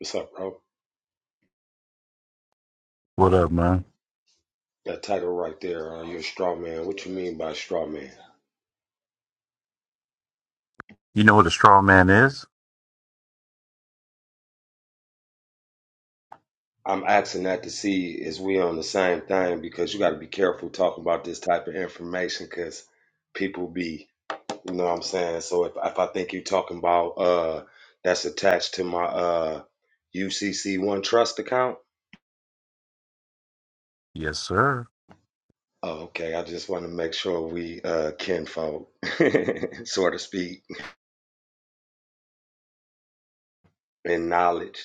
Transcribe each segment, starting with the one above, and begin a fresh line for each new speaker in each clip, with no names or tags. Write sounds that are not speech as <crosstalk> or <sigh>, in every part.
What's up, bro? That title right there, uh, you're a straw man. What you mean by straw man? I'm asking that to see is we on the same thing because you got to be careful talking about this type of information because people be, you know what I'm saying? So if, if I think you're talking about uh that's attached to my uh UCC One Trust account, oh, okay. I just want to make sure we uh kinfolk, <laughs> so to speak, in knowledge.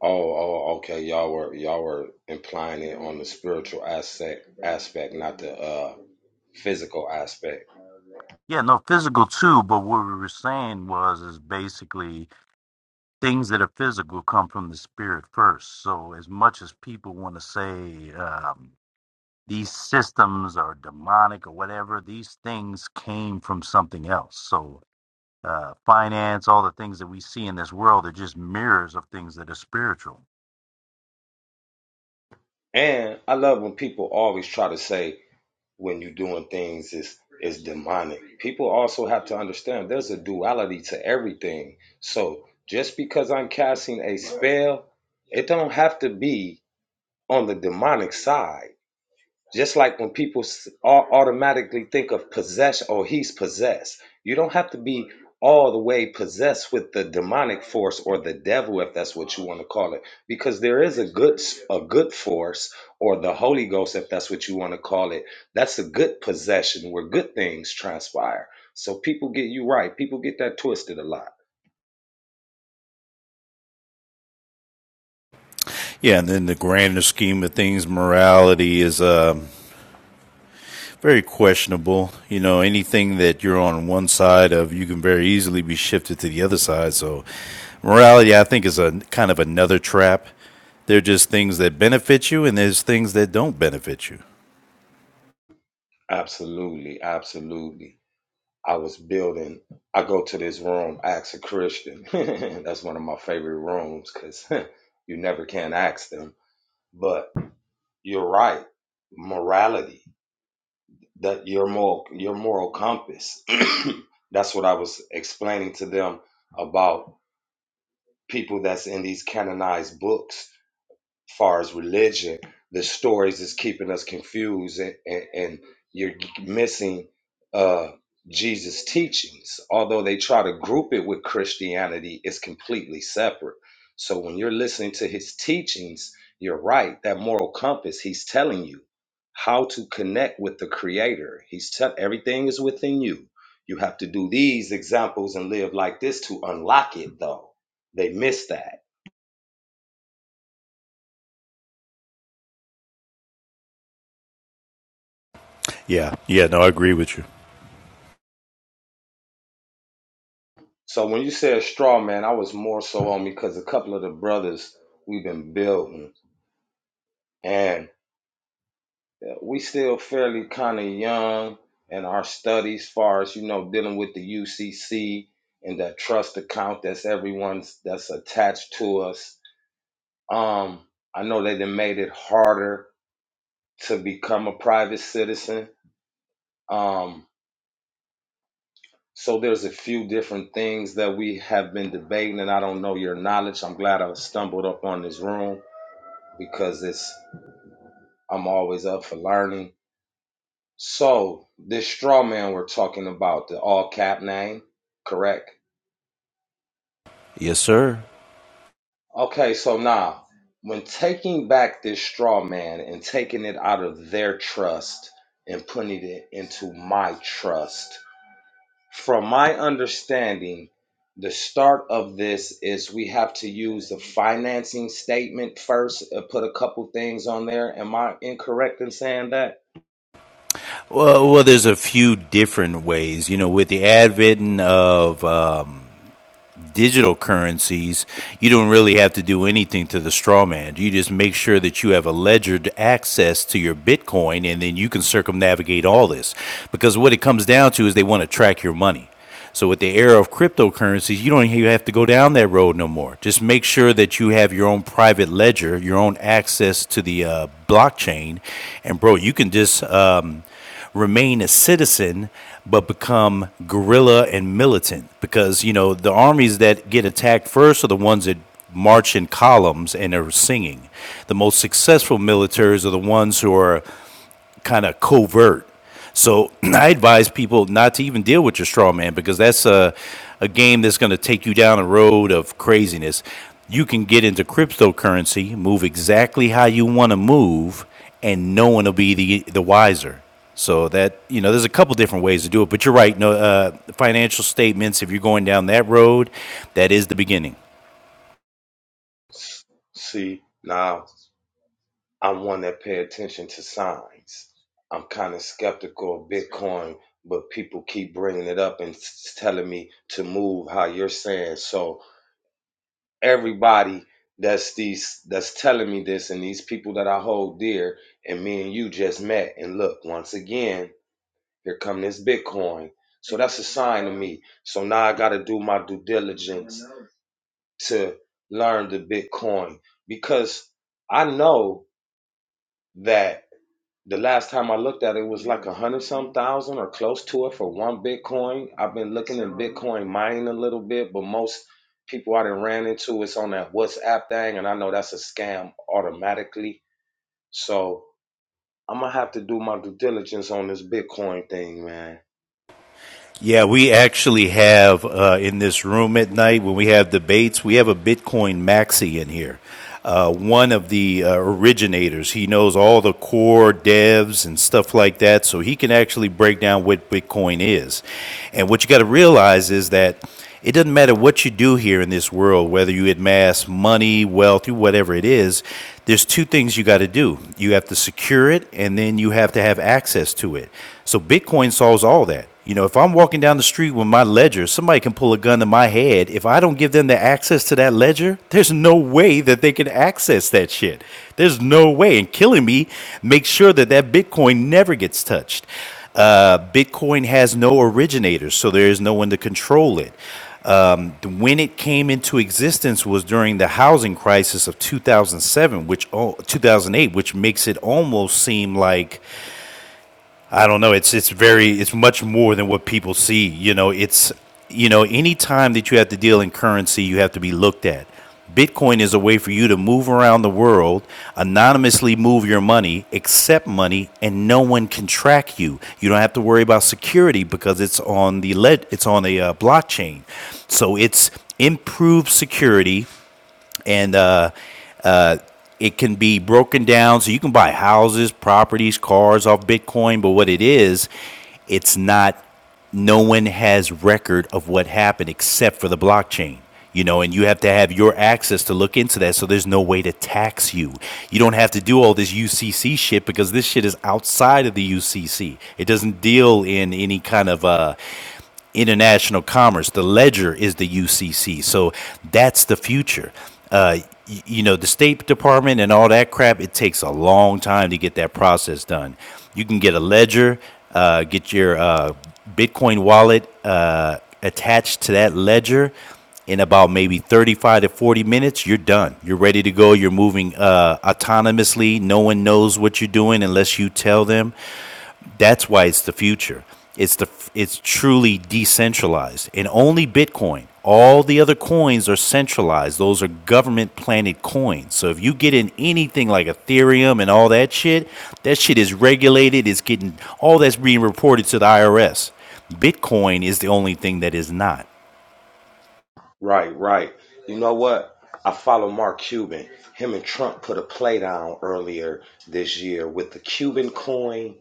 Oh, oh, okay. Y'all were y'all were implying it on the spiritual aspect aspect, not the uh physical aspect. And I love when people always try to say when you're doing things is is demonic. People also have to understand there's a duality to everything. So just because I'm casting a spell, it don't have to be on the demonic side Just like when people s- au- automatically think of possession or he's possessed, you don't have to be all the way possessed with the demonic force or the devil if that's what you want to call it because there is a good s- a good force or the holy ghost if that's what you want to call it that's a good possession where good things transpire so people get you right people get that twisted a lot
Yeah, and then the grander scheme of things, morality is um, very questionable. You know, anything that you're on one side of, you can very easily be shifted to the other side. So, morality, I think, is a kind of another trap. There are just things that benefit you, and there's things that don't benefit you.
absolutely absolutely I was building. I go to this room, ask a Christian. <laughs> That's one of my favorite rooms because <laughs> you never can ask them. But you're right. Morality, that your moral, your moral compass. <clears throat> That's what I was explaining to them about people that's in these canonized books far as religion, the stories is keeping us confused, and, and, and you're missing uh, Jesus' teachings. Although they try to group it with Christianity, it's completely separate. So when you're listening to his teachings, you're right. That moral compass, he's telling you how to connect with the Creator. He's tell everything is within you. You have to do these examples and live like this to unlock it, though. They miss that
Yeah, yeah, no, I agree with you.
So when you said straw man, I was more so on because a couple of the brothers we've been building, and we still fairly kind of young in our studies, far as you know, dealing with the UCC and that trust account that's everyone's that's attached to us. Um, I know they done made it harder to become a private citizen. Um, so there's a few different things that we have been debating, and I don't know your knowledge. I'm glad I stumbled up on this room because it's I'm always up for learning. So this straw man we're talking about, the all cap name, correct?
Yes, sir.
Okay, so now when taking back this straw man and taking it out of their trust and putting it into my trust, from my understanding, the start of this is we have to use the financing statement first, uh, put a couple things on there. Am I incorrect in saying that?
Different ways, you know, with the adding. Um,
See, now I'm one that pay attention to signs. I'm kind of skeptical of Bitcoin, but people keep bringing it up and s- telling me to move how you're saying. So everybody that's these that's telling me this and these people that I hold dear and me and you just met and look once again here come this Bitcoin. So that's a sign to me. So now I got to do my due diligence to learn the Bitcoin because I know that The last time I looked at it, it was like a hundred some thousand or close to it for one Bitcoin. I've been looking in Bitcoin mining a little bit, but most people I done ran into it's on that WhatsApp thing, and I know that's a scam automatically. So I'm gonna have to do my due diligence on this Bitcoin thing, man.
you actually have uh, in this room at night when we have debates, we have a Bitcoin maxi in here. Uh, one of the uh, originators, he all core devs and stuff like that, so he can actually break down what Bitcoin is. And realize it doesn't do here in this world, whatever it is, no way that they can access that shit. There's no way to make sure that that Bitcoin never gets touched. Uh, Bitcoin has no originators, so there is no one to control our security because it's on the led, it's on a uh, blockchain. So it's improved security and uh, uh, it can be broken down so you can buy houses, properties, cars off Bitcoin. But what it is, it's not. No one has record of what happened except for the blockchain. You know, and you have to have your access to look into that. So there's no way to tax you. You don't have to do all this UCC shit because this shit is outside of the UCC. It doesn't deal in any kind of uh, international commerce. The ledger is the UCC. So that's the future. Uh, y- you know, the State Department and all that crap, it takes a long time to get that process done. You can get a ledger, uh, get your uh, Bitcoin wallet uh, attached to that ledger. In about maybe 35 to 40 minutes, you're done. You're ready to go. You're moving uh, autonomously. No one knows what you're doing unless you tell them. That's why it's the future. It's the it's truly decentralized and only Bitcoin. All the other coins are centralized. Those are government planted coins. So if you get in anything like Ethereum and all that shit, that shit is regulated. It's getting all that's being reported to the IRS. Bitcoin is the only thing that is not.
Right, right. You know what? I follow Mark Cuban. Him and Trump put a play down earlier this year with the Cuban coin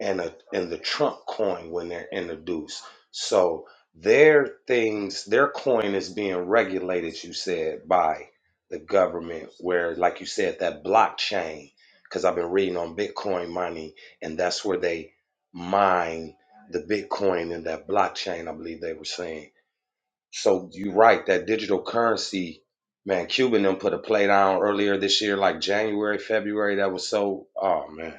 and a and the Trump coin when they're introduced. So their things, their coin is being regulated, you said, by the government, where like you said, that blockchain, because I've been reading on Bitcoin money, and that's where they mine the Bitcoin in that blockchain, I believe they were saying. So you're right, that digital currency, man, Cuban them put a play down earlier this year, like January, February, that was so oh man.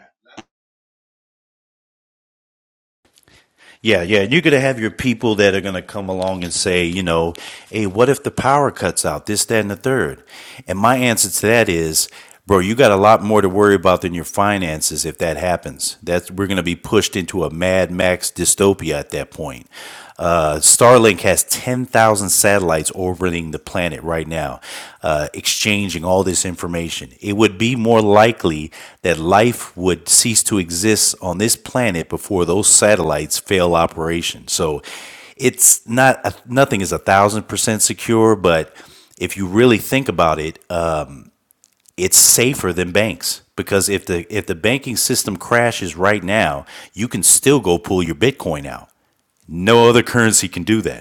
Yeah, yeah. You're going to have your people that are going to come along and say, you know, hey, what if the power cuts out? This, that, and the third. And my answer to that is, bro, you got a lot more to worry about than your finances if that happens. That's we're going to be pushed into a Mad Max dystopia at that point. Uh, Starlink has ten thousand satellites orbiting the planet right now, uh, exchanging all this information. It would be more likely that life would cease to exist on this planet before those satellites fail operation. So it's not, nothing is a thousand percent secure, but if you really think about it, uh, it's safer than banks because if the if the banking system crashes right now, you can still go pull your Bitcoin out. No other currency can do that.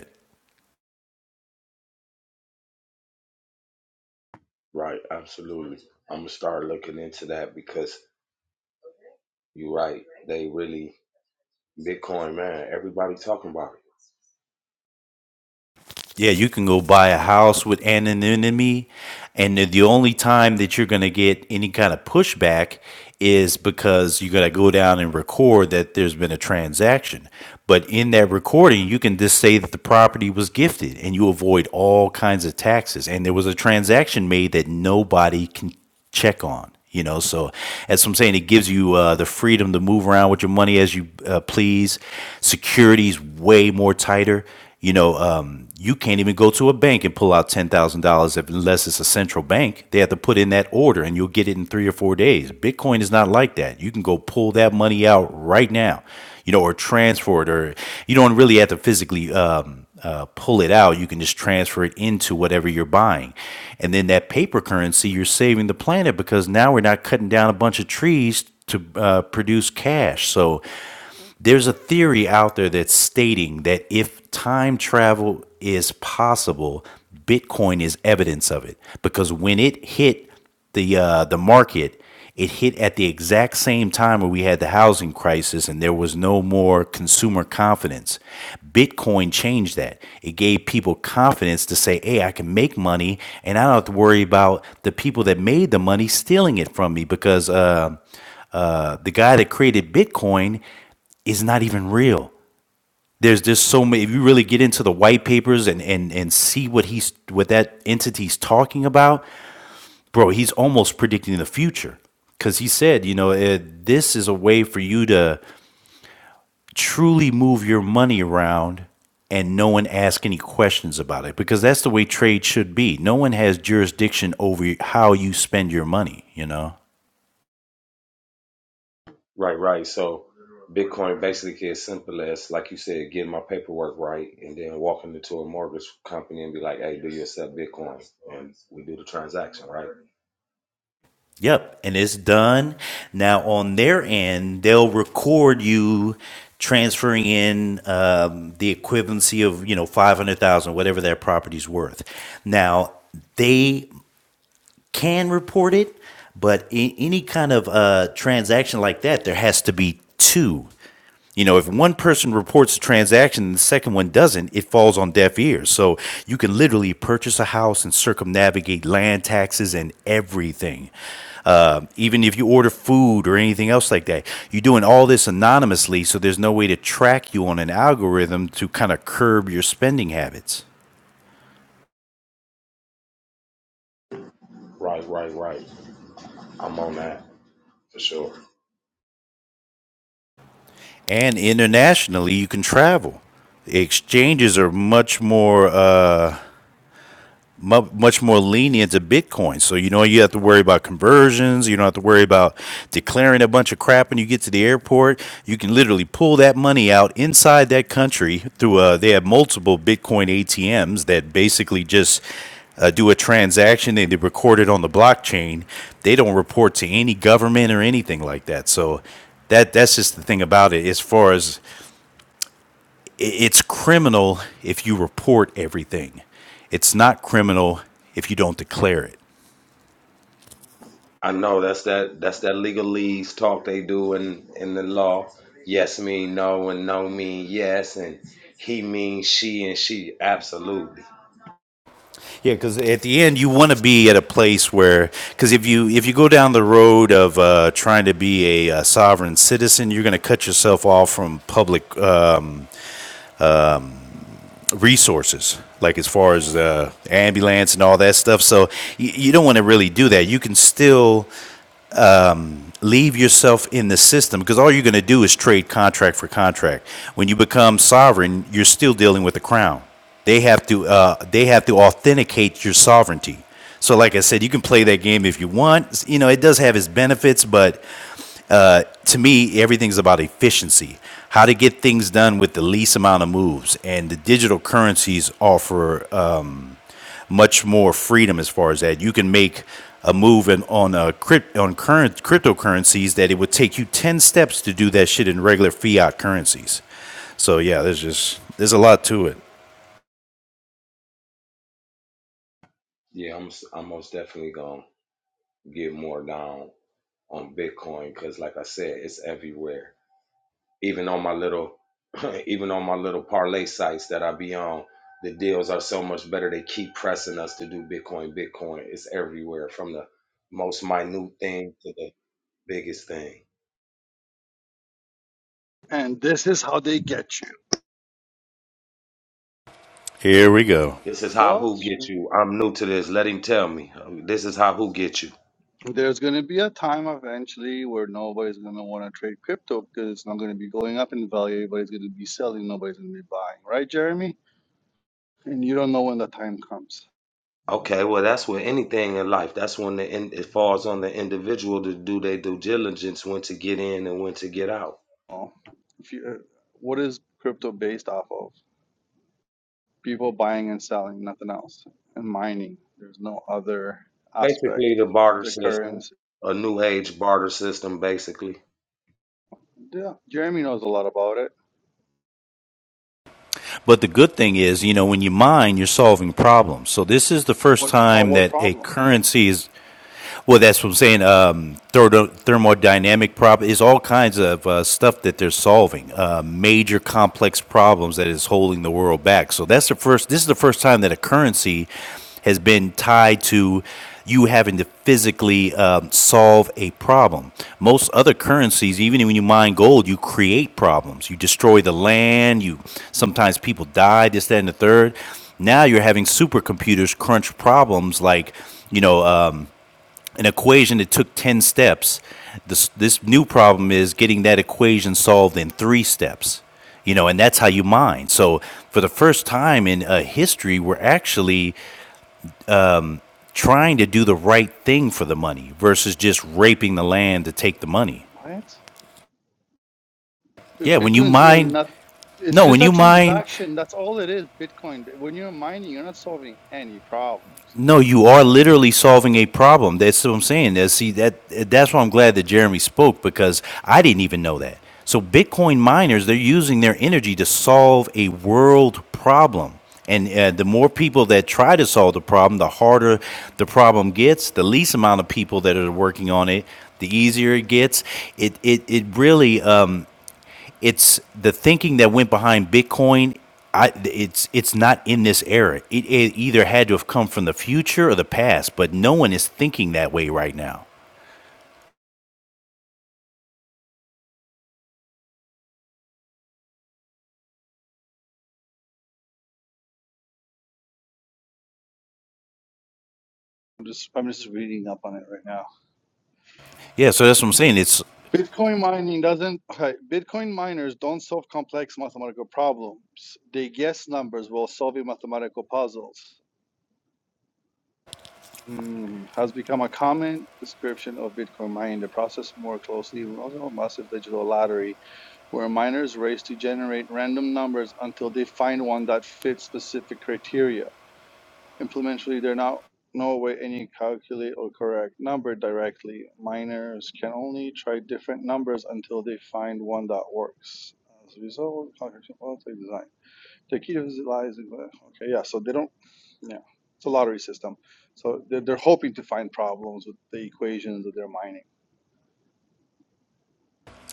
Right, absolutely. I'm gonna start looking into that because you're right. They really Bitcoin, man. Everybody talking about it.
Yeah, you can go buy a house with anonymity, and the- only time that you're going to get any kind of pushback is because you got to go down and record that there's been a transaction. But in that recording, you can just say that the property was gifted, and you avoid all kinds of taxes. And there was a transaction made that nobody can check on. You know, so as I'm saying, it gives you uh, the freedom to move around with your money as you uh, please. Security's way more tighter. You know, um, you can't even go to a bank and pull out ten thousand dollars unless it's a central bank. They have to put in that order, and you'll get it in three or four days. Bitcoin is not like that. You can go pull that money out right now you know, or transfer it, or you don't really have to physically um, uh, pull it out. You can just transfer it into whatever you're buying. And then that paper currency, you're saving the planet because now we're not cutting down a bunch of trees to uh, produce cash. So there's a theory out there that's stating that if time travel is possible, Bitcoin is evidence of it because when it hit the uh, the market, it hit at the exact same time where we had the housing crisis and there was no more consumer confidence. Bitcoin changed that. It gave people confidence to say, "Hey, I can make money, and I don't have to worry about the people that made the money stealing it from me." Because uh, uh, the guy that created Bitcoin is not even real. There's just so many.
Right, right. So Bitcoin basically is simple as, like you said, getting my paperwork right, and then walking into a mortgage company and be like, "Hey, do you accept Bitcoin?" And we do the transaction, right?
yep, and it's done. Now on their end, they'll record you transferring in um, the equivalency of you know five hundred thousand, whatever that property's worth. Now they can report it, but in any kind of uh, transaction
Right, right, right. I'm on that for sure.
exchanges are much more. uh. mu- much more lenient to Bitcoin. So you know you have to worry about conversions. You don't have to worry about declaring a bunch of crap when you get to the airport. You can literally pull that money out inside that country through. Uh, they have multiple Bitcoin ATMs that basically just. Uh, do a transaction and they record it on the blockchain. They don't report to any government or anything like that. So that that's just the thing about it. As far as it's criminal if you report everything. It's not criminal if you don't declare it.
I know that's that that's that legalese talk they do in in the law. Yes mean no and no mean yes and he means she and she absolutely.
Yeah, because at the end you want to be at a place where, because if you if you go down the road of uh, trying to be a, uh sovereign citizen, you're going to cut yourself off from public um, um, resources, like as far as uh, ambulance and all that stuff. So you, you don't want to really do that. You can still um, leave yourself in the system because all you're going to do is trade contract for contract. When you become sovereign, you're still dealing with the crown. They have to uh, they have to authenticate your sovereignty. So, like I said, you can play that game if you want. You know, it does have its benefits, but uh, to me, everything's about efficiency. How to get things done with the least amount of moves, and the digital currencies offer um, much more freedom as far as that. You can make a move in, on a crypt, on current cryptocurrencies that it would take you ten steps to do that shit in regular fiat currencies. So yeah, there's just there's a lot to it.
Yeah, I'm s- I'm most definitely gonna get more down on Bitcoin because like I said, it's everywhere. Even on my little <laughs> even on my little parlay sites that I be on, the deals are so much better. They keep pressing us to do Bitcoin, Bitcoin. It's everywhere from the most minute thing to the biggest thing.
And this is how they get you.
Here we go.
This is how
Well,
who get you. I'm new to this. Let him tell me. Um, This is how who get you.
There's going to be a time eventually where nobody's going to want to trade crypto because it's not going to be going up in value. Everybody's going to be selling. Nobody's going to be buying, right, Jeremy? And you don't know when the time comes.
Okay, well that's where anything in life. That's when the in, it falls on the individual to do their due diligence when to get in and when to get out.
Oh, if you, what is crypto based off of? People buying and selling, nothing else, and mining. There's no other aspect
Basically, the
of
barter
the
system,
currency.
a new age barter system, basically.
Yeah, Jeremy knows a lot about it.
Problems. So this is the first
What about
time
what
that a
problem?
currency is Well, that's what I'm saying. Um, thermo- thermodynamic problem is all kinds of uh, stuff that they're solving. Uh, major complex problems that is holding the world back. So that's the first. This is the first time that a currency has been tied to you having to physically um, solve a problem. Most other currencies, even when you mine gold, you create problems. You destroy the land. You sometimes people die. This, that, and the third. Now you're having supercomputers crunch problems like you know. Um, an equation that took 10 steps. This, this new problem is getting that equation solved in three steps, you know, and that's how you mine. So, for the first time in uh, history, we're actually trying to do the right thing for the money versus just raping the land to take the money.
What? Dude,
Yeah, when you
Bitcoin's doing
mine,
nothing. It's
no,
just
when
a
you mine
transaction. That's all it is, Bitcoin. When you're mining, you're not solving any problems.
No, you are literally solving a problem. That's what I'm saying. That's, see, that that's why I'm glad that Jeremy spoke because I didn't even know that. So Bitcoin miners, they're using their energy to solve a world problem. And uh, the more people that try to solve the problem, the harder the problem gets. The least amount of people that are working on it, the easier it gets. It it it really um, it's the thinking that went behind Bitcoin. I, it's it's not in this era. It, it either had to have come from the future or the past, but no one is thinking that way right now.
I'm just I'm just reading up on it right now. Bitcoin mining doesn't okay, Bitcoin miners don't solve complex mathematical problems. They guess numbers while solving mathematical puzzles. Hmm. Has become a common description of Bitcoin mining. The process more closely resembles a massive digital lottery where miners race to generate random numbers until they find one that fits specific criteria. Implementally, there are not no way any calculate or correct number directly. Miners can only try different numbers until they find one that works. As a result, calculation automatically design. The key lies in okay, yeah. So they don't, yeah. It's a lottery system, so they're, they're hoping to find problems with the equations that they're mining.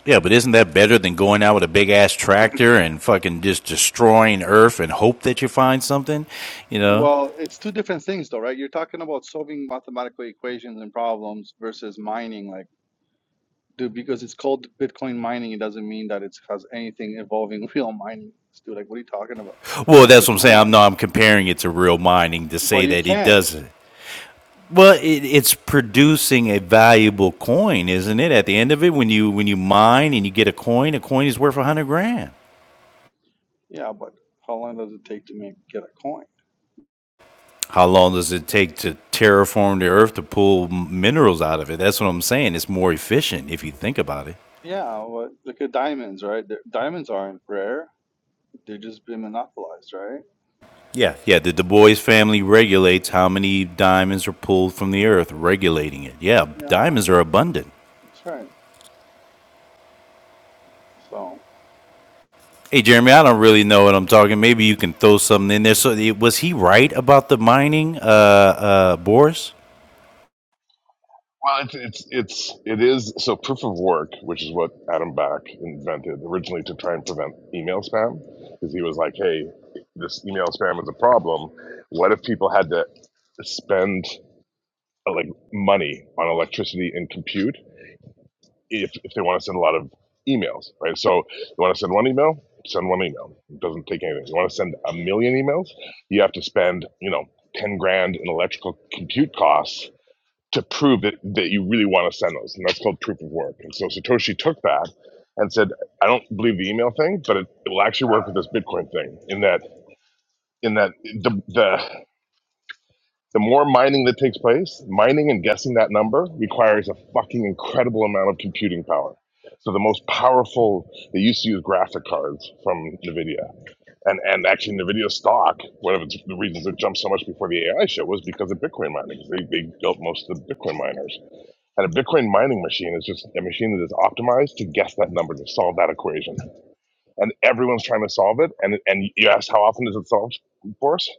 Yeah, but isn't that better than going out with a big ass tractor and fucking just destroying Earth and hope that you find something? You know.
Well, it's two different things, though, right? You're talking about solving mathematical equations and problems versus mining, like Dude, because it's called Bitcoin mining, it doesn't mean that it has anything involving <laughs> real mining. Dude, like, what are you talking about?
Well, that's what
Like,
I'm
Come
saying. I'm
on.
no, I'm comparing it to real mining to
Well,
say
you
that it
can.
doesn't. Well, it, it's producing a valuable coin, isn't it? At the end of it, when you when you mine and you get a coin, a coin is worth a hundred grand.
Yeah, but how long does it take to make get a coin?
How long does it take to terraform the earth to pull minerals out of it? That's what I'm saying. It's more efficient if you think about it.
Yeah, well, look at diamonds, right? They're- Diamonds aren't rare. They've just been monopolized, right?
Yeah. Yeah, the Du Bois family regulates how many diamonds are pulled from the earth, regulating it. Yeah,
Yeah,
diamonds are abundant.
that's right. So,
Hey, Jeremy, I don't really know what I'm talking. Maybe you can throw something in there. So, was he right about the mining, uh, uh, Boris?
Well, it's it's it's it is so proof of work, which is what Adam Back invented originally to try and prevent email spam, because he was like, "Hey, this email spam is a problem. What if people had to spend uh, like money on electricity and compute if if they want to send a lot of emails, right? So you want to send one email, send one email. It doesn't take anything. You want to send a million emails, you have to spend you know ten grand in electrical compute costs to prove that, that you really want to send those. And that's called proof of work. And so Satoshi took that and said, I don't believe the email thing, but it, will actually work with this Bitcoin thing in that, in that the, the, the more mining that takes place, mining and guessing that number requires a fucking incredible amount of computing power. So the most powerful, they used to use graphic cards from NVIDIA. And, and actually NVIDIA stock, one of its, the reasons it jumped so much before the AI show was because of Bitcoin mining. They, they built most of the Bitcoin miners. And a Bitcoin mining machine is just a machine that is optimized to guess that number, to solve that equation. And everyone's trying to solve it. And, and you ask how often is it solved, of course?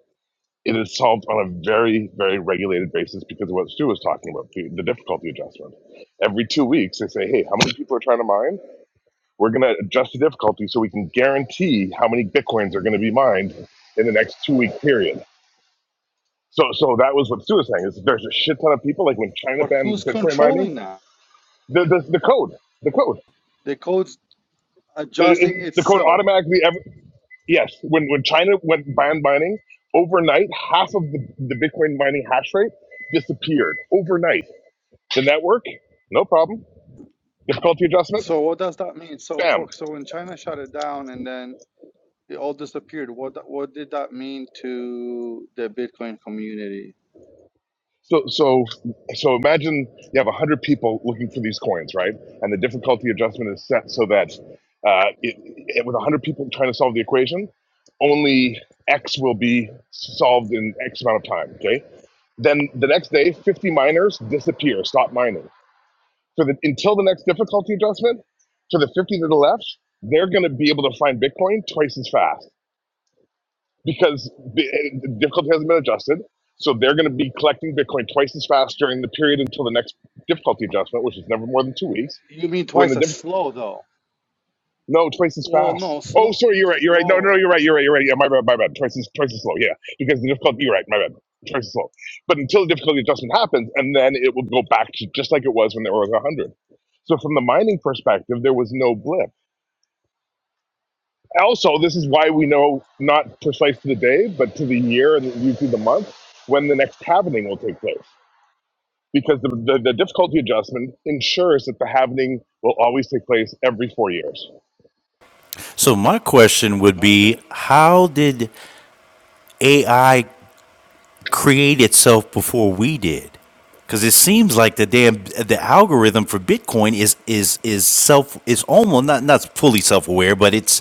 It is solved on a very, very regulated basis because of what Stu was talking about, the, the difficulty adjustment. Every two weeks, they say, hey, how many people are trying to mine? We're going to adjust the difficulty so we can guarantee how many Bitcoins are going to be mined in the next two week period. So, so that was what Stu was saying. Is there's a shit ton of people, like when China
but who's
banned Bitcoin mining,
controlling that?
the, the, the code, the code.
The code's
It-
adjusting
it- the code
itself.
automatically ever yes when when china went ban mining overnight half of the, the bitcoin mining hash rate disappeared overnight the network no problem difficulty adjustment
So what does that mean? So,
bam
for so when China shut it down, and then It all disappeared. What what did that mean to the Bitcoin community?
So, so, so imagine you have 100 people looking for these coins, right? And the difficulty adjustment is set so that uh, it, it, with 100 people trying to solve the equation, only X will be solved in X amount of time, okay? Then the next day, 50 miners disappear, stop mining. For the, until the next difficulty adjustment, for the 50 that are left, they're going to be able to find Bitcoin twice as fast because the, the difficulty hasn't been adjusted. So they're going to be collecting Bitcoin twice as fast during the period until the next difficulty adjustment, which is never more than two weeks.
You mean
But when the
twice as
diff-
slow though?
no twice as
Well,
fast.
no,
Oh,
slow,
sorry, you're right. You're right. No, no, no,
slow.
you're right. You're right. You're right. Yeah, my bad. My bad. Twice as twice as slow. Yeah, because the difficulty. You're right. My bad. Twice as slow. But until the difficulty adjustment happens, and then it will go back to just like it was when there was a hundred. So from the mining perspective, there was no blip also, this is why we know not precise to the day, but to the year and usually the month when the next halvening will take place. Because the, the, the difficulty adjustment ensures that the halvening will always take place every four years.
So, my question would
Okay.
be how did AI create itself before we did because it seems like the damn the algorithm for bitcoin is is is self is almost not not fully self-aware but it's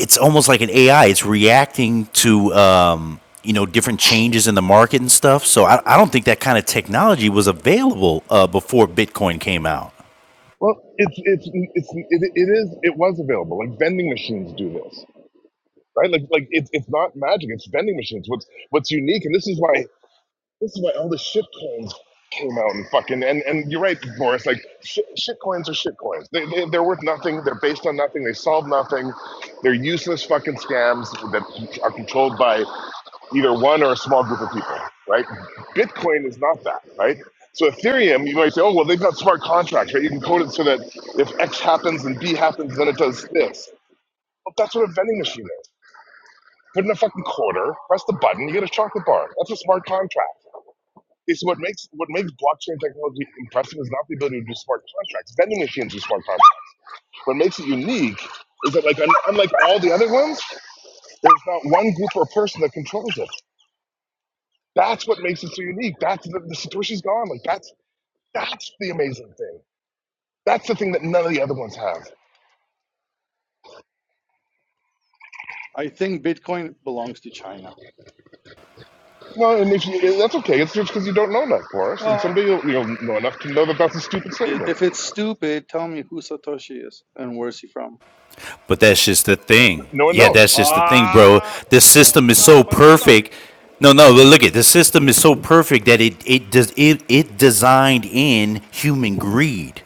it's almost like an ai it's reacting to um you know different changes in the market and stuff so i, I don't think that kind of technology was available uh, before bitcoin came out
Well, it's it's it's it, it is it was available. Like vending machines do this, right? Like like it's it's not magic. It's vending machines. What's what's unique, and this is why This is why all the shit coins came out and fucking and, and you're right, Boris. Like shit, shit coins are shit coins. They, they they're worth nothing. They're based on nothing. They solve nothing. They're useless fucking scams that are controlled by either one or a small group of people, right? Bitcoin is not that, right? So Ethereum, you might say, oh well, they've got smart contracts, right? You can code it so that if X happens and B happens, then it does this. Well, that's what a vending machine is. Put in a fucking quarter, press the button, you get a chocolate bar. That's a smart contract. It's what makes what makes blockchain technology impressive is not the ability to do smart contracts. Vending machines do smart contracts. What makes it unique is that like un- unlike all the other ones, there's not one group or person that controls it. That's what makes it so unique. That's the, the Satoshi's gone. Like that's that's the amazing thing. That's the thing that none of the other ones have.
I think Bitcoin belongs to China.
No, and if you, that's okay. It's just because you don't know enough, Boris. And someday
Well,
you'll, you'll know enough to know that that's a stupid
i-
statement.
if it's stupid, tell me who Satoshi is and where's he from.
But that's just the thing.
No one
Yeah,
knows.
that's just the thing, bro.
Ah,
The
so
system
it's
is so
not. But hold on.
perfect. No, no, look at the system is so perfect that it it does it it designed in human greed.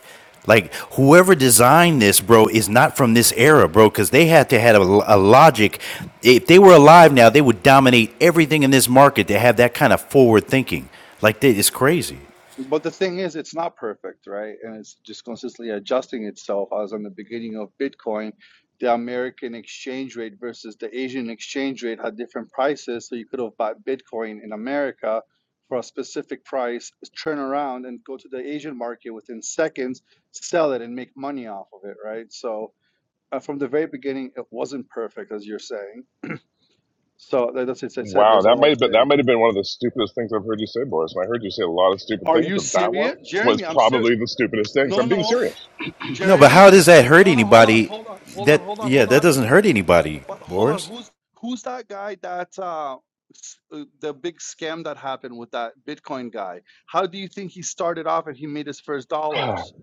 Like whoever designed this, bro, is not from this era, bro, because they had to have a, a logic. If they were alive now, they would dominate everything in this market to have that kind of forward thinking. Like that is crazy.
But the thing is, it's not perfect, right? And it's just consistently adjusting itself. As on the beginning of Bitcoin, the American exchange rate versus the Asian exchange rate had different prices. So you could have bought Bitcoin in America for a specific price, turn around and go to the Asian market within seconds, sell it and make money off of it, right? So uh, from the very beginning, it wasn't perfect, as you're saying. So that- that's as I said,
Wow,
there's a
that
lot
might
of
have been that
things.
might have been one of the stupidest things I've heard you say, Boris. And I heard you say a lot of stupid
Are
things,
you
but that one
serious?
was
Jeremy, I'm serious.
probably the stupidest thing.
No,
I'm being
no.
serious.
No, but
Jeremy,
how does
look at
that hurt
no, no, hold on,
anybody?
hold on, hold on,
That
hold on,
yeah,
hold
that
on.
doesn't hurt anybody,
But hold on,
Boris.
who's who's that guy that uh, s- uh, the big scam that happened with that Bitcoin guy? How do you think he started off and he made his first
Ah,
dollars?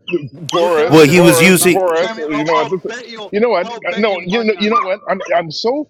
Look it up,
Boris,
Well, he
Jeremy.
was
I'm
Boris,
not
using
Boris.
Jeremy.
You
I'll,
know what?
I'll
This,
bet you.
you know what?
I'll bet
No,
you
you know,
money
you
on
know
that.
what? I'm, I'm so,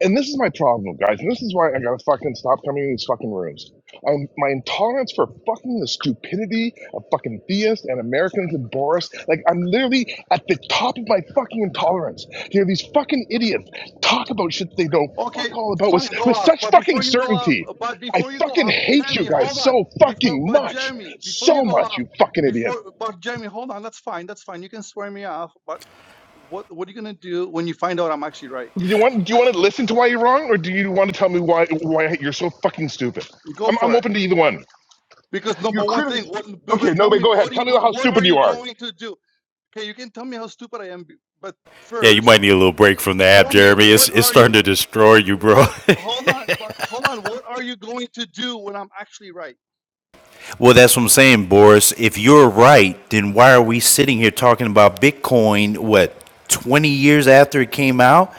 and this is my problem, guys. And this is why I gotta fucking stop coming in these fucking rooms. I'm, my intolerance for fucking the stupidity of fucking theists and Americans and Boris. Like I'm literally at the top of my fucking intolerance. to Hear these fucking idiots talk about shit they don't fuck
Okay,
all about with
fine, go
with
off.
such
But
fucking
before you go off,
certainty.
but
I
before you go
fucking
off,
hate you
Jeremy, hold
guys
on.
so
Before,
fucking
but
much,
Jeremy, before
so
you go
much,
off,
you fucking idiot.
before, but Jeremy, hold on. That's fine. That's fine. You can swear me off. But what, what are you gonna do when you find out I'm actually right?
Do you want do you want to listen to why you're wrong, or do you want to tell me why why you're so fucking stupid?
Go
I'm
for
I'm
it.
open to either one.
Because
You're
number one thing,
criti-
what, but
Okay,
but
no,
tell
but
me,
go
what
ahead.
are you
Tell me
going,
how
what are
stupid you
you
are.
going to do? Okay, you can tell me how stupid I am, but
Yeah, you
first,
might need a little break from the app,
tell me
Jeremy. It's
what
it's
are
starting
you,
to destroy you, bro.
what,
<laughs>
hold on, but hold on, what are you going to do when I'm actually right?
Well, that's what I'm saying, Boris. If you're right, then why are we sitting here talking about Bitcoin, what, 20 years after it came out?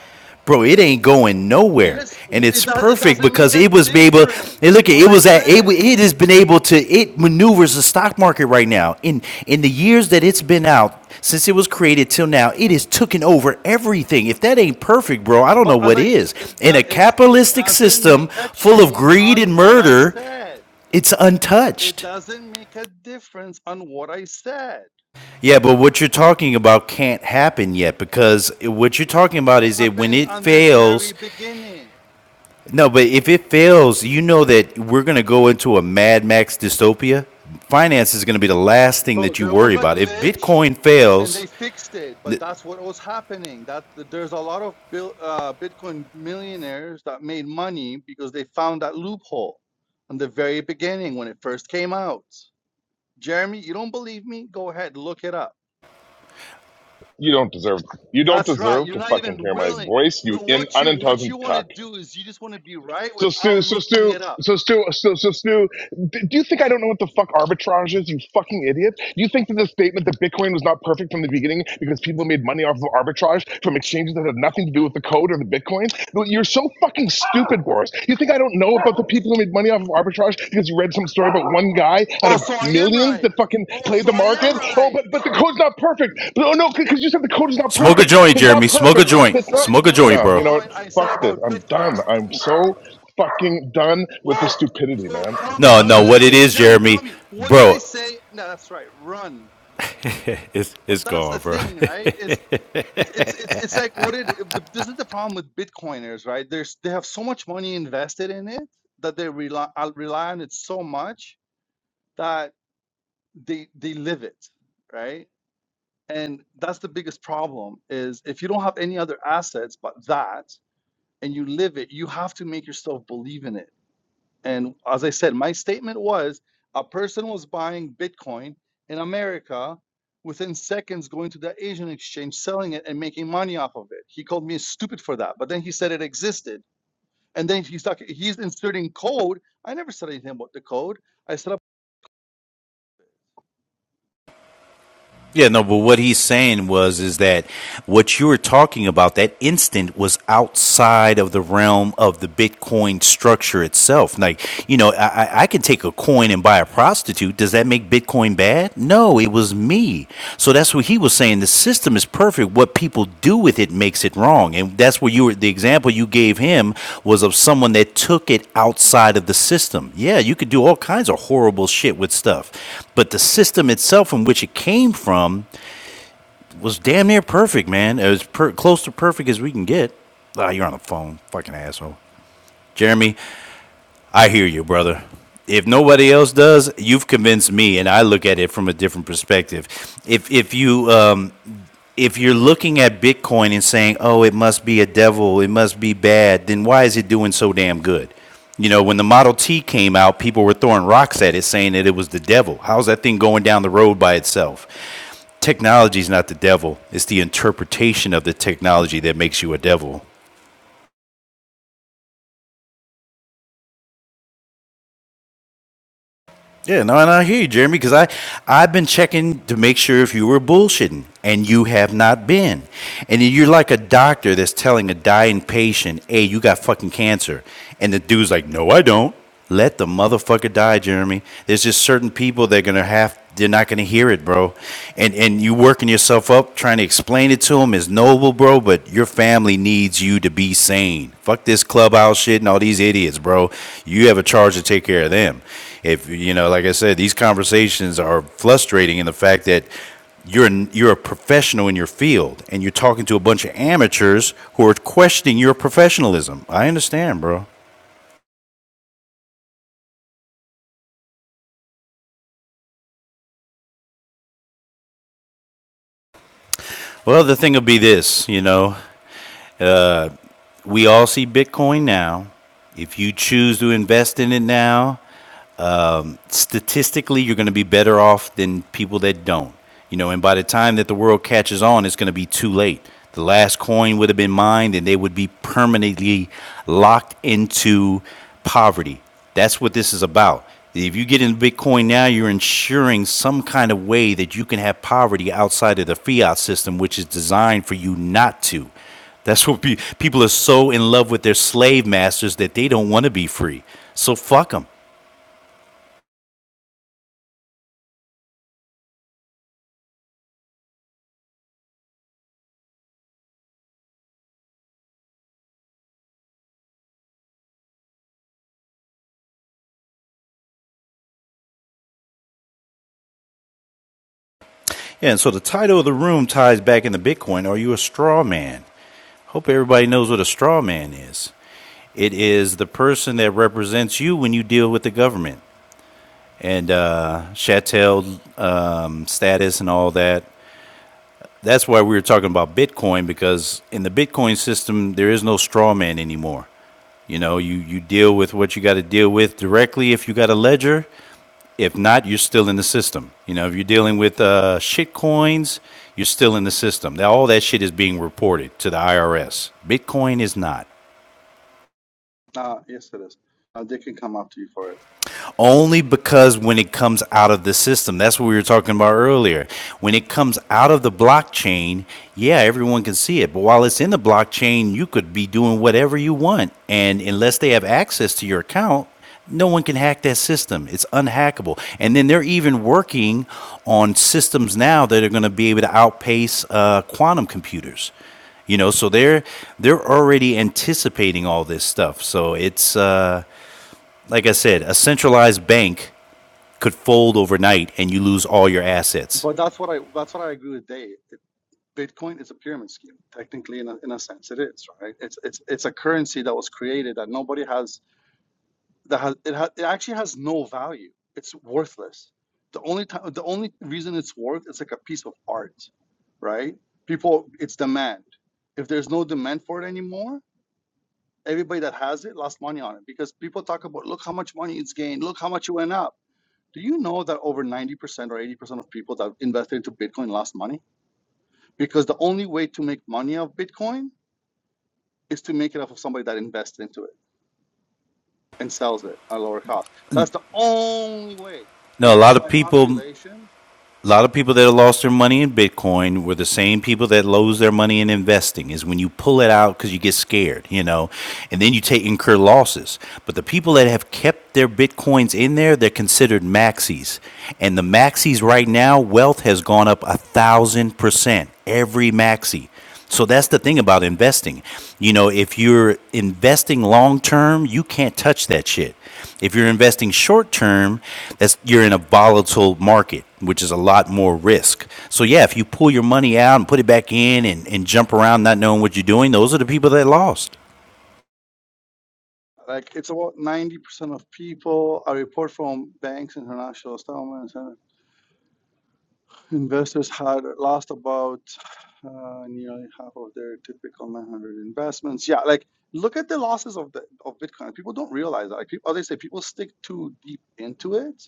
Bro, it ain't going nowhere.
Because
And it's
it do, it
perfect
doesn't make
because it
a
was able, and
difference
look,
what
it
I
was at, it,
said.
it has been able to, it maneuvers the stock market right now. In, in the years that it's been out, since it was created till now, it has taken over everything. If that ain't perfect, bro, I don't know
But as
what
I s-
is.
it,
In a
do- it's it
capitalistic
doesn't
system
make a
full of
change
greed
on
and
what I
murder,
said.
it's
It
untouched.
doesn't make a difference on what I said.
Yeah, but what you're talking about can't happen yet because what you're talking about is that when
Happened
it
on the very
fails,
beginning.
no, but if it fails, you know that we're going to go into a Mad Max dystopia. Finance is going to be the last thing
So
that you
there
worry
was a
about. If
glitch,
Bitcoin
and
fails,
they fixed it. But that's what was happening. That that there's a lot of bil, uh, Bitcoin millionaires that made money because they found that loophole on the very beginning when it first came out. Jeremy, you don't believe me? Go ahead, look it up.
You don't deserve. You don't
That's right.
deserve
You're
to
not
fucking
even
hear my
willing.
voice. You
Well,
in
what you what
unintelligent
you want to
cock.
do is you just want to be right
So
without
Stu, so
looking
Stu,
it up.
so Stu, so so Stu, d- do you think I don't know what the fuck arbitrage is? You fucking idiot! Do you think that the statement that Bitcoin was not perfect from the beginning because people made money off of arbitrage from exchanges that had nothing to do with the code or the Bitcoin? Well, You're so fucking stupid, Boris. You think I don't know about the people who made money off of arbitrage because you read some story about one guy out
Oh,
of
so I am
millions
right.
that fucking
Oh,
played
so
the
I am
market? Oh,
right.
but but the code's not perfect. But, oh no, because you said the code is not
smoke a
perfect.
joint,
It's not
Jeremy. Smoke a
perfect.
I
joint.
never
It's
said
not.
Smoke a
anything about
joint,
the
No, you
bro.
know what?
coin. I said
Fuck this.
about
I'm done.
Bitcoin.
I'm so fucking done with the
Well,
stupidity,
so
man. I
tell me
No,
how
no,
did
fucking
it
what it
work?
hate.
is,
Jeremy, tell
Jeremy,
me what did I
bro,
say? No, that's right. Run.
<laughs> it's it's
But that's
gone,
the
bro.
thing,
<laughs>
right? It's it's it's it's it's like what it if the, this is the problem with bitcoiners right there's they have so much money invested in it that they rely uh, rely on it so much that they they live it right and that's the biggest problem is if you don't have any other assets but that and you live it you have to make yourself believe in it and as I said, my statement was a person was buying Bitcoin in America within seconds going to the Asian exchange, selling it and making money off of it. He called me stupid for that, but then he said it existed. And then he's talking, he's inserting code. I never said anything about the code. I set up,
Yeah, no, but what he's saying was is that what you were talking about that instant was outside of the realm of the Bitcoin structure itself. Like, you know, I, I- can take a coin and buy a prostitute. Does that make Bitcoin bad? No, it was me. So that's what he was saying. The system is perfect. What people do with it makes it wrong. And that's where you were, the example you gave him was of someone that took it outside of the system. Yeah, you could do all kinds of horrible shit with stuff. But the system itself from which it came from was damn near perfect, man. As per- close to perfect as we can get. Ah, oh, you're on the phone, fucking asshole. Jeremy, I hear you, brother. If nobody else does, you've convinced me, and I look at it from a different perspective. If if you um, if you're looking at Bitcoin and saying, "Oh, it must be a devil, it must be bad," then why is it doing so damn good? You know, when the Model T came out, people were throwing rocks at it, saying that it was the devil. How's that thing going down the road by itself? Technology is not the devil; it's the interpretation of the technology that makes you a devil. Yeah, no, and I hear you, Jeremy, because I I've been checking to make sure if you were bullshitting, and you have not been, and you're like a doctor that's telling a dying patient, "Hey, you got fucking cancer," and the dude's like, "No, I don't." Let the motherfucker die, Jeremy. There's just certain people that are gonna have they're not gonna hear it, bro. And and you working yourself up trying to explain it to them is noble, bro. But your family needs you to be sane. Fuck this clubhouse shit and all these idiots, bro. You have a charge to take care of them. If you know, like I said, these conversations are frustrating in the fact that you're you're a professional in your field and you're talking to a bunch of amateurs who are questioning your professionalism. I understand, bro. Well, the thing will be this, you know, we all see Bitcoin now. If you choose to invest in it now, statistically, you're going to be better off than people that don't. You know, and by the time that the world catches on, it's going to be too late. The last coin would have been mined, and they would be permanently locked into poverty. That's what this is about. If you get in Bitcoin now, you're ensuring some kind of way that you can have poverty outside of the fiat system, which is designed for you not to. That's what pe- people are so in love with their slave masters that they don't want to be free. So fuck them. Yeah, and so the title of the room ties back into Bitcoin. Are you a straw man? Hope everybody knows what a straw man is. It is the person that represents you when you deal with the government and uh, Chattel um, status and all that. That's why we were talking about Bitcoin because in the Bitcoin system, there is no straw man anymore. You know, you, you deal with what you got to deal with directly if you got a ledger if not, you're still in the system. You know, if you're dealing with uh, shit coins, you're still in the system. Now, all that shit is being reported to the IRS. Bitcoin is not.
uh, yes, it is. Uh, they can come after you for it.
only because when it comes out of the system, that's what we were talking about earlier. When it comes out of the blockchain, yeah, everyone can see it. But while it's in the blockchain, you could be doing whatever you want. And unless they have access to your account, no one can hack that system. It's unhackable. And then they're even working on systems now that are going to be able to outpace uh, quantum computers. You know, so they're they're already anticipating all this stuff. So it's uh, like I said, a centralized bank could fold overnight and you lose all your assets.
But that's what I, that's what I agree with Dave. Bitcoin is a pyramid scheme, technically, in a, in a sense, it is, right? It's, it's, it's a currency that was created that nobody has that has it, ha- it actually has no value. It's worthless. The only time, the only reason it's worth it's like a piece of art, right? People, it's demand. If there's no demand for it anymore, everybody that has it lost money on it because people talk about look how much money it's gained, look how much it went up. Do you know that over 90% or 80% of people that invested into Bitcoin lost money? Because the only way to make money off Bitcoin is to make it off of somebody that invested into it and sells it at a lower cost. That's the only way.
No, a
And po-
lot of
by
people
population,
a lot of people that lost their money in Bitcoin were the same people that lose their money in investing. Is when you pull it out because you get scared, you know, and then you take incur losses. But the people that have kept their bitcoins in there, they're considered maxis, and the maxis right now, wealth has gone up a thousand percent every maxi. So that's the thing about investing. You know, if you're investing long term, you can't touch that shit. If you're investing short term, that's you're in a volatile market, which is a lot more risk. So yeah, if you pull your money out and put it back in and, and jump around not knowing what you're doing, those are the people that lost.
like it's about ninety percent of people. A report from banks, international settlements, and investors had lost about uh, nearly half of their typical nine hundred investments. Yeah, like look at the losses of the of Bitcoin. People don't realize that. Like people, they say people stick too deep into it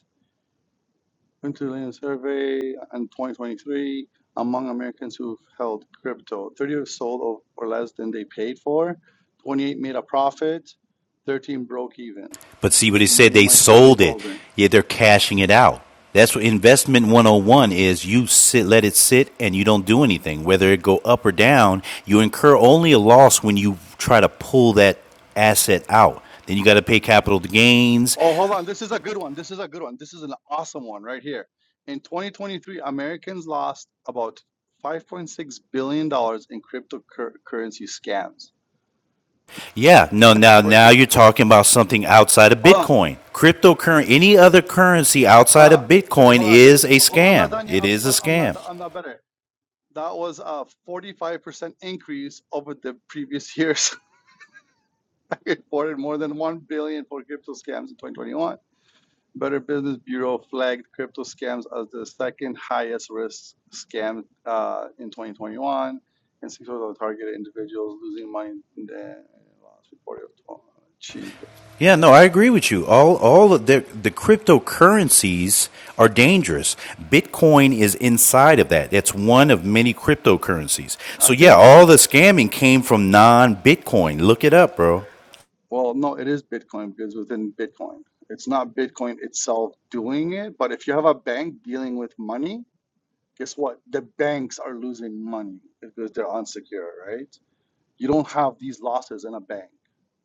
Country Survey in 2023 among Americans who held crypto. 30 sold or less than they paid for, 28 made a profit, 13 broke even.
But see what
The
he said?
remaining
They
might still be
sold it.
holding.
Yet they're cashing it out. That's what investment 101 is. You sit, let it sit, and you don't do anything. Whether it go up or down, you incur only a loss when you try to pull that asset out. Then you got to pay capital gains.
Oh, hold on. This is a good one. This is a good one. This is an awesome one right here. In 2023, Americans lost about $5.6 billion dollars in cryptocurrency scams.
Yeah, no, now
Wait,
now you're talking about something outside of
Hold on.
Bitcoin, cryptocurrency, any other currency outside of
Uh,
Bitcoin
hold on.
is
This,
a
hold on. I'm not
scam.
done yet.
It
I'm,
is a
I'm not.
scam.
I'm not better. That was a 45% increase over the previous years. <laughs> I reported more than 1 billion dollars for crypto scams in 2021. Better Business Bureau flagged crypto scams as the second highest risk scam uh, in 2021, and six of the targeted individuals losing money in the last report. of Jesus.
Yeah, no, I agree with you. All all of the the cryptocurrencies are dangerous. Bitcoin is inside of that. That's one of many cryptocurrencies.
I
So yeah,
think
all
people,
the scamming came from non-Bitcoin. Look it up, bro.
well, no, it is Bitcoin because within Bitcoin, it's not Bitcoin itself doing it, but if you have a bank dealing with money, guess what? The banks are losing money because they're unsecured, right? You don't have these losses in a bank,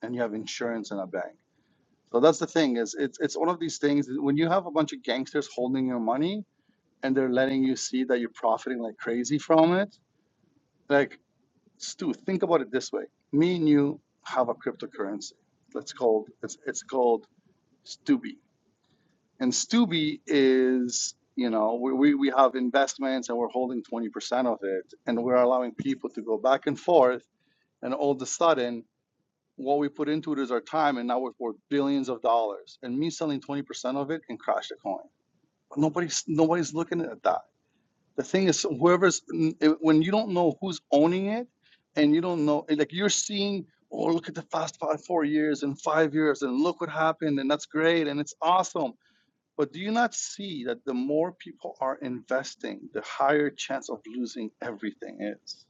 and you have insurance in a bank. So that's the thing is it's it's one of these things that when you have a bunch of gangsters holding your money and they're letting you see that you're profiting like crazy from it. Like Stu, think about it this way: me and you have a cryptocurrency. It's called it's it's called Stubi. And Stubi is, you know, we, we, we have investments and we're holding 20% of it. And we're allowing people to go back and forth. And all of a sudden, what we put into it is our time. And now we're worth billions of dollars. And me selling 20% of it and crash the coin. But nobody's, nobody's looking at that. The thing is, whoever's, when you don't know who's owning it and you don't know, like you're seeing, oh, look at the past five, four years and five years and look what happened. And that's great. And it's awesome but do you not see that the more people are investing, the higher chance of losing everything is?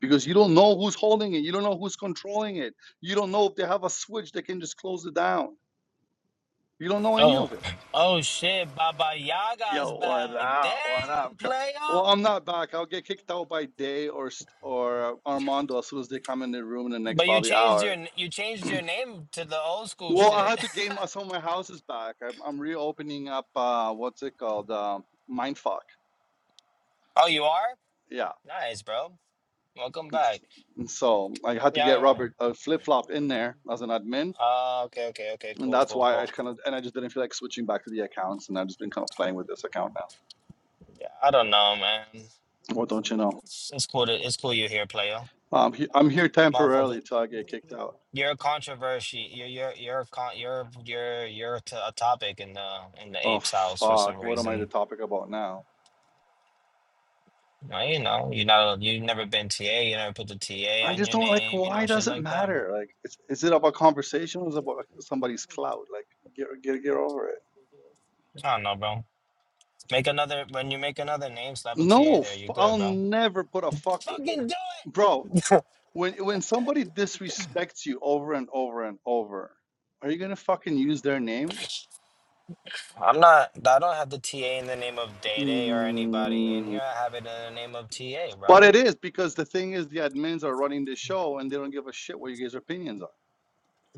Because you don't know who's holding it, you don't know who's controlling it, you don't know if they have a switch that can just close it down. You don't know any
Oh,
of it.
oh shit! Baba Yaga's
Yo, what
back.
up? What up?
Damn, player.
Well, I'm not back. I'll get kicked out by Day or or Armando as soon as they come in the room in the next
But you
probably
changed
hour.
your you changed your name to the old school
Well, I
shit.
had to
<laughs>
gain my, some of my houses back. I'm, I'm reopening up. Uh, what's it called? Um, Mindfuck.
Oh, you are
Yeah.
nice, bro. Welcome back.
So I had to get
Yeah.
Robert a flip flop in there as an admin,
Uh, uh, okay, okay, okay.
and
Cool,
that's
cool,
why I
cool.
kind of and I just didn't feel like switching back to the accounts, and I've just been kind of playing with this account now.
Yeah, I don't know, man.
What don't you know?
It's, it's cool. To, it's cool you're here, player.
Um, he, I'm here
Motherfucker,
temporarily till I get kicked out.
you're a controversy. You're you're you're a con- you're you're you're to a topic in the in the
Oh
apes house for
fuck!
some
What am I
reason.
the topic about now?
No, you know, you know, you have never been TA, you never put the TA
I
on
just
your
don't like.
name, you know,
Why
shit
does it
like that, man.
matter? Like, is, is it about conversation? Or is it about somebody's clout? Like, get get get over it.
I don't know, bro. Make another when you make another name, slap a TA
No,
there, you
i
good,
I'll
bro.
never put a fuck,
Fucking do it.
bro. when when somebody disrespects you over and over and over, are you gonna fucking use their name?
I'm not. I don't have the TA in the name of Day Day or anybody in
Mm,
here. I have it in the name of TA,
But it
bro.
is because the thing is, the admins are running the show and they don't give a shit what you guys' opinions are.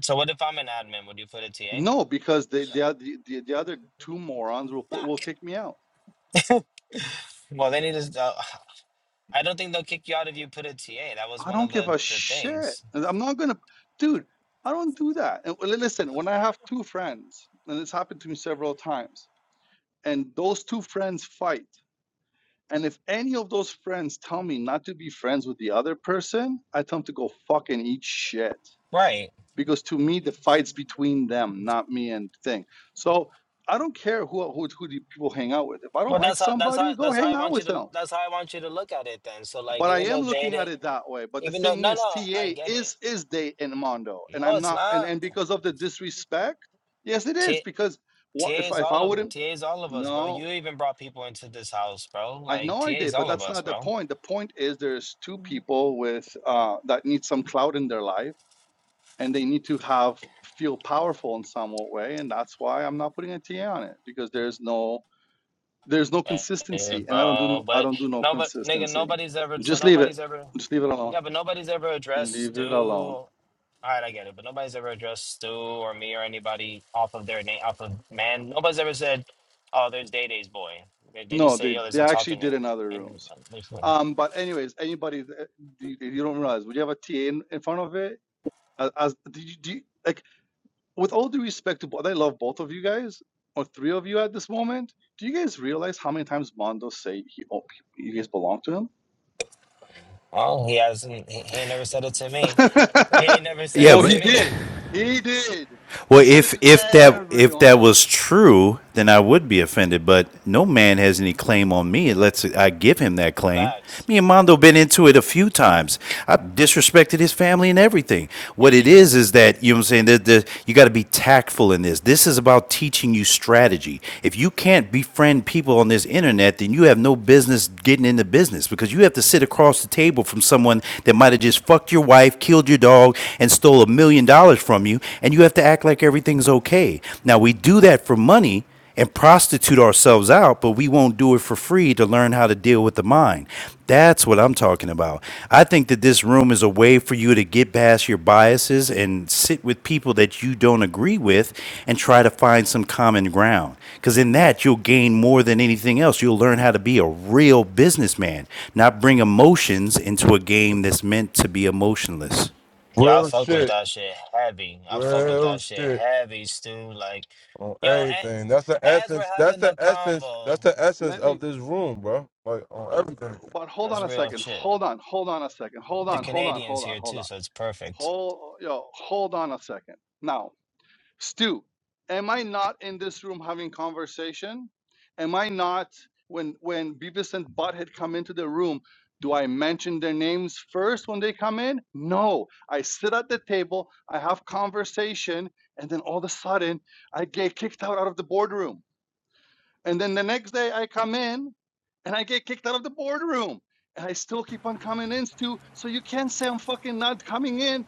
So what if I'm an admin? Would you put a TA?
No, because they, they are- the, the the other two morons will put, will
Fuck.
kick me out.
Well, they need to. s- Uh, I don't think they'll kick you out if you put a TA. That was
I
one of
don't give
the
a
the
shit.
things.
And I'm not gonna, dude. I don't do that. And li- listen, when I have two friends, and it's happened to me several times, and those two friends fight. And if any of those friends tell me not to be friends with the other person, I tell them to go fucking eat shit.
Right.
Because to me, the fight's between them, not me and thing. So I don't care who who, who the people hang out with. If I don't
Well,
like
that's how that's how
somebody, go
that's how
hang
I
out
want you
with
to
them.
that's how I want you to look at it then. So like
But I
even though
am looking
dating,
at it that way. But the
even though
thing
no
is,
no, I
TA
get it.
is is they in Mondo, and
No,
I'm
it's
not. And
not.
and because of the disrespect, yes, it is.
T
Because what
TA
if
is
I- if I
all of
wouldn't?
TA is all of us, bro.
No,
You even brought people into this house, bro.
I
Like
know I
TA is
did, but
all of
that's
us,
not the
bro.
point. The point is there's two people with uh, that need some cloud in their life, and they need to have feel powerful in some way, and that's why I'm not putting a TA on it because there's no there's no
Yeah,
consistency, and I don't do
bro.
no I
But
don't do no
no, but nigga,
consistency.
nobody's ever so
Just leave it.
nobody's ever
Just leave it alone.
yeah, but nobody's ever addressed
Leave it alone.
Stu. All right, I get it, but nobody's ever addressed Stu or me or anybody off of their name, off of man. Nobody's ever said, "Oh, there's Day Day's boy." They, they
No,
just say,
they
"Yo, there's
they
a
actually
talking
did
name."
in other
And
rooms.
uh, there's, you know,
Um, but anyways, anybody that- you, you don't realize, would you have a TA in, in front of it? As, as do you, do you, like with all due respect to both, I love both of you guys or three of you at this moment. Do you guys realize how many times Mondo say he, oh, you guys belong to him?
oh, he hasn't. He, he ain't never said it to me. He ain't never
<laughs>
said
Yeah,
it
oh,
to
he
but
me.
did. He did.
Well,
He said it
if
to
if that if that
everyone.
was true, then I would be offended. But no man has any claim on me unless I give him that claim.
Facts.
Me and Mondo been into it a few times. I disrespected his family and everything. What it
hmm
is is that you know what I'm saying. That the, you got to be tactful in this. This is about teaching you strategy. If you can't befriend people on this internet, then you have no business getting into business because you have to sit across the table from someone that might have just fucked your wife, killed your dog, and stole a million dollars million dollars from you and you have to act like everything's okay. Now we do that for money and prostitute ourselves out, but we won't do it for free to learn how to deal with the mind. That's what I'm talking about. I think that this room is a way for you to get past your biases and sit with people that you don't agree with and try to find some common ground. Because in that, you'll gain more than anything else. You'll learn how to be a real businessman, not bring emotions into a game that's meant to be emotionless.
Yeah, I
Real
fuck with
shit.
that shit heavy. I fuck with
Real
that shit
shit
heavy, Stu. Like,
on
yo,
everything. That's the
a- as we're
essence. That's
having the
the essence.
convo,
That's the essence
Let
of
me.
this room, bro. Like on everything.
But hold
that's
on a
real
second.
shit.
Hold on. Hold on a second. Hold
The
on. Hold on.
Canadians
Hold on.
here
Hold
too,
on.
so it's perfect.
Hold yo. Hold on a second. Now Stu, am I not in this room having conversation? Am I not when when Beavis and Butthead come into the room? Do I mention their names first when they come in? No. I sit at the table, I have conversation, and then all of a sudden I get kicked out, out of the boardroom. And then the next day I come in and I get kicked out of the boardroom. And I still keep on coming in, Stu. So you can't say I'm fucking not coming in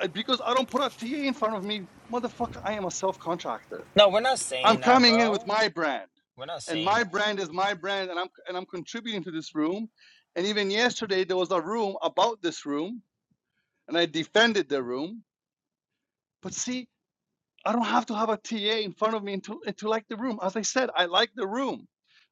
uh, because I don't put a TA in front of me. Motherfucker, I am a self contractor.
No, we're not
I'm
saying that,
coming in with
bro.
my brand.
We're not
And
saying
my
that.
brand is my brand, and I'm and I'm contributing to this room. And even yesterday there was a room about this room, and I defended the room. But see, I don't have to have a TA in front of me and to, and to like the room. As I said, I like the room.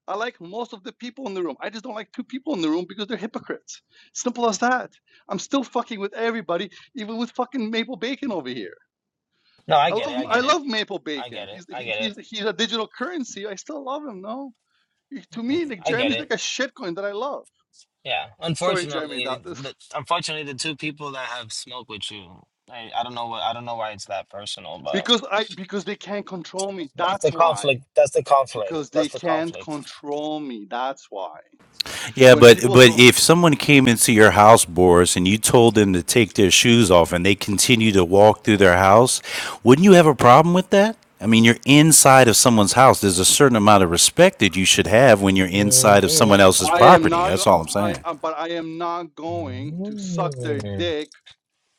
I like most of the people in the room. I just don't like two people in the room because they're hypocrites. Simple as that. I'm still fucking with everybody, even with fucking Maple Bacon over here.
No, I
I
get it.
love
I
I
get it.
love Maple
I
Bacon.
get it.
He's
I
he,
get
he's
it.
he's a digital currency. I still love him. No, He- to me, like
I get
Jeremy's
it.
like a shitcoin that I love.
Yeah.
Sorry, Jeremy, that
Unfortunately, the, unfortunately, the two people that have smoked with you, I, I don't know what I don't know why it's that personal,
<laughs>
but
because I because they can't control me.
that's the
That's why.
conflict. That's the conflict.
Because they
That's the
can't
conflict.
control me. That's why
Yeah,
when
but
people
but
don't
if someone came into your house, Boris, and you told them to take their shoes off and they continue to walk through their house, wouldn't you have a problem with that? I mean, you're inside of someone's house. There's a certain amount of respect that you should have when you're inside of
Mm.
someone else's
I am
property.
not
That's
go-
all I'm
I
saying.
uh, but I am not going to suck their dick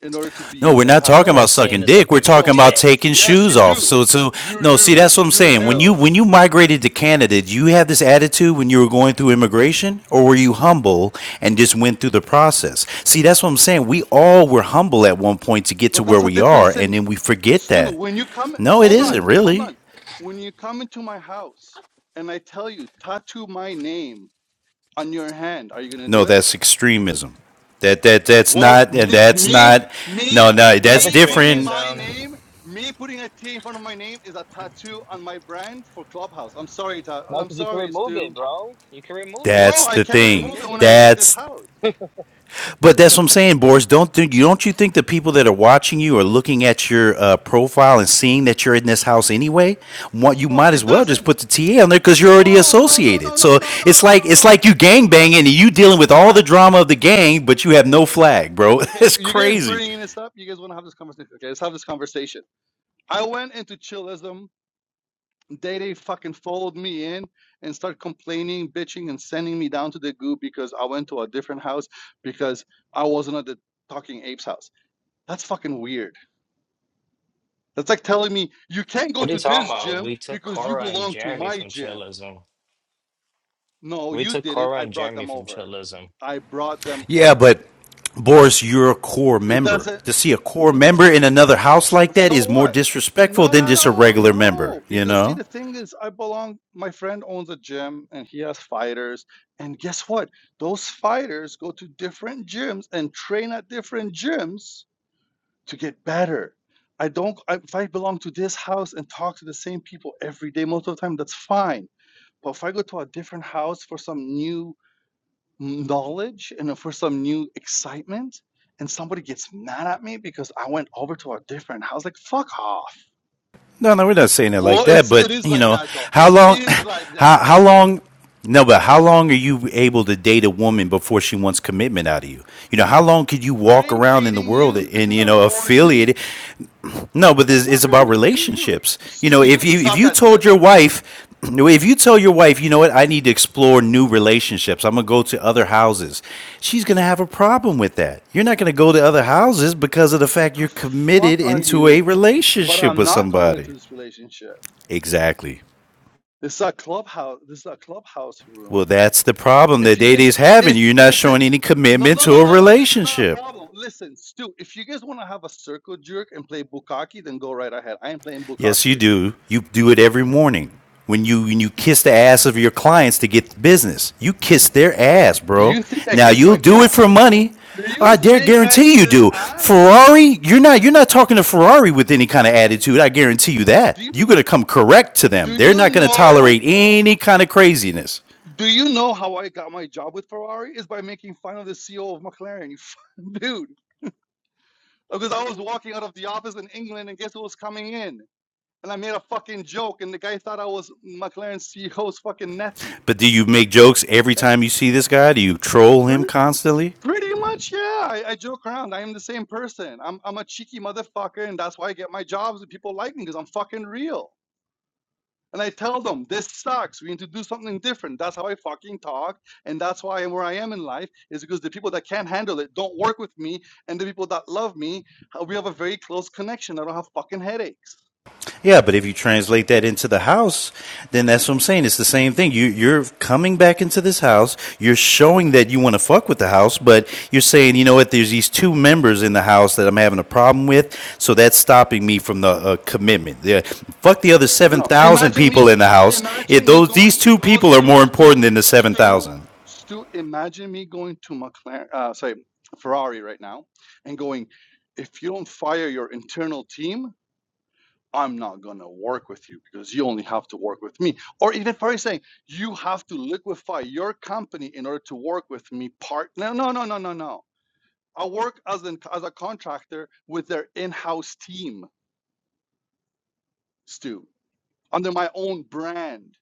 in order to be
No,
in
we're
their
not
No
talking about
one's
house.
saying
sucking
to
dick.
suck
We're
their
talking
So,
about
dick.
so
taking
yes, you
shoes off.
do.
So, so
You
no. See,
do.
that's what I'm
Hey
You
saying. When you
do.
yo,
when you migrated to Canada, did you have this attitude when you were going through immigration, or were you humble and just went through the process? See, that's what I'm saying. We all were humble at one point to get to
But
where
that's a
we are,
difference
and
in
then we forget
Stu.
that.
When you come,
No, it
hold on,
isn't
hold
really.
on. When you come into my house and I tell you tattoo my name on your hand, are you gonna
No,
do it?
that's extremism. That that that's
Well,
not
me,
that's
me,
not. No,
me,
no,
that's
that's
me putting
different.
my
extremism.
name, me putting a T in front of my name is a tattoo on my brand for Clubhouse. I'm sorry, Ta-
No,
I'm
because you can
sorry,
remove it,
Stu.
bro. You can remove
No,
it.
That's
I
the
You
can't
can
thing.
remove it
remove
when
it
I
though.
leave this
That's
house.
But that's what I'm saying, Boris. Don't think you don't you think the people that are watching you are looking at your uh, profile and seeing that you're in this house anyway? What you
Oh,
might as
it
well just
doesn't.
put the TA on there because you're already
No, no, no, no,
associated.
no, no,
So
no, no,
it's like
no,
it's like
no.
you gang
But
banging and you dealing with
all
all
right,
the drama of the gang, but you have no flag, bro. <laughs>
okay,
It's
you guys
crazy.
bringing this up. You guys want to have this conversation? Okay, let's have this conversation. I went into chillism They they fucking followed me in and start complaining, bitching, and sending me down to the goo because I went to a different house because I wasn't at the Talking Apes house. That's fucking weird. That's like telling me you can't go
What are you
to
talking
this
about?
gym
We took
because you
Cora and
belong to
Jeremy
my
from
gym.
chillism.
No,
We
you
took
didn't.
Cora
I
and
brought
Jeremy
them
from
over.
chillism.
I brought them
Yeah,
over.
but Boris, you're a core
It
member.
doesn't.
To see a core member in another house like that
So
is more
what?
disrespectful
No,
than
no,
just a
no,
regular
no.
member. You
Because see,
know.
the thing is, I belong. My friend owns a gym, and he has fighters. And guess what? Those fighters go to different gyms and train at different gyms to get better. I don't. I, if I belong to this house and talk to the same people every day, most of the time, that's fine. But if I go to a different house for some new knowledge and for some new excitement, and somebody gets mad at me because I went over to a different house, like fuck off
No, no, we're not saying it like
well,
that.
it's
But
it is
you
like
know,
that though.
how
It
long, <laughs>
is like
how
that.
how long? No, but how long are you able to date a woman before she wants commitment out of you? You know, how long could you
I
walk
ain't
around in the
dating
world
you. This
and
is
you
not an
know affiliate?
orgy.
it? No, but
The
this it's
fuck are
about
you? You you
relationships. You know,
Stu, you
if you if
suck
you
at
told
this.
your wife. <clears throat> If you tell your wife, you know what, I need to explore new relationships. I'm going to go to other houses. She's going to have a problem with that. You're not going to go to other houses because of the
What
fact you're
The
committed
fuck are
into a
you? But
relationship
I'm
with
not committed
somebody.
to this relationship.
Exactly.
This is a clubhouse. This is a clubhouse room.
Well, that's the problem
If
that
you guys,
Day's having.
if
You're not
listen,
showing any
no,
commitment
no,
to
no,
a
no, no. This is not a
relationship.
problem. Listen, Stu, if you guys want to have a circle jerk and play bukkake, then go right ahead. I ain't playing
Yes,
bukkake
you
with you.
do. You do it every morning when you when you kiss the ass of your clients to get the business. You kiss their ass,
Do
bro.
you think I
Now
kiss
you'll
my
do it
client?
for money.
Do you
I dare
think I
guarantee you
kiss
do.
ass?
Ferrari, you're not you're not talking to Ferrari with any kind of attitude. I guarantee you
Do
that.
you
You're gonna come correct to them.
do
They're not
you
gonna
know
tolerate any kind of craziness.
do you know how I got my job with Ferrari is by making fun of the CEO of McLaren, <laughs> dude? Because I was walking out of the office in England and guess who was coming in? And I made a fucking joke and the guy thought I was McLaren CEO's fucking nephew.
But do you make jokes every
Eh,
time you see this guy? Do you troll him constantly?
Pretty much, yeah. I, I joke around. I am the same person. I'm I'm a cheeky motherfucker, and that's why I get my jobs and people like me because I'm fucking real. And I tell them, this sucks. We need to do something different. That's how I fucking talk. And that's why I'm where I am in life, is because the people that can't handle it don't work with me. And the people that love me, uh, we have a very close connection. I don't have fucking headaches.
Yeah, but if you translate that into the house, then that's what I'm saying. It's the same thing. You, you're coming back into this house. You're showing that you want to fuck with the house, but you're saying, you know what? There's these two members in the house that I'm having a problem with, so that's stopping me from the uh, commitment. Yeah, fuck the other seven
No.
thousand
Imagine me,
people in the house. If
imagine me
those these
going,
two
no,
people are
Stu,
more important
Stu,
than the seven
Stu,
thousand.
Stu, imagine me going to McLaren, uh, sorry, Ferrari right now and going, if you don't fire your internal team, I'm not going to work with you because you only have to work with me. Or even probably saying, you have to liquefy your company in order to work with me, Partner, no, no, no, no, no. no. I work as, an, as a contractor with their in house team, Stu, under my own brand.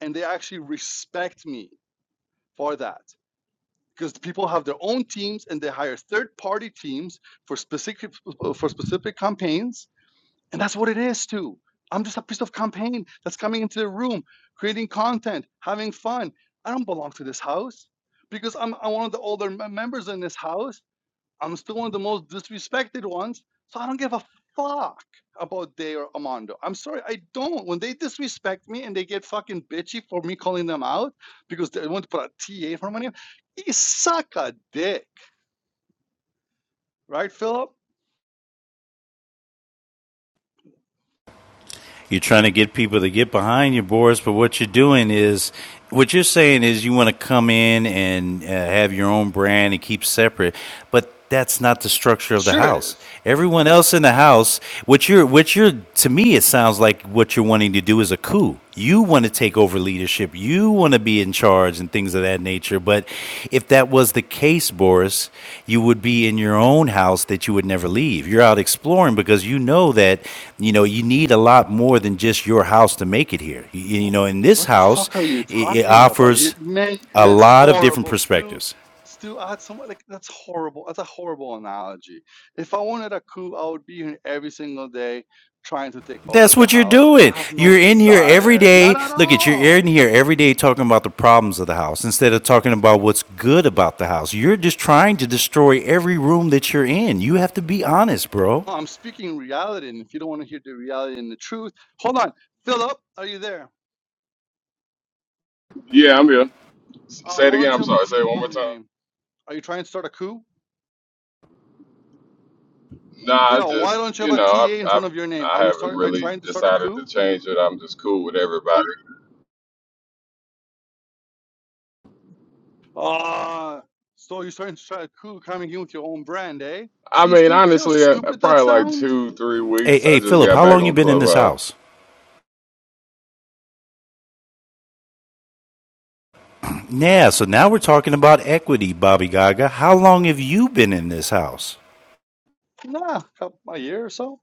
And they actually respect me for that because people have their own teams and they hire third party teams for specific <laughs> for specific campaigns And that's what it is too. I'm just a piece of campaign that's coming into the room, creating content, having fun. I don't belong to this house because I'm, I'm one of the older members in this house. I'm still one of the most disrespected ones. So I don't give a fuck about Day or Amando. I'm sorry, I don't. When they disrespect me and they get fucking bitchy for me calling them out because they want to put a TA for my name, you suck a dick, right, Philip?
You're trying to get people to get behind you, Boris. But what you're doing is, what you're saying is, you want to come in and uh, have your own brand and keep separate. But that's not the structure of the
Sure it
house.
is.
Everyone else in the house, what you're, what you're, to me, it sounds like what you're wanting to do is a coup. You want to take over leadership. You want to be in charge and things of that nature. But if that was the case, Boris, you would be in your own house that you would never leave. You're out exploring because you know that, you know, you need a lot more than just your house to make it here. You, you know, in this
What the
house,
fuck are you
it, it
talking about? You
offers
man,
a
that's
lot of different
horrible. Stu,
perspectives.
Stu, I had someone like that's horrible. That's a horrible analogy. If I wanted a coup, I would be here every single day trying to take over
That's
the
what you're
house, and I
doing.
have no
You're in here every
desire, not
day.
at
Look at you're in
all.
here every day talking about the problems of the house instead of talking about what's good about the house. You're just trying to destroy every room that you're in. You have to be honest, bro.
No, I'm speaking reality, and if you don't want to hear the reality and the truth, hold on. Philip, are you there?
Yeah, I'm here. S-
Uh,
Say it
why
again.
don't you
I'm
have a
sorry.
TA
Say it
in
one
front
more
of
time.
your name? Are you trying to start a coup?
Nah, I
Yeah, why
just
don't you have
you
a
know, I
TA in
I
front of your name? Are
I
you
haven't
start? Are you
really
trying to start a
decided to
coup?
change it. I'm just cool with everybody.
Ah, so you're trying to try cool coming in with your own brand, eh?
I
See,
mean,
stu see how
honestly, uh
stupid that
probably like
sounds?
two, three
Hey,
weeks. I
hey,
just
Philip,
got
how
back
long you
on
been in this
Clubhouse.
house? <clears throat> Yeah, so now we're talking about equity, Bobby Gaga. How long have you been in this house?
Nah, couple, a year or so.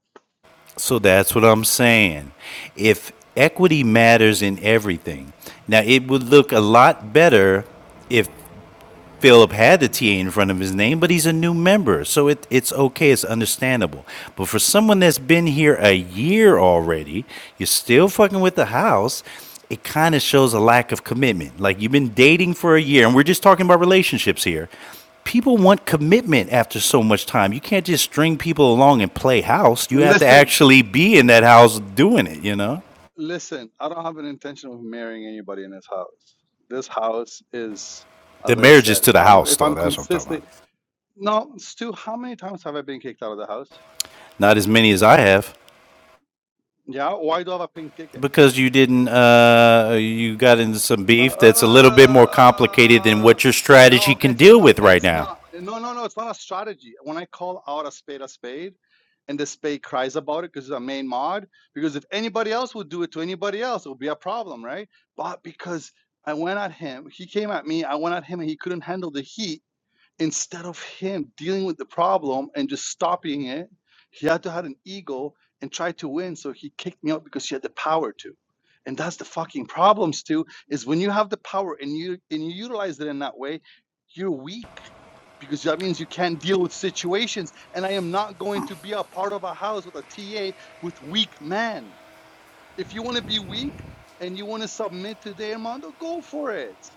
So that's what I'm saying. If equity matters in everything, now it would look a lot better if Philip had the TA in front of his name, but he's a new member, so it, it's okay, it's understandable. But for someone that's been here a year already, you're still fucking with the house. It kind of shows a lack of commitment. Like you've been dating for a year, and we're just talking about relationships here. People want commitment after so much time. You can't just string people along and play house. You have to
Listen,
actually be in that house doing it, you know?
listen, I don't have an intention of marrying anybody in this house. This house is,
The
as I
marriage is
said,
to
if
the
I'm
house,
if
though.
I'm
That's what I'm talking about.
consistent. No, Stu, how many times have I been kicked out of the house?
Not as many as I have.
Yeah, why do I have a pink ticket?
Because you didn't, uh, you got into some
Uh,
beef that's a little bit more complicated than
uh,
what your strategy
no,
can
it's
deal
not.
with right
It's
now.
not. No, no, no. It's not a strategy. When I call out a spade a spade, and the spade cries about it because it's a main mod. Because if anybody else would do it to anybody else, it would be a problem, right? But because I went at him, he came at me. I went at him, and he couldn't handle the heat instead of him dealing with the problem and just stopping it, he had to have an ego and try to win. So he kicked me out because he had the power to. And that's the fucking problems too, is when you have the power and you and you utilize it in that way, you're weak because that means you can't deal with situations. And I am not going to be a part of a house with a TA with weak men. If you want to be weak and you want to submit to the Armando, go for it.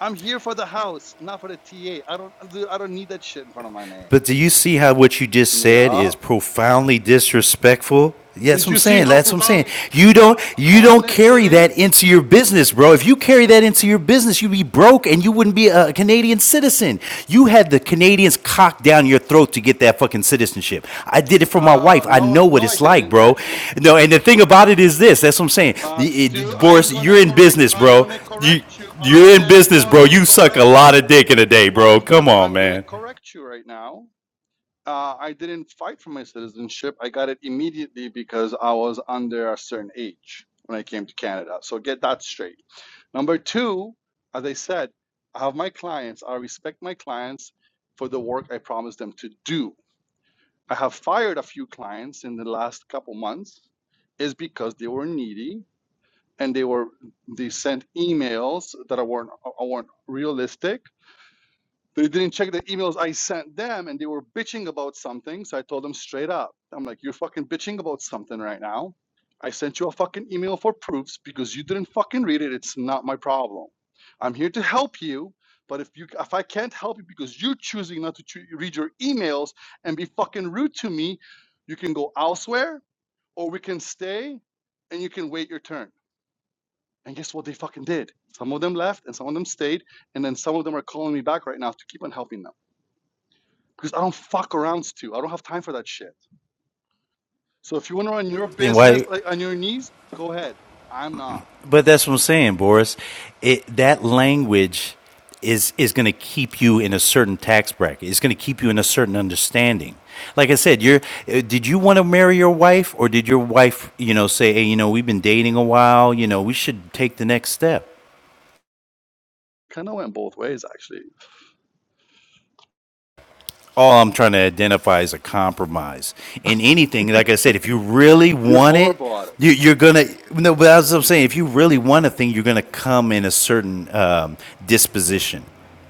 I'm here for the house, not for the TA. I don't I don't need that shit in front of my name.
But do you see how what you just said
Yeah.
is profoundly disrespectful? Yeah, that's
Did
what I'm
you see
saying.
how
That's what I'm saying.
profoundly
You don't
uh,
you
uh,
don't
honest it
carry that
is?
into your business, bro. If you carry that into your business, you'd be broke and you wouldn't be a Canadian citizen. You had the Canadians cocked down your throat to get that fucking citizenship. I did it for my wife.
Uh,
I
no,
know what
no, I
it's like,
didn't
bro.
actually.
No, and the thing about it is this. That's what I'm saying.
Uh,
The-
Stu,
it-
I am
Boris,
gonna
you're in
correct you.
business,
I'm
bro.
gonna
You
correct you. I
you're in
am
business, bro.
gonna
You suck a
correct
lot
you.
of dick in a day, bro.
I'm going
Come on,
I'm gonna
man.
to correct you right now. Uh, I didn't fight for my citizenship. I got it immediately because I was under a certain age when I came to Canada. So get that straight. Number two, as I said, I have my clients. I respect my clients for the work I promised them to do. I have fired a few clients in the last couple months is because they were needy and they were they sent emails that weren't, uh, weren't realistic they didn't check the emails I sent them and they were bitching about something. So I told them straight up, I'm like, you're fucking bitching about something right now. I sent you a fucking email for proofs because you didn't fucking read it. It's not my problem. I'm here to help you. But if you if I can't help you because you're choosing not to choo- read your emails and be fucking rude to me, you can go elsewhere or we can stay and you can wait your turn. And guess what they fucking did? Some of them left and some of them stayed. And then some of them are calling me back right now to keep on helping them because I don't fuck around, Stu. I don't have time for that shit. So if you want to run your
Then
business
why?
like on your knees, go ahead. I'm not.
But that's what I'm saying, Boris. It, that language is is going to keep you in a certain tax bracket. It's going to keep you in a certain understanding. Like I said, you're. uh, Did you want to marry your wife, or did your wife, you know, say, "Hey, you know, we've been dating a while. You know, we should take the next step."
Kind of went both ways, actually.
all I'm trying to identify is a compromise in anything. Like I said, if you really
You're
want it,
horrible at it.
you, you're gonna. No, but as I'm saying. If you really want a thing, you're gonna come in a certain um, disposition.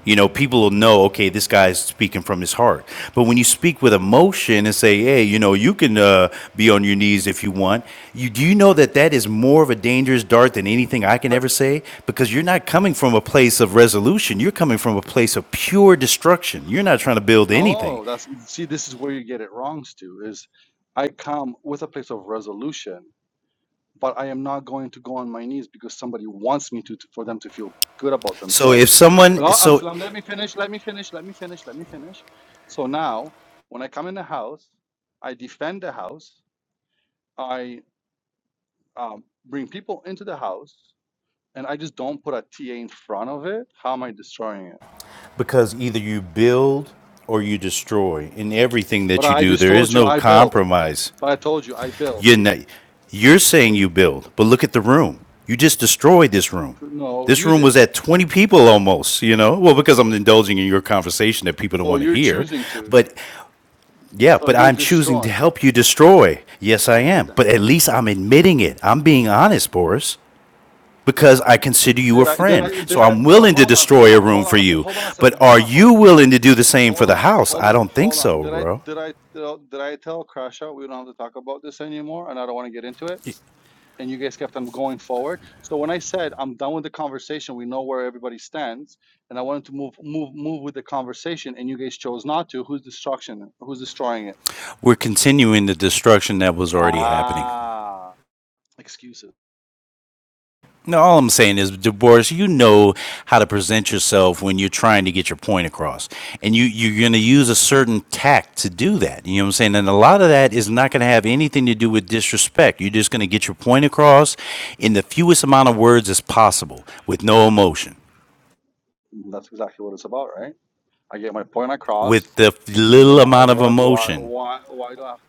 You know, people will know. Okay, this guy's speaking from his heart. But when you speak with emotion and say, "Hey, you know, you can uh, be on your knees if you want," you do you know that that is more of a dangerous dart than anything I can
But
ever say because you're not coming from a place of resolution. You're coming from a place of pure destruction. You're not trying to build anything.
no, that's see, this is where you get it wrong, Stu. Is I come with a place of resolution, but I am not going to go on my knees because somebody wants me to, to for them to feel good about
So if
themselves.
someone,
No, I'm,
so
fl- let me finish. Let me finish. Let me finish. Let me finish. So now, when I come in the house, I defend the house. I um, bring people into the house and I just don't put a TA in front of it, how am I destroying it?
because either you build or you destroy in everything
But
that you
I
do,
just
there is
told you
no
I built.
compromise.
But I told you I built.
You're not, you're saying you build, but look at the room. You just destroyed this room.
No,
This
you
room was
did.
at 20 people almost, you know? Well, because I'm indulging in your conversation that people don't
Well,
want to
you're
hear.
choosing to.
But yeah,
So
but
you're
I'm choosing to
destroying.
help you destroy. Yes, I
Okay
am.
then.
But at least I'm admitting it. I'm being honest, Boris, because I consider you a
Did I? Did I?
friend. So
Did I?
I'm
But
willing to
hold on, hold
destroy a
on,
room
hold
for
on, a se-
you.
hold on a
But
second, hold
are
on, hold on,
you willing to do the same for
hold
the
on,
house?
hold
I
on,
don't think
hold on.
so,
Did I?
bro.
Did I? Tell, did I tell Crash we don't have to talk about this anymore, and I don't want to get into it? and you guys kept on going forward. So when I said I'm done with the conversation, we know where everybody stands, and I wanted to move move move with the conversation, and you guys chose not to. Who's destruction? Who's destroying it?
We're continuing the destruction that was already happening.
Ah, excuses.
No, all I'm saying is, DeBoris, you know how to present yourself when you're trying to get your point across, and you you're going to use a certain tact to do that. You know what I'm saying? And a lot of that is not going to have anything to do with disrespect. You're just going to get your point across in the fewest amount of words as possible, with no emotion,
That's exactly what it's about, right? I get my point across,
with the
and
little
then uh,
amount of
why do I
emotion
why why do I Have,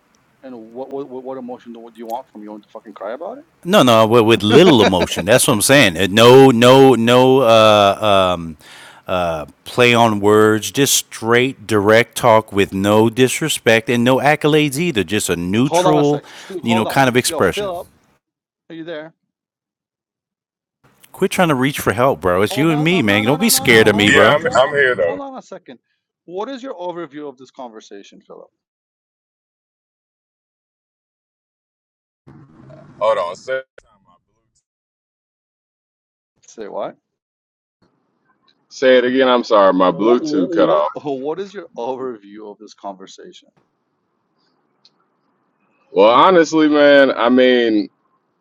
and what what what emotion do, What do you want from me? You want to fucking cry about it?
No, no, with, with little
<laughs>
emotion. That's what I'm saying. Uh, No, no, no uh, um, uh, play on words. Just straight, direct talk with no disrespect and no accolades either. Just a
Hold on a
neutral,
sec, Stu.
you know,
Hold on,
kind of
yo,
expression.
Philip, are you there?
Quit trying to reach for help, bro. It's you
Hold
and
on.
me,
I'm
man.
no, no,
Don't be
no, no, no.
scared of me,
Hold on.
Yeah,
bro.
I'm
Hold,
I'm
uh,
here
hold
though.
on a second. What is your overview of this conversation, Philip?
Hold on, say,
Say what?
Say it again. I'm sorry. My
What,
Bluetooth cut off.
what? what is your overview of this conversation?
Well, honestly, man, I mean.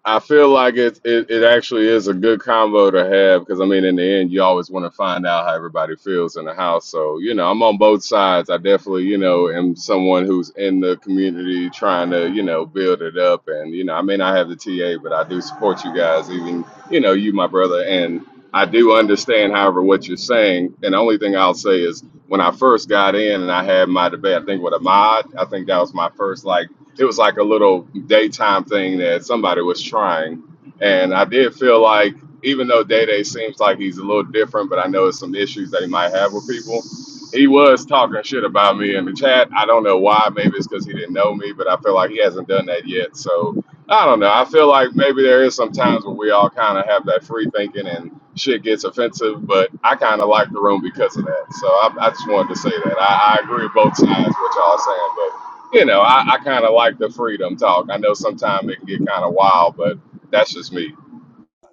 I feel like it, it it actually is a good combo to have because I mean in the end you always want to find out how everybody feels in the house. So you know I'm on both sides. I definitely you know am someone who's in the community trying to you know build it up and you know I may not have the TA but I do support you guys even you know you my brother and I do understand however what you're saying and the only thing I'll say is when I first got in and I had my debate I think with Ahmad I think that was my first like it was like a little daytime thing that somebody was trying. And I did feel like, even though Day Day seems like he's a little different, but I know it's some issues that he might have with people. He was talking shit about me in the chat. I don't know why. Maybe it's because he didn't know me, but I feel like he hasn't done that yet. So I don't know. I feel like maybe there is some times where we all kind of have that free thinking and shit gets offensive, but I kind of like the room because of that. So I, I just wanted to say that. I, I agree with both sides, what y'all are saying, but you know, I, I kind of like the freedom talk. I know sometimes it can get kind of wild, but that's just me.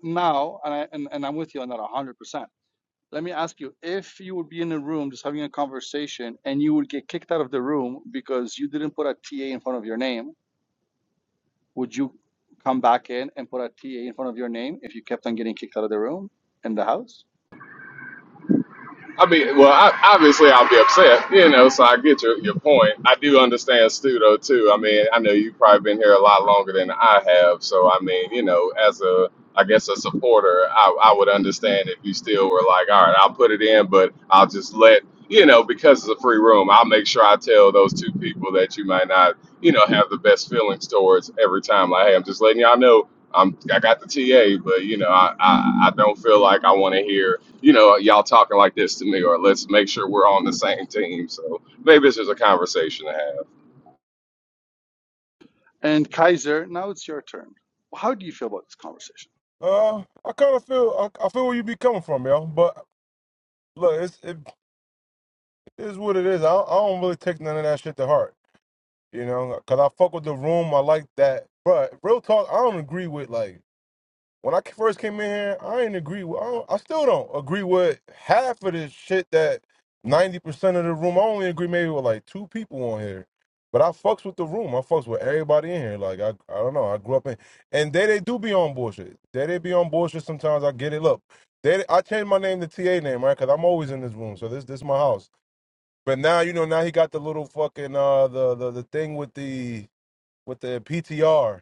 Now, and, I, and, and I'm with you on that 100%. Let me ask you if you would be in a room just having a conversation and you would get kicked out of the room because you didn't put a TA in front of your name, would you come back in and put a TA in front of your name if you kept on getting kicked out of the room in the house?
I mean, well, I, obviously I'll be upset, you know. So I get your your point. I do understand Stu though too. I mean, I know you've probably been here a lot longer than I have. So I mean, you know, as a I guess a supporter, I, I would understand if you still were like, all right, I'll put it in, but I'll just let you know because it's a free room. I'll make sure I tell those two people that you might not, you know, have the best feelings towards every time. Like, hey, I'm just letting y'all know. I'm, I got the TA, but you know, I, I, I don't feel like I want to hear you know, y'all talking like this to me, or let's make sure we're on the same team. So maybe this is a conversation to have.
And Kaiser, now it's your turn. How do you feel about this conversation?
Uh, I kind of feel. I, I feel where you be coming from, yo. But look, it's it is what it is. I, don't- I don't really take none of that shit to heart, you know. Cause I fuck with the room. I like that. But real talk, I don't agree with like. when I first came in here, I didn't agree with. I, don't, I still don't agree with half of this shit that ninety percent of the room. I only agree maybe with like two people on here, but I fucks with the room. I fucks with everybody in here. Like I, I don't know. I grew up in, and they they do be on bullshit. They they be on bullshit. Sometimes I get it. Look, they I changed my name to TA name right because I'm always in this room. So this this my house. But now you know now he got the little fucking uh the the, the thing with the with the PTR.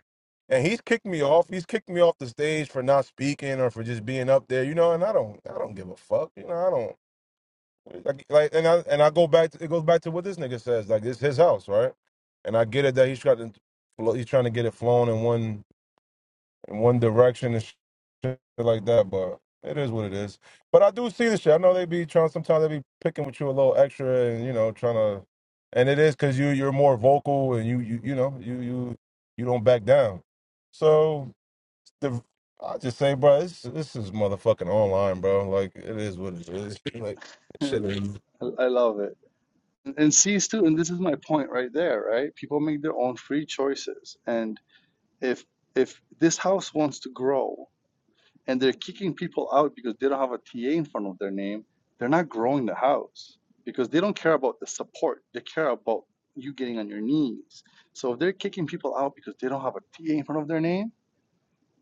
And he's kicked me off. He's kicked me off the stage for not speaking or for just being up there, you know. And I don't, I don't give a fuck, you know. I don't like, like, and I and I go back. To, it goes back to what this nigga says. Like it's his house, right? And I get it that he's trying to, well, he's trying to get it flown in one in one direction. and like that, but it is what it is. But I do see the shit. I know they be trying. Sometimes they be picking with you a little extra, and you know, trying to. And it is because you you're more vocal, and you you you know you you you don't back down. So the I just say, bro, this this is motherfucking online, bro. Like it is what it is. <laughs> like shit. is
<laughs> I I love it. And see, Stu, and this is my point right there, right? People make their own free choices. And if if this house wants to grow and they're kicking people out because they don't have a TA in front of their name, they're not growing the house because they don't care about the support. They care about you getting on your knees. So if they're kicking people out because they don't have a TA in front of their name,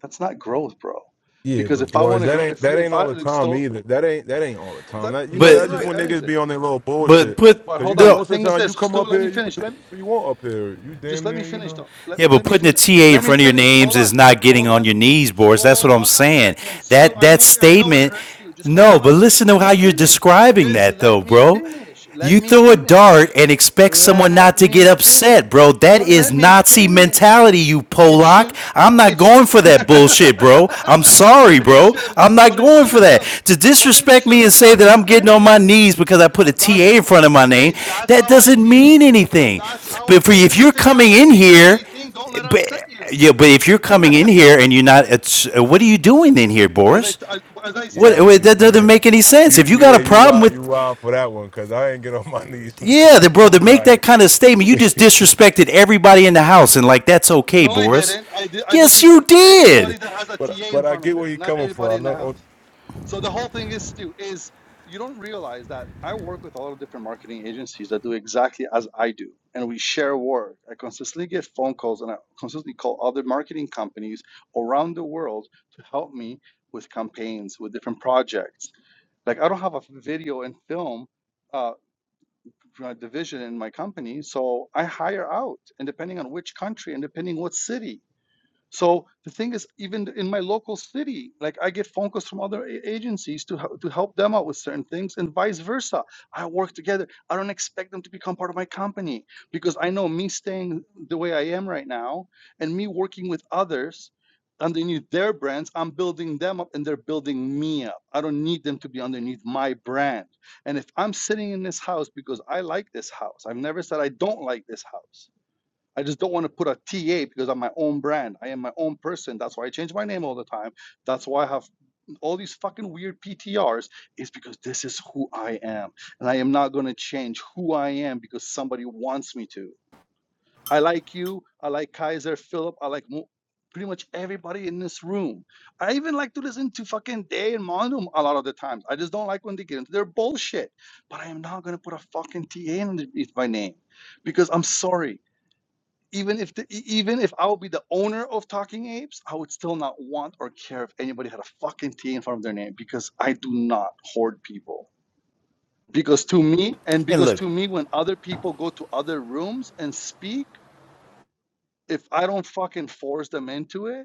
that's not growth, bro
Yeah,
because
but
if I
boys,
want to
that
grow,
ain't
if
that
you,
ain't
if I
all the
like,
time
so
either. That ain't that ain't all the time.
That
That you
no,
know,
you're
that's
But
just
right.
when
but,
That
niggas
is it.
be on their little
but
bullshit.
put
But
Cause you
hold
know,
on. The
the
most of
thing
the
is
time
this,
you come
Stu.
up
Let me
here, you can
finish.
do
Let me
whatever you want up here. You
just
damn
let
near,
me
you
finish
know.
though. Let
Yeah, but
let me
putting a
finish.
TA in
Let me
front of your
finish.
names
Hold
is
on.
not getting
Hold
on
on.
your knees, Boris. That's what
Hold
I'm
on a
saying.
second, Stu.
That
I
that
know I know it
statement,
hurts you. Just hold
no,
on a
but
second.
listen to
Let me
how you're
finish.
describing
Just
that though,
let me
bro.
finish. Let
You
me
throw a dart
finish.
and expect someone
Let
not to get
me finish.
upset, bro. That
But
is
let me
Nazi
finish.
mentality, you
It
Polak.
should.
I'm not
It should.
going for
<laughs>
that bullshit, bro. I'm sorry,
it
bro.
should.
I'm not
But it
going for
shouldn't.
that. To
But it
disrespect me and
shouldn't
say that I'm
upset
getting on my
you.
knees because I put a
That's
TA in front of my name,
Hey, that's
that
how I
doesn't
feel.
mean
But
anything.
that's how I
But
then,
if
then
you're
if it
coming in
doesn't mean
here
anything, don't let it upset you.
yeah, but if you're
<laughs>
coming in
as
here and you're not, it's, uh, what are you doing in here,
I,
Boris?
I as I
What,
Yeah,
said,
what
you,
that doesn't
yeah,
make any
uh,
sense.
you
If you got a
yeah, you
problem
wild you
with,
wild for that one. Cause I ain't get on my <laughs> knees for
yeah, the, bro, to make that
nobody.
kind of statement,
<laughs>
you just
but
disrespected everybody in the house, and like that's okay,
no, I
Boris.
didn't. I did, I
Yes, you
disrespected everybody
did.
that has a TA in
but I
front
get
of
where
it,
you
not
coming
everybody in
from. I
the
know
house. So the whole thing is Stu is you don't realize that I work with a lot of different marketing agencies that do exactly as I do, and we share work. I consistently get phone calls, and I consistently call other marketing companies around the world to help me with campaigns, with different projects. Like I don't have a video and film uh, uh, division in my company, so I hire out, and depending on which country and depending what city so the thing is, even in my local city, like I get phone calls from other a- agencies to hel- to help them out with certain things, and vice versa. I work together. I don't expect them to become part of my company because I know me staying the way I am right now, and me working with others underneath their brands, I'm building them up, and they're building me up. I don't need them to be underneath my brand. And if I'm sitting in this house because I like this house, I've never said I don't like this house I just don't want to put a TA because I'm my own brand. I am my own person. That's why I change my name all the time. That's why I have all these fucking weird PTRs, is because this is who I am. And I am not going to change who I am because somebody wants me to. I like you. I like Kaiser, Philip. I like mo- pretty much everybody in this room. I even like to listen to fucking Day and Monum a lot of the times. I just don't like when they get into their bullshit. But I am not going to put a fucking TA underneath my name because I'm sorry even if the, e- even if I would be the owner of Talking Apes, I would still not want or care if anybody had a fucking T in front of their name because I do not hoard people. Because to me, and
And
because
look,
to me, when other people go to other rooms and speak, if I don't fucking force them into it,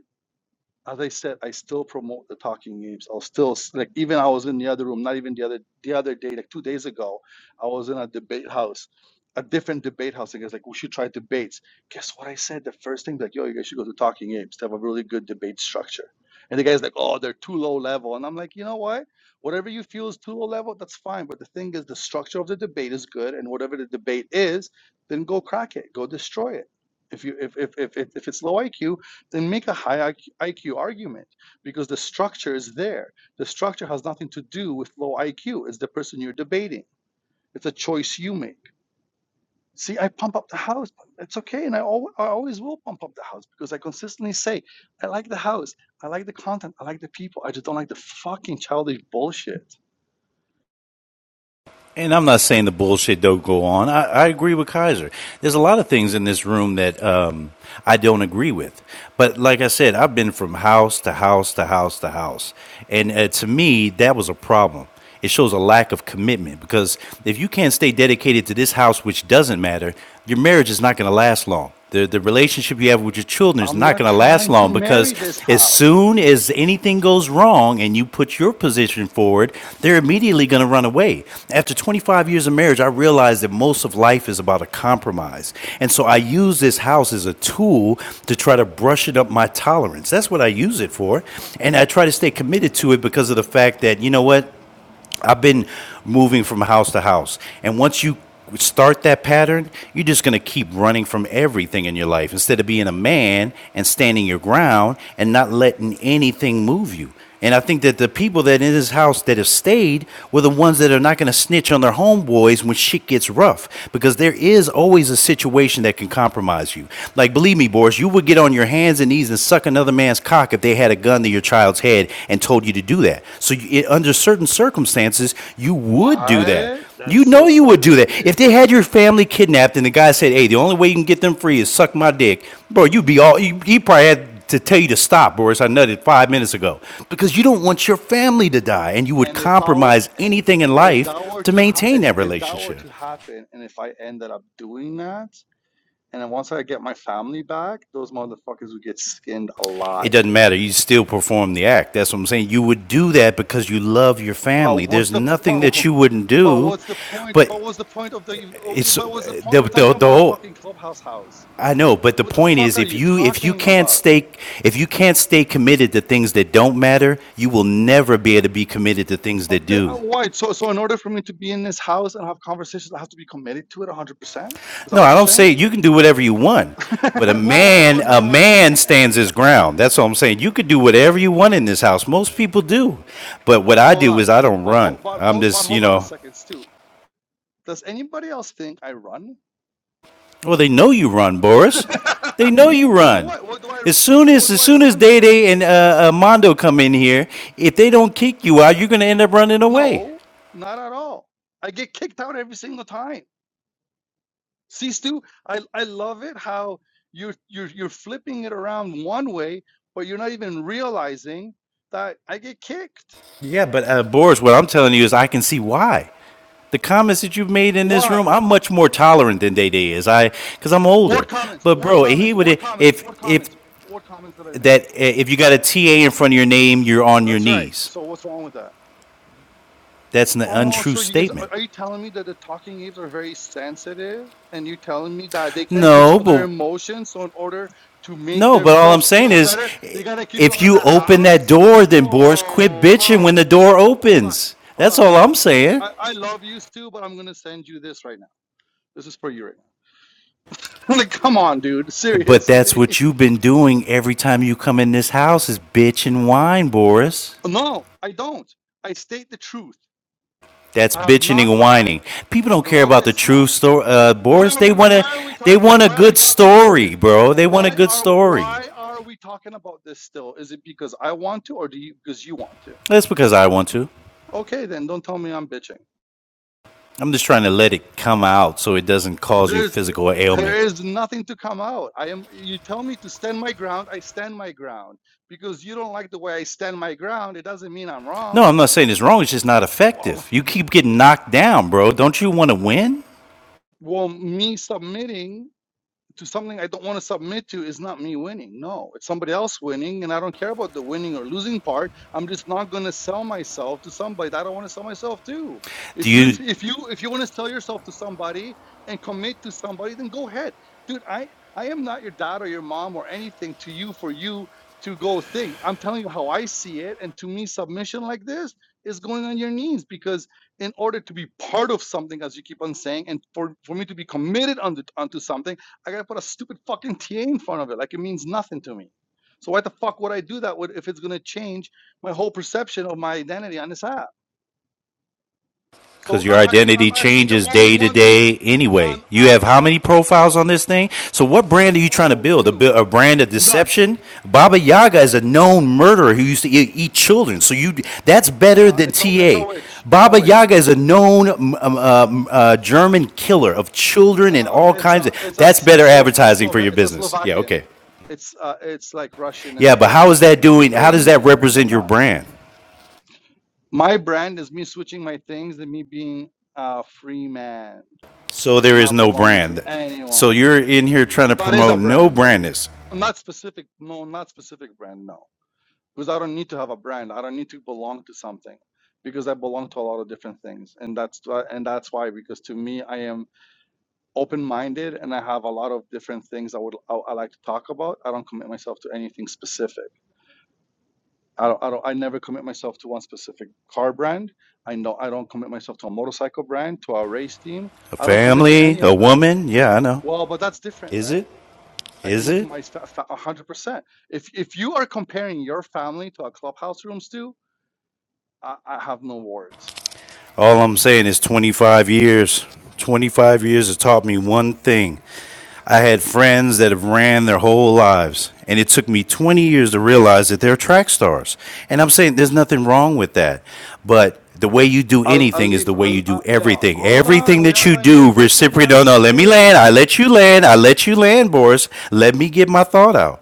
as I said, I still promote the talking games. I'll still like even I was in the other room, not even the other the other day, like two days ago, I was in a debate house, a different debate house. And guys like, we should try debates. Guess what I said? The first thing, like, yo, you guys should go to talking games to have a really good debate structure. And the guy's like, oh, they're too low level. And I'm like, you know what? Whatever you feel is too low level, that's fine. But the thing is, the structure of the debate is good, and whatever the debate is, then go crack it, go destroy it. If you if if if, if if it's low IQ, then make a high IQ argument because the structure is there. The structure has nothing to do with low IQ. It's the person you're debating. It's a choice you make. See, I pump up the house. It's okay, and I, al- I always will pump up the house because I consistently say I like the house, I like the content, I like the people. I just don't like the fucking childish bullshit.
and I'm not saying the bullshit don't go on. I, I agree with Kaiser. There's a lot of things in this room that um, I don't agree with. But like I said, I've been from house to house to house to house, and uh, to me, that was a problem. It shows a lack of commitment because if you can't stay dedicated to this house, which doesn't matter, your marriage is not going to last long the, the relationship you have with your children is
I'm
not
not
going to last
trying to
long because
marry this
as
house.
soon as anything goes wrong and you put your position forward, they're immediately going to run away. After 25 years of marriage, I realized that most of life is about a compromise. And so I use this house as a tool to try to brush it up my tolerance. That's what I use it for. And I try to stay committed to it because of the fact that, you know what? I've been moving from house to house. And once you start that pattern, you're just going to keep running from everything in your life instead of being a man and standing your ground and not letting anything move you. And I think that the people that in this house that have stayed were the ones that are not going to snitch on their homeboys when shit gets rough because there is always a situation that can compromise you. Like, believe me, Boris, you would get on your hands and and E's and suck another man's cock if they had a gun to your child's head and told you to do that. So, you, it, under certain circumstances, you would do that.
What?
You
That's
know
so
you would do
fucking
that. If
weird.
they had your family kidnapped and the guy said, "Hey, the only way you can get them free is suck my dick," bro, you'd be all. You, he probably had to tell you to stop, Boris. I nutted five minutes ago because you don't want your family to die, and you would
And if I were,
compromise anything in
if that
life
were
to
to ha-
maintain
if
that
if that were
relationship.
to happen, and if I ended up doing that, And then once I get my family back, those motherfuckers would get skinned
It
alive.
doesn't matter. You still perform the act. That's what I'm saying. You would do that because you love your family.
But what's
There's
the
nothing that
but,
you wouldn't
but
do,
what's the point?
but
But what's the point of the? oh,
it's
But what's the
the
point? We're
the,
talking
the
about a
whole.
fucking clubhouse house.
I know, but the
What the
point
fuck
is,
are
if
you
you if you
talking
can't
about?
stay if you can't stay committed to things that don't matter, you will never be able to be committed to things that
But the, uh,
do.
why? So so in order for me to be in this house and have conversations, I have to be committed to it one hundred percent. Is that
No,
what
I
you're
don't say
saying?
you can do whatever you want,
<laughs> oh
but a man
oh no!
a
I
man stands his ground. That's what I'm saying. You could do whatever you want in this house. Most people do, but
oh,
what I
hold
do
on.
is I don't
But
run.
ho- but
I'm
hold but
just you
hold on
know
a second, Stu. Does anybody else think I run?
Well, they know you run, Boris. They
<laughs>
know you
from
run.
what? What do I
As
<laughs>
soon as
what do
as
I
soon as
run
Day
from?
Day and uh, uh, Mondo come in here, if they don't kick you out, you're going to end up running away.
No, not at all. I get kicked out every single time. See, Stu, I, I love it how you're you're you're flipping it around one way, but you're not even realizing that I get kicked.
Yeah, but uh, Boris, what I'm telling you is, I can see why. The comments that you've made in this room,
What?
I'm much more tolerant than Day Day is. I because I'm older.
What comments?
But
What
bro, he
comments?
would
What comments?
if
What
if
comments? What comments did I make?
that eh, if you got a TA in front of your name, you're on your
That's right.
knees.
So what's wrong with that?
That's an
Oh,
untrue
so you guys are,
statement.
are you telling me that the talking apes are very sensitive and you're telling me that they can't
No,
control their
but
emotions, so in order to make
No, but all I'm
themselves
saying
feel
is,
better, they gotta keep you
if
out of the
you open that
house?
door, then Boris, quit
Oh,
bitching when
how
the door
cute. Oh, hold on.
opens.
Hold
That's
on,
all
hold on.
I'm saying.
I, I love you, Stu, but I'm gonna send you this right now. This is for you right now. <laughs> like, come on, dude.
But that's
Seriously.
what
<laughs>
you've been doing every time you come in this house is bitch and whine, Boris.
No, I don't. I state the truth.
That's
I have
bitching
not
and whining.
lied.
People don't care
No,
about the
it's not.
true story, uh,
Why
Boris.
are
They
we
want a,
why are we
they
talking?
want a
Why are we
good
talking about
story,
this?
bro. They want a
Why
good
are
story.
why are we talking about this still? Is it because I want to or do you because you want to?
That's because I want to.
Okay, then don't tell me I'm bitching.
I'm just trying to let it come out so it doesn't cause you
There's
physical
there
ailment.
is nothing to come out. I am you tell me to stand my ground, I stand my ground. Because you don't like the way I stand my ground, it doesn't mean I'm
No,
wrong.
I'm not saying it's wrong. It's just not effective.
Well,
You keep getting
<laughs>
knocked down, bro. Don't you want to win?
well me submitting to something I don't want to submit to is not me winning. No, it's somebody else winning, and I don't care about the winning or losing part. I'm just not going to sell myself to somebody that I don't want to sell myself to.
Do
If you
you?
if you if you want to sell yourself to somebody and commit to somebody, then go ahead, dude. I I am not your dad or your mom or anything to you for you to go thing. I'm telling you how I see it, and to me, submission like this is going on your knees because in order to be part of something, as you keep on saying, and for for me to be committed onto onto something. I gotta put a stupid fucking TA in front of it. Like it means nothing to me. So why the fuck would I do that with, if it's gonna change my whole perception of my identity on this app?
Because
So
your
I'm actually
identity
I'm actually the
changes
only
day to
one being
day anyway.
I'm
You have how
actually
many profiles on this thing? So what brand are you trying to
oh
build? A,
two
a brand of
none.
deception? Baba Yaga is a known murderer who used to eat, eat children. So you that's better
Uh,
than
it's a it's a
TA.
witch. It's a
Baba
witch.
Yaga is a known um, um, uh, German killer of children and
Uh,
all
it's
kinds of.
a it's a
That's better
Slov
advertising for
Slova-
your
it's a
business. Yeah. Okay.
Slovakian. It's uh, it's like Russian and
Yeah, but how is
Polish
that
and
doing? How does that
Ukrainian and
represent your
whatnot.
brand?
My brand is me switching my things and me being a free man.
So there is
not
no
belonging to
brand. So
anyone.
you're in here trying to
That is
promote
a
no
brand.
brandness.
Not specific. No, not specific brand. No, because I don't need to have a brand. I don't need to belong to something because I belong to a lot of different things, and that's why- and that's why. Because to me, I am open-minded, and I have a lot of different things I would I, I like to talk about. I don't commit myself to anything specific. I don't, I don't. I never commit myself to one specific car brand. I know I don't commit myself to a motorcycle brand, to a race team.
A
I don't commit to
family,
any
a
of that.
woman. Yeah, I know.
Well, but that's different,
Is
right?
it?
I
Is
commit to
it?
my one hundred percent. If if you are comparing your family to a clubhouse room, Stu, I, I have no words.
All I'm saying is 25 years. 25 years has taught me one thing. I had friends that have ran their whole lives, and it took me 20 years to realize that they're track stars. And I'm saying there's nothing wrong with that. But the way you do
I'll, I'll
anything is the
leave.
way
I'll,
you do
uh, yeah,
everything.
hold on.
Everything
We
that
have
you
a new
do,
person
reciprocate.
on
No, no, let me land.
stage.
I let you land. I let you land, Boris. Let me get my thought out.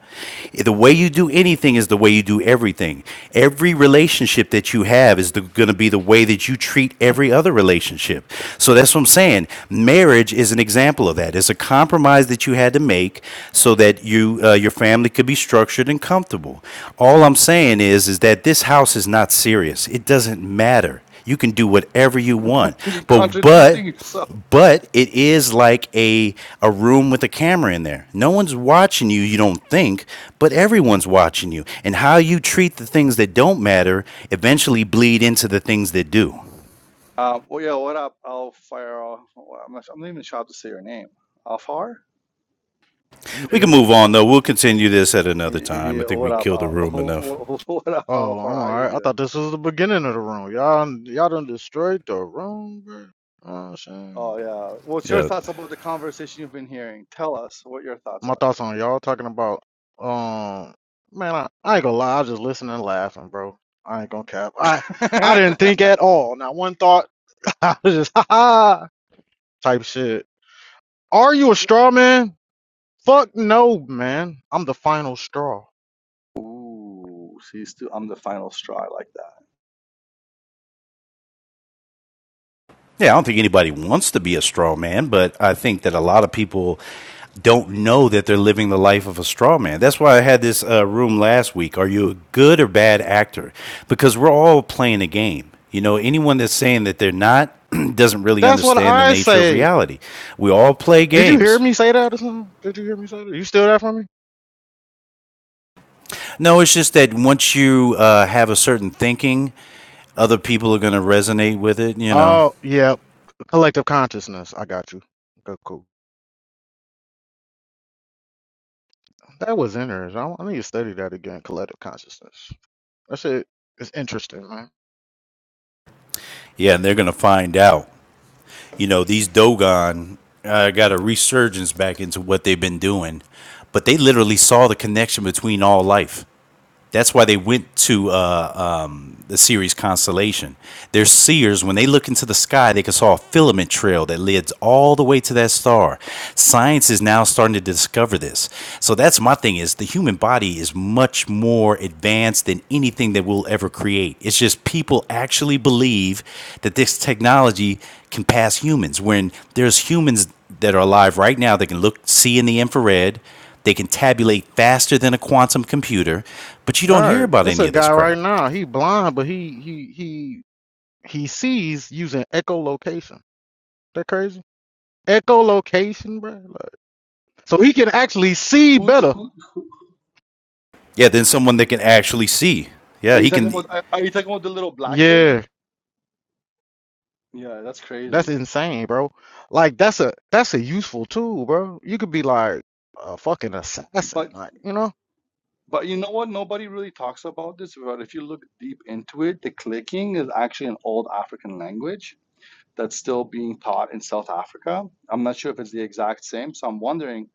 The way you do anything is the way you do everything. Every relationship that you have is going to be the way that you treat every other relationship. So that's what I'm saying. Marriage is an example of that. It's a compromise that you had to make so that you uh, your family could be structured and comfortable. All I'm saying is is that this house is not serious. It doesn't matter. You can do whatever you want.
<laughs> You're
But
contradicting
but
yourself.
but it is like a a room with a camera in there. No one's watching you, you don't think, but everyone's watching you. And how you treat the things that don't matter eventually bleed into the things that do.
Um, well, yeah, what up, Alfaro? Well, I'm not, I'm not even sure how to say your name. Alfar?
We can
Yeah.
move on though. We'll continue this at
He,
another
he,
time. I think we
what up,
killed the room enough.
Al? <laughs> What up,
Oh,
Alfar?
I'm
How
all
you
right. I
doing?
thought this was the beginning of the room. Y'all, y'all done destroyed the room, bro. You know what I'm saying?
Oh, yeah. What's your
Yeah.
thoughts about the conversation you've been hearing? Tell us what your thoughts
My thoughts on y'all talking about, um, man, I, I ain't gonna lie. I was just listening and laughing, bro. I ain't gonna cap. I, I didn't think
are.
at all. Not one thought. <laughs> I was just, <laughs> ha ha, type shit. Are you
<laughs>
a straw man? Fuck no, man. I'm the final straw.
Ooh, see, still, I'm the final straw. I like that.
Yeah, I don't think anybody wants to be a straw man, but I think that a lot of people don't know that they're living the life of a straw man. That's why I had this uh, room last week. Are you a good or bad actor? Because we're all playing a game. You know, anyone that's saying that they're not <clears throat> doesn't really
That's what
understand the
I
nature of
say.
reality. We all play
Did you hear
games.
me say that or something? Did you hear me say that? You steal that from me?
No, it's just that once you uh, have a certain thinking, other people are going to resonate with it, you know.
Oh, yeah. Collective consciousness. I got you. Okay, cool. That was interesting. I, I need to study that again. Collective consciousness. That shit is interesting, man.
Yeah, and they're going to find out you know, these Dogon uh, got a resurgence back into what they've been doing, but they literally saw the connection between all life. That's why they went to uh, um, the Ceres constellation. They're seers. When they look into the sky, they can saw a filament trail that leads all the way to that star. Science is now starting to discover this. So that's my thing is the human body is much more advanced than anything that we'll ever create. It's just people actually believe that this technology can pass humans when there's humans that are alive right now that can look see in the infrared they can tabulate faster than a quantum computer, but you don't hear
Right.
about
It's a
any of this
guy right
crap.
now. He blind, but he he he he sees using echolocation. That crazy? Echolocation, bro. Like, so he can actually see
Who,
better.
who
Yeah, then someone that can actually see.
are
Yeah,
you
he
talking
can,
about? Are are you talking about the little black kid?
Yeah,
Yeah, that's
that's
crazy.
insane, bro. Like that's a that's a useful tool, bro. You could be like a fucking assassin,
But,
like you know.
but you know what? Nobody really talks about this. But if you look deep into it, the clicking is actually an old African language that's still being taught in South Africa. I'm not sure if it's the exact same, so I'm wondering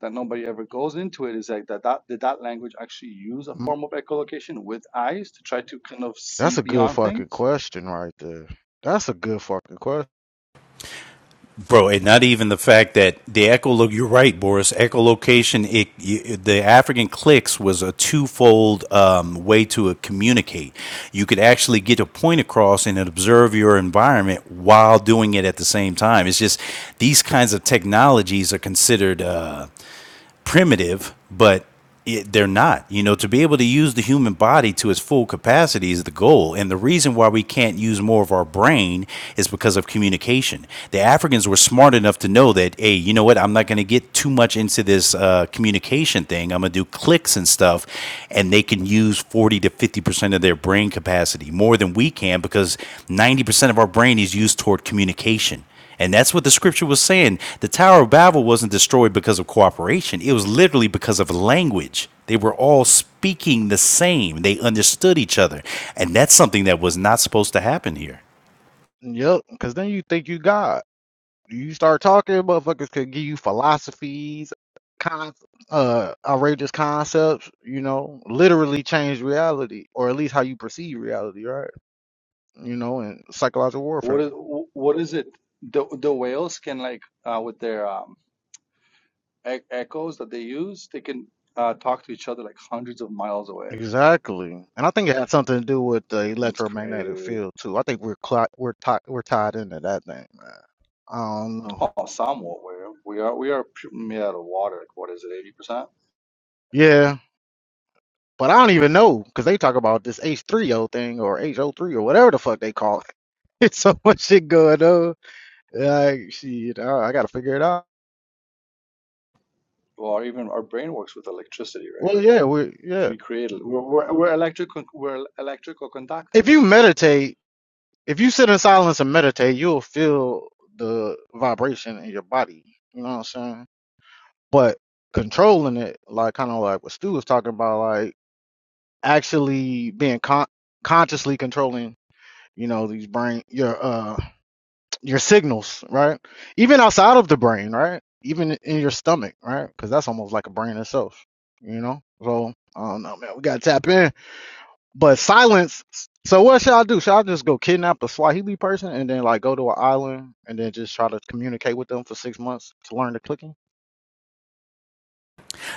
that nobody ever goes into it. Is like that, that did that language actually use a form of echolocation with eyes to try to kind of see
That's a good
beyond
fucking
things?
question right there. That's a good fucking question.
bro. And not even the fact that the echolog. You're right, Boris. Echolocation. It, y the African clicks was a twofold um, way to uh, communicate. You could actually get a point across and observe your environment while doing it at the same time. It's just these kinds of technologies are considered. Uh, primitive, but it, they're not. You know, to be able to use the human body to its full capacity is the goal. And the reason why we can't use more of our brain is because of communication. The Africans were smart enough to know that, hey, you know what? I'm not going to get too much into this uh, communication thing. I'm going to do clicks and stuff. And they can use 40 to 50% of their brain capacity more than we can because 90% of our brain is used toward communication. And that's what the scripture was saying. The Tower of Babel wasn't destroyed because of cooperation, it was literally because of language. They were all speaking the same, they understood each other. And that's something that was not supposed to happen here.
Yep, because then you think you God. You start talking, motherfuckers could give you philosophies, con- uh, outrageous concepts, you know, literally change reality, or at least how you perceive reality, right? You know, and psychological
What
warfare.
is what is it? The the whales can like uh, with their um, e echoes that they use, they can uh, talk to each other like hundreds of miles away.
Exactly, and I think it had something to do with the
It's
electromagnetic
crazy.
field too. I think we're cli- we're ti- we're tied into that thing, man. I don't know.
Oh, somewhat where we are we are pu- made out of water. Like, what is it, eighty percent?
Yeah, But I don't even know because they talk about this H3O thing or HO3 or whatever the fuck they call it. <laughs> It's so much shit going on. Like, shit, I, I gotta figure it out.
Well, our- even our brain works with electricity, right?
Well, yeah, we, yeah.
We create el- we're we're, we're electrical we're electrical
If you
conductors.
meditate, if you sit in silence and meditate, you'll feel the vibration in your body. You know what I'm saying? But controlling it, like kind of like what Stu was talking about, like actually being con- consciously controlling, you know, these brain, your uh your signals, right? Even outside of the brain, right? Even in your stomach, right? Because that's almost like a brain itself, you know. So I don't know, man. We gotta tap in. But silence. So what should I do? Should I just go kidnap a Swahili person and then like go to an island and then just try to communicate with them for six months to learn the clicking?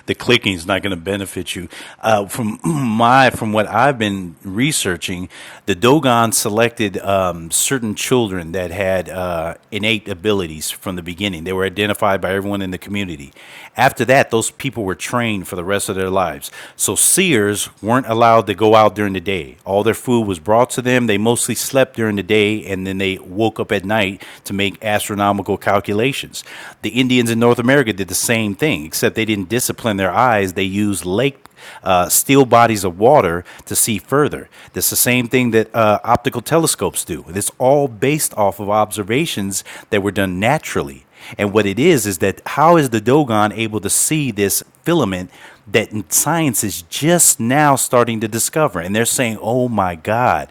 the clicking is not going to benefit you. Uh, from <clears throat> my, from what I've been researching, the Dogon selected um, certain children that had uh, innate abilities from the beginning. They were identified by everyone in the community. After that, those people were trained for the rest of their lives. So seers weren't allowed to go out during the day. All their food was brought to them. They mostly slept during the day, and then they woke up at night to make astronomical astronomical calculations. The Indians in North America did the same thing, except they didn't discipline their eyes. They used lake uh, still bodies of water to see further. That's the same thing that uh, optical telescopes do. It's all based off of observations that were done naturally. And what it is is that how is the Dogon able to see this filament that science is just now starting to discover? And they're saying, oh my God,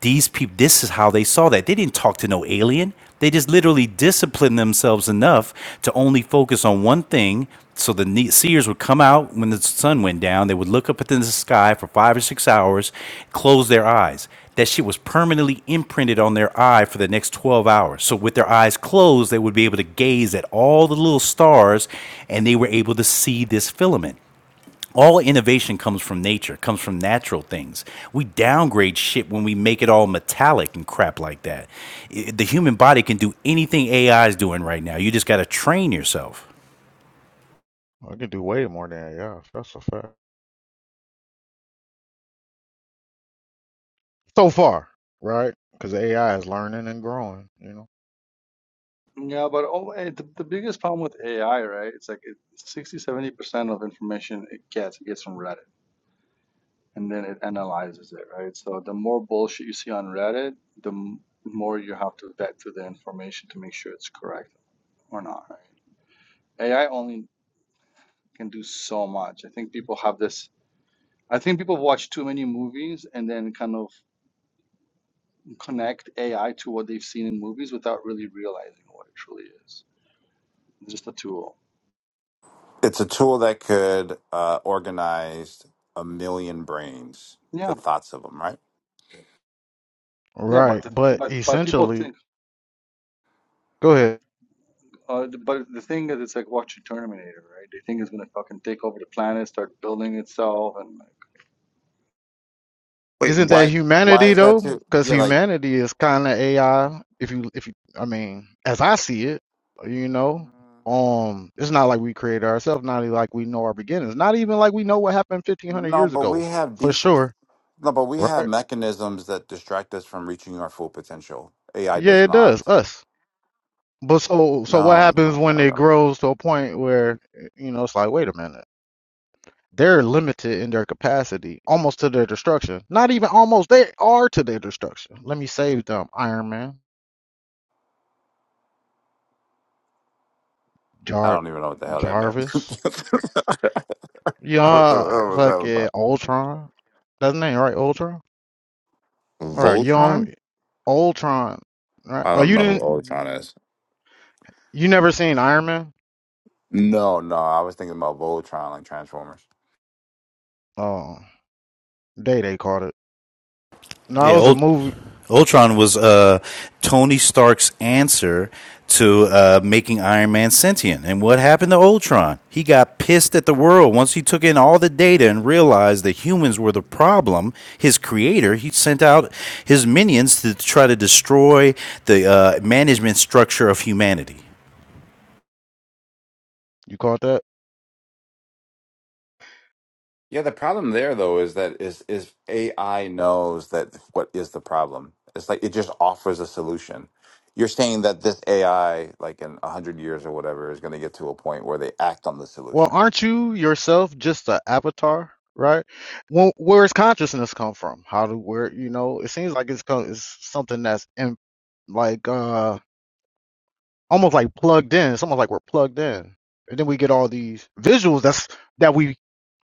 these people, this is how they saw that. They didn't talk to no alien. They just literally disciplined themselves enough to only focus on one thing. So the seers would come out when the sun went down. They would look up at the sky for five or six hours, close their eyes. That shit was permanently imprinted on their eye for the next 12 hours. So with their eyes closed, they would be able to gaze at all the little stars and they were able to see this filament. All innovation comes from nature, comes from natural things. We downgrade shit when we make it all metallic and crap like that. I- The human body can do anything AI is doing right now. You just got to train yourself.
I can do way more than AI. That's a fact. So far, right? Because AI is learning and growing, you know.
Yeah, but oh, eh, the, the biggest problem with AI, right? It's like it, 60, seventy percent of information it gets it gets from Reddit. and then it analyzes it, right? So the more bullshit you see on Reddit, the m- more you have to vet through the information to make sure it's correct or not, right? AI only can do so much. I think people have this. I think people watch too many movies and then kind of connect AI to what they've seen in movies without really realizing what it truly is. It's just a tool.
It's a tool that could uh, organize a million brains, the
Yeah,
thoughts of them, right?
yeah, but
Right.
the,
But
but but people
essentially,
think,
go ahead.
uh, the- but the thing is, it's like watching Terminator, right? They think it's gonna fucking take over the planet, start building itself, and
Wait,
Isn't that
Why? Why
humanity
is that
though?
too?
Because
Yeah, like
humanity is kind of AI. If you, if you, I mean, as I see it, you know, um, it's not like we created ourselves. Not even like we know our beginnings. Not even like we know what happened fifteen hundred
no,
years
but we
ago
have
for
default.
sure,
No, but we have
right?
mechanisms that distract us from reaching our full potential. AI
Yeah,
does
it does
not.
us. But so, so what
No, no,
happens
no,
when
no.
it
no.
grows to a point where you know it's like, wait a minute, they're limited in their capacity, almost to their destruction. Not even almost, they are to their destruction. Let me save them, Iron Man.
I
Jar
don't even know what the hell that meant. <laughs> what
Jarvis.
the
Yeah,
hell was that
fucking
about?
Ultron. That's his name, right? Ultron. All right, you on
Voltron?
Ultron? Right?
I
Oh,
don't
you
know who
didn't.
Voltron is.
You never seen Iron Man?
No, no, I was thinking about Voltron, like Transformers.
Oh, they they called it. No, it
Yeah,
was a
Ult-
movie.
Ultron was uh, Tony Stark's answer to uh, making Iron Man sentient. And what happened to Ultron? He got pissed at the world once he took in all the data and realized that humans were the problem. His creator, he sent out his minions to try to destroy the uh, management structure of humanity.
You called that?
Yeah, the problem there though is that is is AI knows that what is the problem. It's like it just offers a solution. You're saying that this AI, like in a hundred years or whatever, is going to get to a point where they act on the
Well,
solution.
aren't you yourself just an avatar, right? Well, where's consciousness come from? How do where you know? It seems like it's co- it's something that's in like uh almost like plugged in. It's almost like we're plugged in. And then we get all these visuals that's that we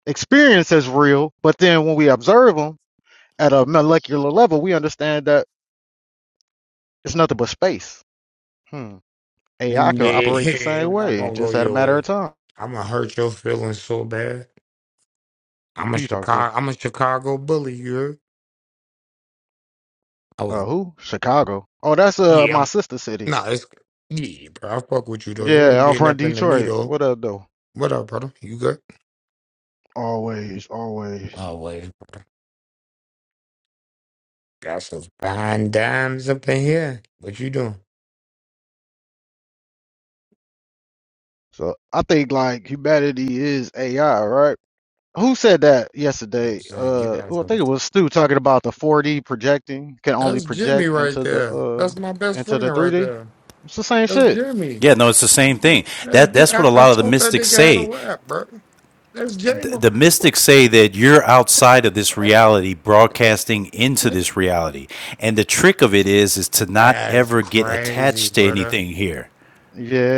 experience as real, but then when we observe them at a molecular level, we understand that it's nothing but space. Hmm. AI can operate the
Nah,
same
<laughs> not
way,
gonna go
just at a
your
matter of
way.
time.
I'm gonna hurt your feelings so bad. I'm a
Who you talking to?
Chicago. I'm a Chicago bully. You. heard? I
Uh,
was.
who? Chicago. Oh, that's uh
Yeah.
my
I'm.
sister city.
Nah. It's. Yeah, bro. I fuck with you though. You ain't
Yeah, I'm
did
from
nothing to me
Detroit.
though.
What up though?
What up, brother? You good?
Always, always.
Oh wait. Got some fine dimes up in here. What you doing?
So I think like humanity is AI, right? Who said that yesterday?
Just saying. You
Uh,
got
well, I
some.
think it was Stu talking about the 4D projecting can only
That's Jimmy
project
right
into the
there.
uh
That's my best
into
friend
the
right
3D.
there.
It's the same
That's
shit.
Jimmy.
Yeah, no, it's the same thing.
That's.
That
Ji-
that's
I,
what a
I
lot of the
thought that
mystics
nigga had a
say.
rap, bro. That's
th-
J-Mo.
the mystics say that you're outside of this reality broadcasting into this reality and the trick of it is is to not
That's
ever get
crazy,
attached to
brother.
anything here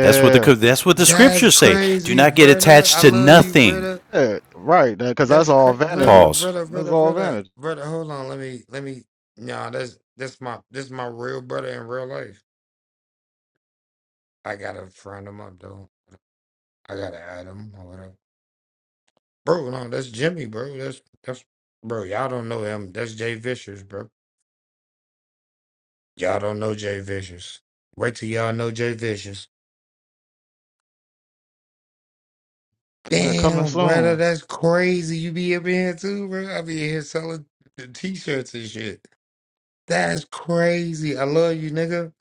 that's what the that's what the
That's
scriptures say do
crazy,
not get
brother.
attached
I
to
love you,
nothing
brother.
yeah, right. Because that's
That's
all
crazy, brother,
vanity.
pause
brother,
That's
brother,
all
brother,
vanity.
brother. Hold on, let me, let me. Nah, that's that's my this my real brother in real life. I gotta friend him up though. I gotta add him or whatever. Bro, no, that's Jimmy, bro. That's that's bro. Y'all don't know him. That's Jay Vicious, bro. Y'all don't know Jay Vicious. Wait till y'all know Jay Vicious.
Yeah, coming
Damn, brother,
soon.
that's crazy. You be up in here too, bro. I be in here selling the t-shirts and shit. That's crazy. I love you, nigga.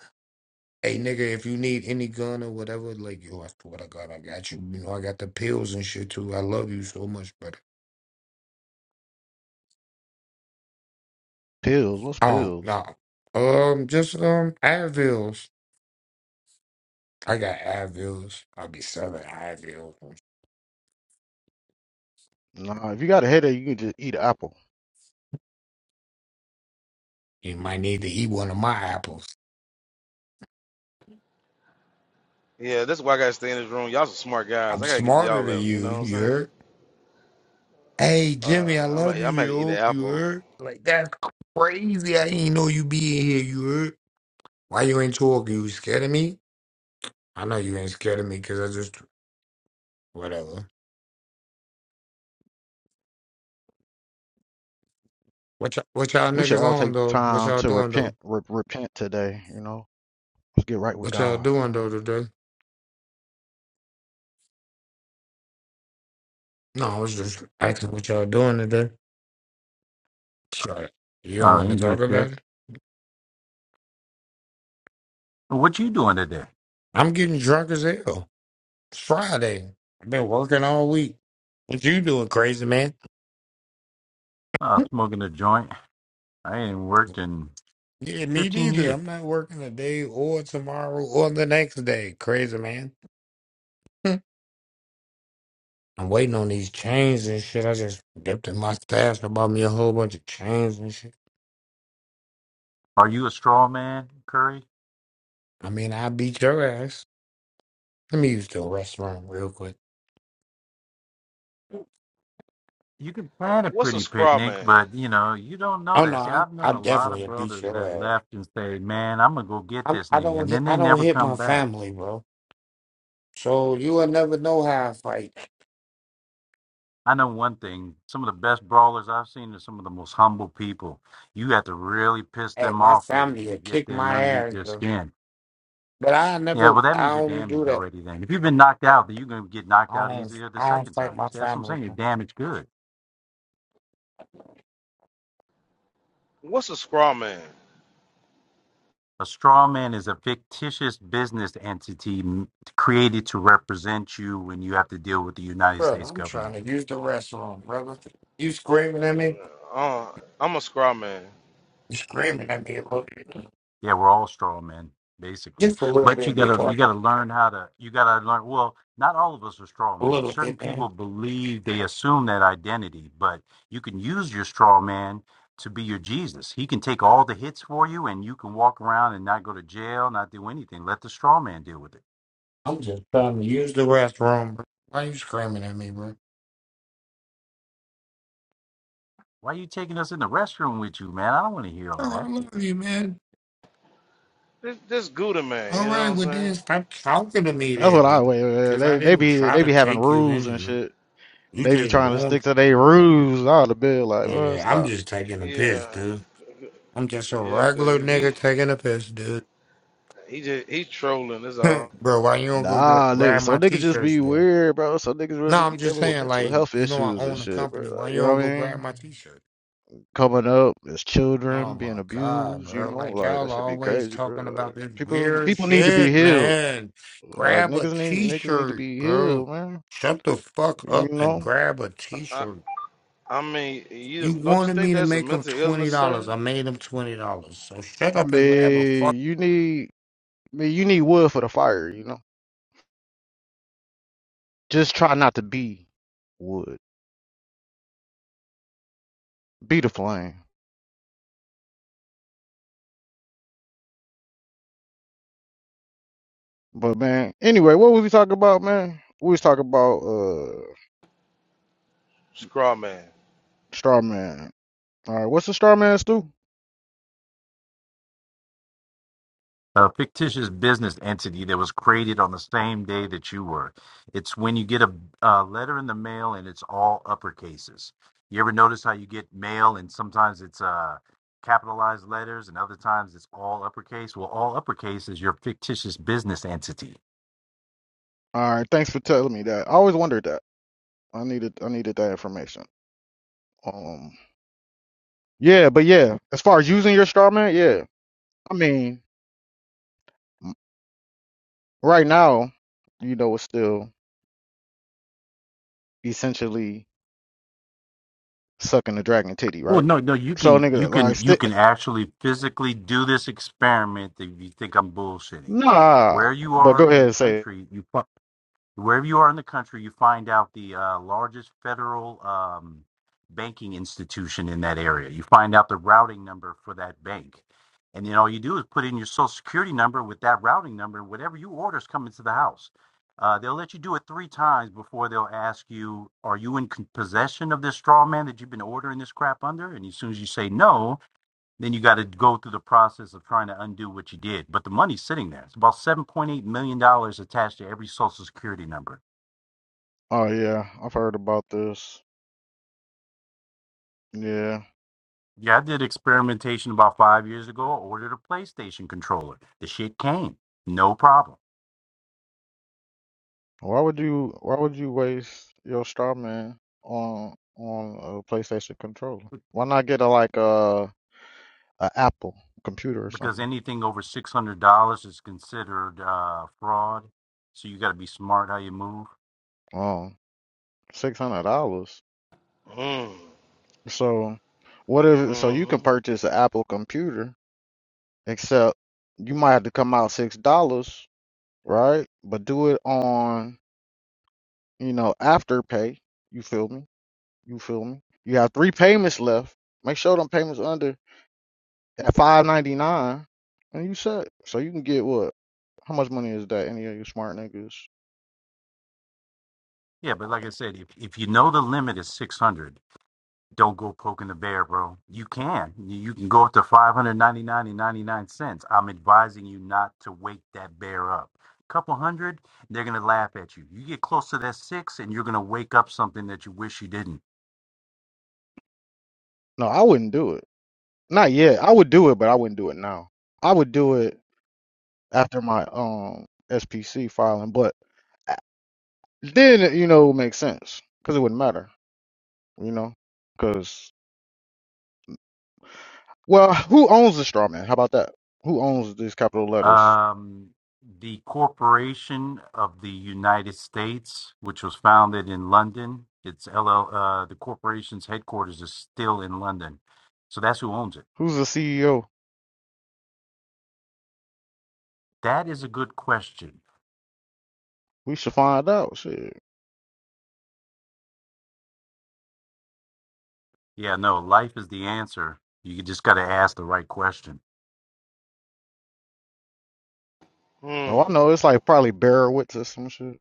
Hey, nigga, if you need any gun or whatever, like, yo, I swear to God, I got you. You know, I got the pills and shit too. I love you so much, brother.
Pills. What's
Um,
pills?
no. Um, just, um, Advils. I got Advils. I'll be selling Advils.
Nah, if you got a headache, you can just eat an apple.
You might need to eat one of my apples.
Yeah, that's why I gotta stay in this room. Y'all some smart guys.
I'm
I gotta get to
smarter
y'all
than
level. You know
you,
what I'm
you
saying?
heard? Hey
Uh,
Jimmy, I
I'm i am i
love you,
am about to eat an
yo. You
apple.
heard? Like that's crazy. I didn't know you be in here. You heard? Why you ain't talking? You scared of me? I know you ain't scared of me because I just whatever. What y'all, what y'all
We should
niggas
all take
on though? What
time
y'all
to
doing though?
repent. Re- repent today. You know, let's get right with
What y'all
God. You
doing
know,
though
what I mean?
today? No, I was just asking what y'all doing today. Shut You don't want to talk about it? I'm getting drunk as hell. It's Friday. I've been working all week. What you doing, crazy man? Yeah, me neither. I'm not working today or tomorrow or the next day. Crazy man. <laughs> I'm waiting on these chains and shit. I just dipped in my stash. I bought me a whole bunch of chains and shit. I mean, I beat your ass. Let me use the restroom real quick.
What's a scraw man?
Oh no, I I definitely beat your ass. I'm, I don't hit, I don't hit my family, bro. So you will never know how I fight. Hey, my family will kick my ass though. But I never, I don't do that. I don't, I don't fight my family.
What's a scraw man?
Bro, I'm trying to use the restroom, brother. You screaming at me?
Uh, I'm a scraw man.
You screaming at me a little bit. Just a little bit, big boy. A little bit, man. I'm just trying to use the restroom, bro. Why you screaming at me, bro? Oh, I love you, man.
This this Gouda man.
All
You
right,
know what I'm
well then
saying?
stop talking to me
that's what I.
then.
Wait,
Cause I
they they
didn't
be
try
they
to
be having
take you in
rules and
here.
shit.
You
They be
just
trying to stick
want
to their rules. All the bill, like, well,
yeah, I'm
stop.
just taking a piss,
Yeah,
dude. I'm just a
yeah. 'cause
regular
he
nigga taking a piss, dude.
he just he trolling. That's all.
<laughs> bro, why you don't go
Nah, nigga.
grab
So
my
niggas just
t-shirts,
be weird, bro. So niggas
No,
really
I'm
be
just
dealing with
saying,
mental
like,
health
you know, I
issues and
own a
shit, bro.
company. Why
Like, you
you
know
don't
what
go
I
grab
mean?
my t-shirt?
Coming up as
Oh
children, being
my God,
abused, you
bro.
know,
Like,
like that
y'all are
should be
always
crazy, bro.
talking
Like,
about this
people,
weird
people need to be
shit,
healed.
man.
Like
Grab a
niggas need, niggas need to
t-shirt,
be
bro.
healed, man.
Shut the fuck
You
up and
know,
grab a
I
t-shirt.
I mean, you
You
don't you
wanted
think
me to
that's a
make them
mental illness,
$20.
sir?
I made them $20. So shut
I
up and grab a
mean, you need, I mean, you need wood for the fire. You know, just try not to be wood. Be the flame. But man, anyway, what was we talking about, man? We was talking about uh
Scraw man.
Starman. All right, what's a Starman do? All right, thanks for telling me that. I always wondered that. I needed I needed that information. Um, yeah, but yeah, as far as using your Starman, yeah, I mean, m- right now, you know, it's still essentially sucking the dragon titty, right? So nigga, like, sti nah. But go ahead and say, it.
are you through the process did. But about seven to social security number.
oh yeah, I've heard about this. Yeah. Why would you why would you waste your straw man on on a PlayStation controller? Why not get a like a a Apple computer or something? Um, six hundred dollars.
Hmm.
So what if so you
Hmm.
can purchase an Apple computer, except you might have to come out six dollars, right? But do it on, you know, after pay. You feel me? You feel me? You have three payments left. Make sure them payments under At five ninety nine, and you set. So you can get what? How much money is that? Any of you smart niggas? No, I wouldn't do it. Not yet. I would do it, but I wouldn't do it now. I would do it after my um SPC filing, but a- then it, you know it would make sense because it wouldn't matter, you know. Because well, who owns the straw man? How about that? Who owns these capital letters? Who's the CEO? We should find out. Shit.
Hmm.
Oh, I know. It's like probably Bearwitz or some shit.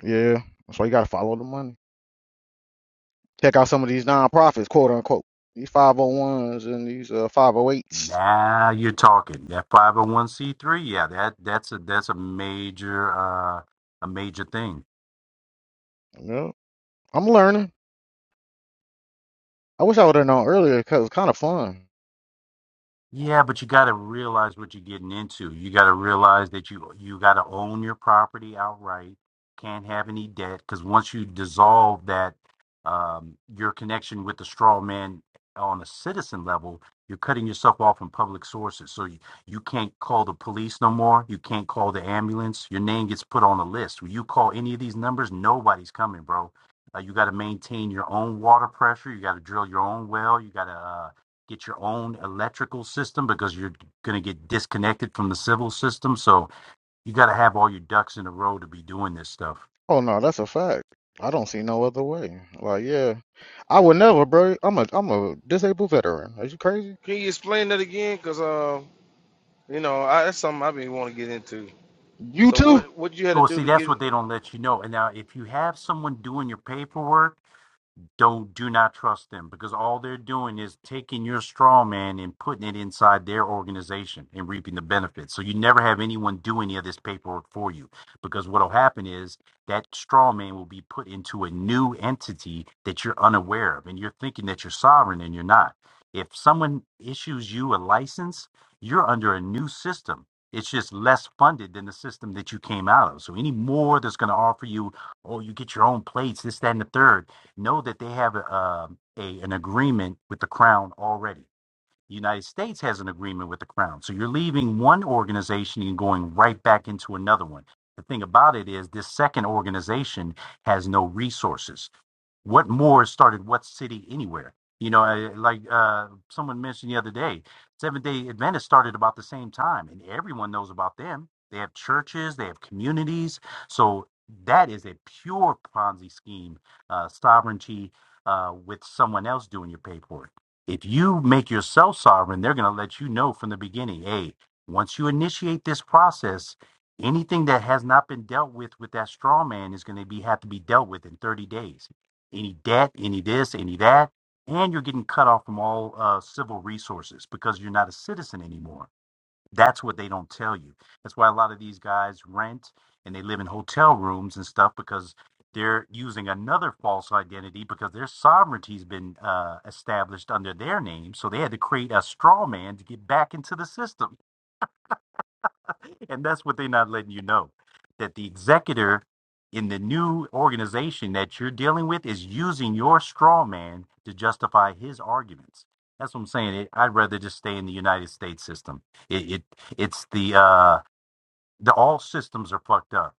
Yeah. So you gotta follow the money. Check out some of these nonprofits, quote unquote. These 501s and these uh, 508s. Yeah. I'm learning. I wish I would have known earlier because it's kind of fun. Oh no, that's a fact. I don't see no other way. Like, yeah, I would never, bro. I'm a, I'm a disabled veteran. Are you crazy?
Can you explain that again? Cause um. You know, I, that's something I have been want to get into.
You
So
too?
what what you had to do to get
if you have someone doing your paperwork, don't do not trust them because all they're doing is taking your straw man and putting it inside their organization and reaping the benefits. So you never have anyone do any of this paperwork for you because what'll happen is that straw man will be put into a new entity that you're unaware of and you're thinking that you're sovereign and you're not. If someone issues you a license, you're under a new system. It's just less funded than the system that you came out of. So any more that's going to offer you, oh, you get your own plates, this, that, and the third know that they have a, um, a an agreement with the crown already. The United States has an agreement with the crown, so you're leaving one organization and going right back into another one. The thing about it is, this second organization has no resources. What more started what city anywhere? You know, I- like uh, someone mentioned the other day, Seventh Day Adventists started about the same time, and everyone knows about them. They have churches, they have communities, so that is a pure Ponzi scheme uh, sovereignty uh, with someone else doing your paperwork. If you make yourself sovereign, they're going to let you know from the beginning hey, once you initiate this process, anything that has not been dealt with with that straw man is going to be have to be dealt with in 30 days. Any debt, any this, any that. And you're getting cut off from all uh, civil resources because you're not a citizen anymore that's what they don't tell you. That's why a lot of these guys rent and they live in hotel rooms and stuff because they're using another false identity because their sovereignty's been uh, established under their name. So they had to create a straw man to get back into the system. <laughs> And that's what they're not letting you know that the executor in the new organization that you're dealing with is using your straw man. It, it it's the uh, the all systems are fucked up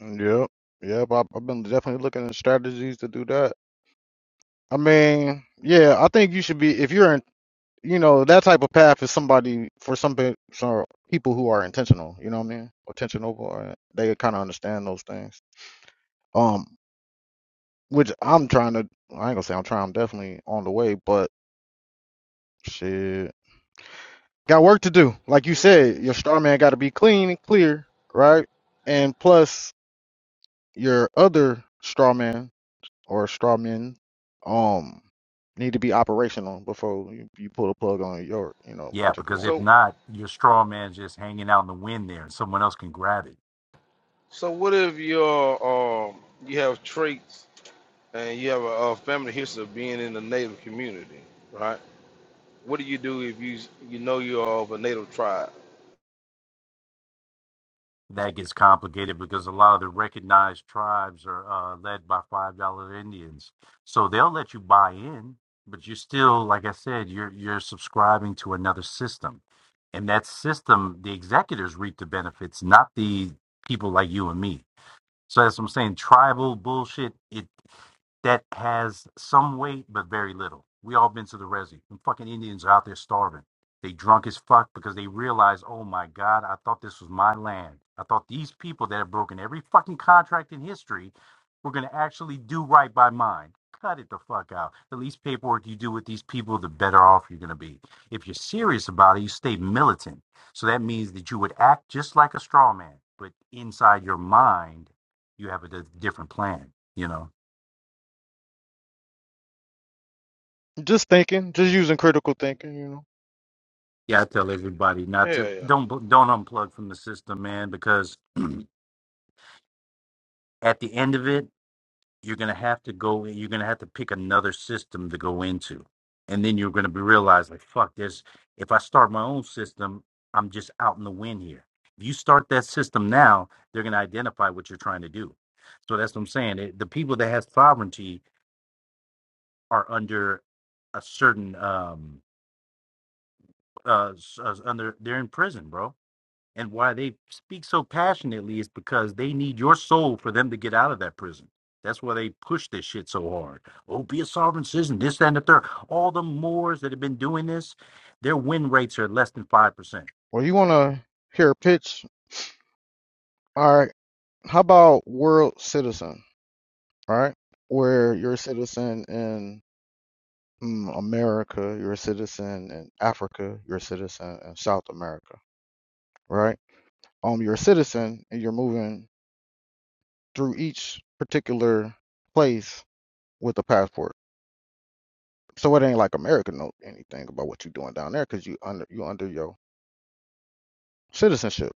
Yep, yep. I, I've been definitely looking at strategies to do that. I mean, yeah, I think you should be if you're in you know that type of path is somebody for some pe- so people who are intentional you know what i mean intentional or they kind of understand those things um which i'm trying to i ain't gonna say i'm trying i'm definitely on the way but shit got work to do like you said your straw man got to be clean and clear right and plus your other straw man or straw men um need to be operational before you, you pull the plug on your you know particular one
so so what if your um you have traits and you have a, a family history of being in the Native community, right? What do you do if you you know you're of a Native tribe?
but you're still, like I said, you're you're to system, benefits, the people you So that's it, it
just thinking just using critical thinking you know
Yeah, yeah.
Well, you want to hear a pitch? All right. How about World Citizen? All right. Where you're a citizen in mm, America, you're a citizen in Africa, you're a citizen in South America, right? Um, you're a citizen and you're moving through each particular place with a passport. So it ain't like America knows anything about what you're doing down there because you under you under your citizenship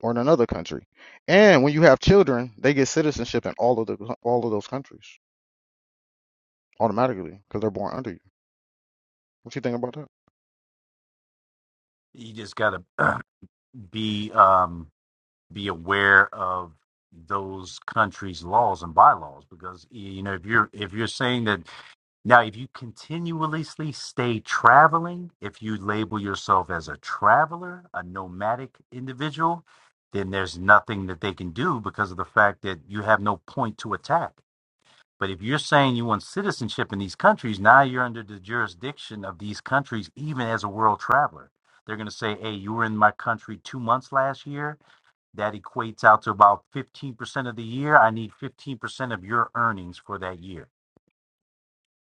or in another country. And when you have children, they get citizenship in all of the all of those countries. automatically because they're born under you. What you think about that?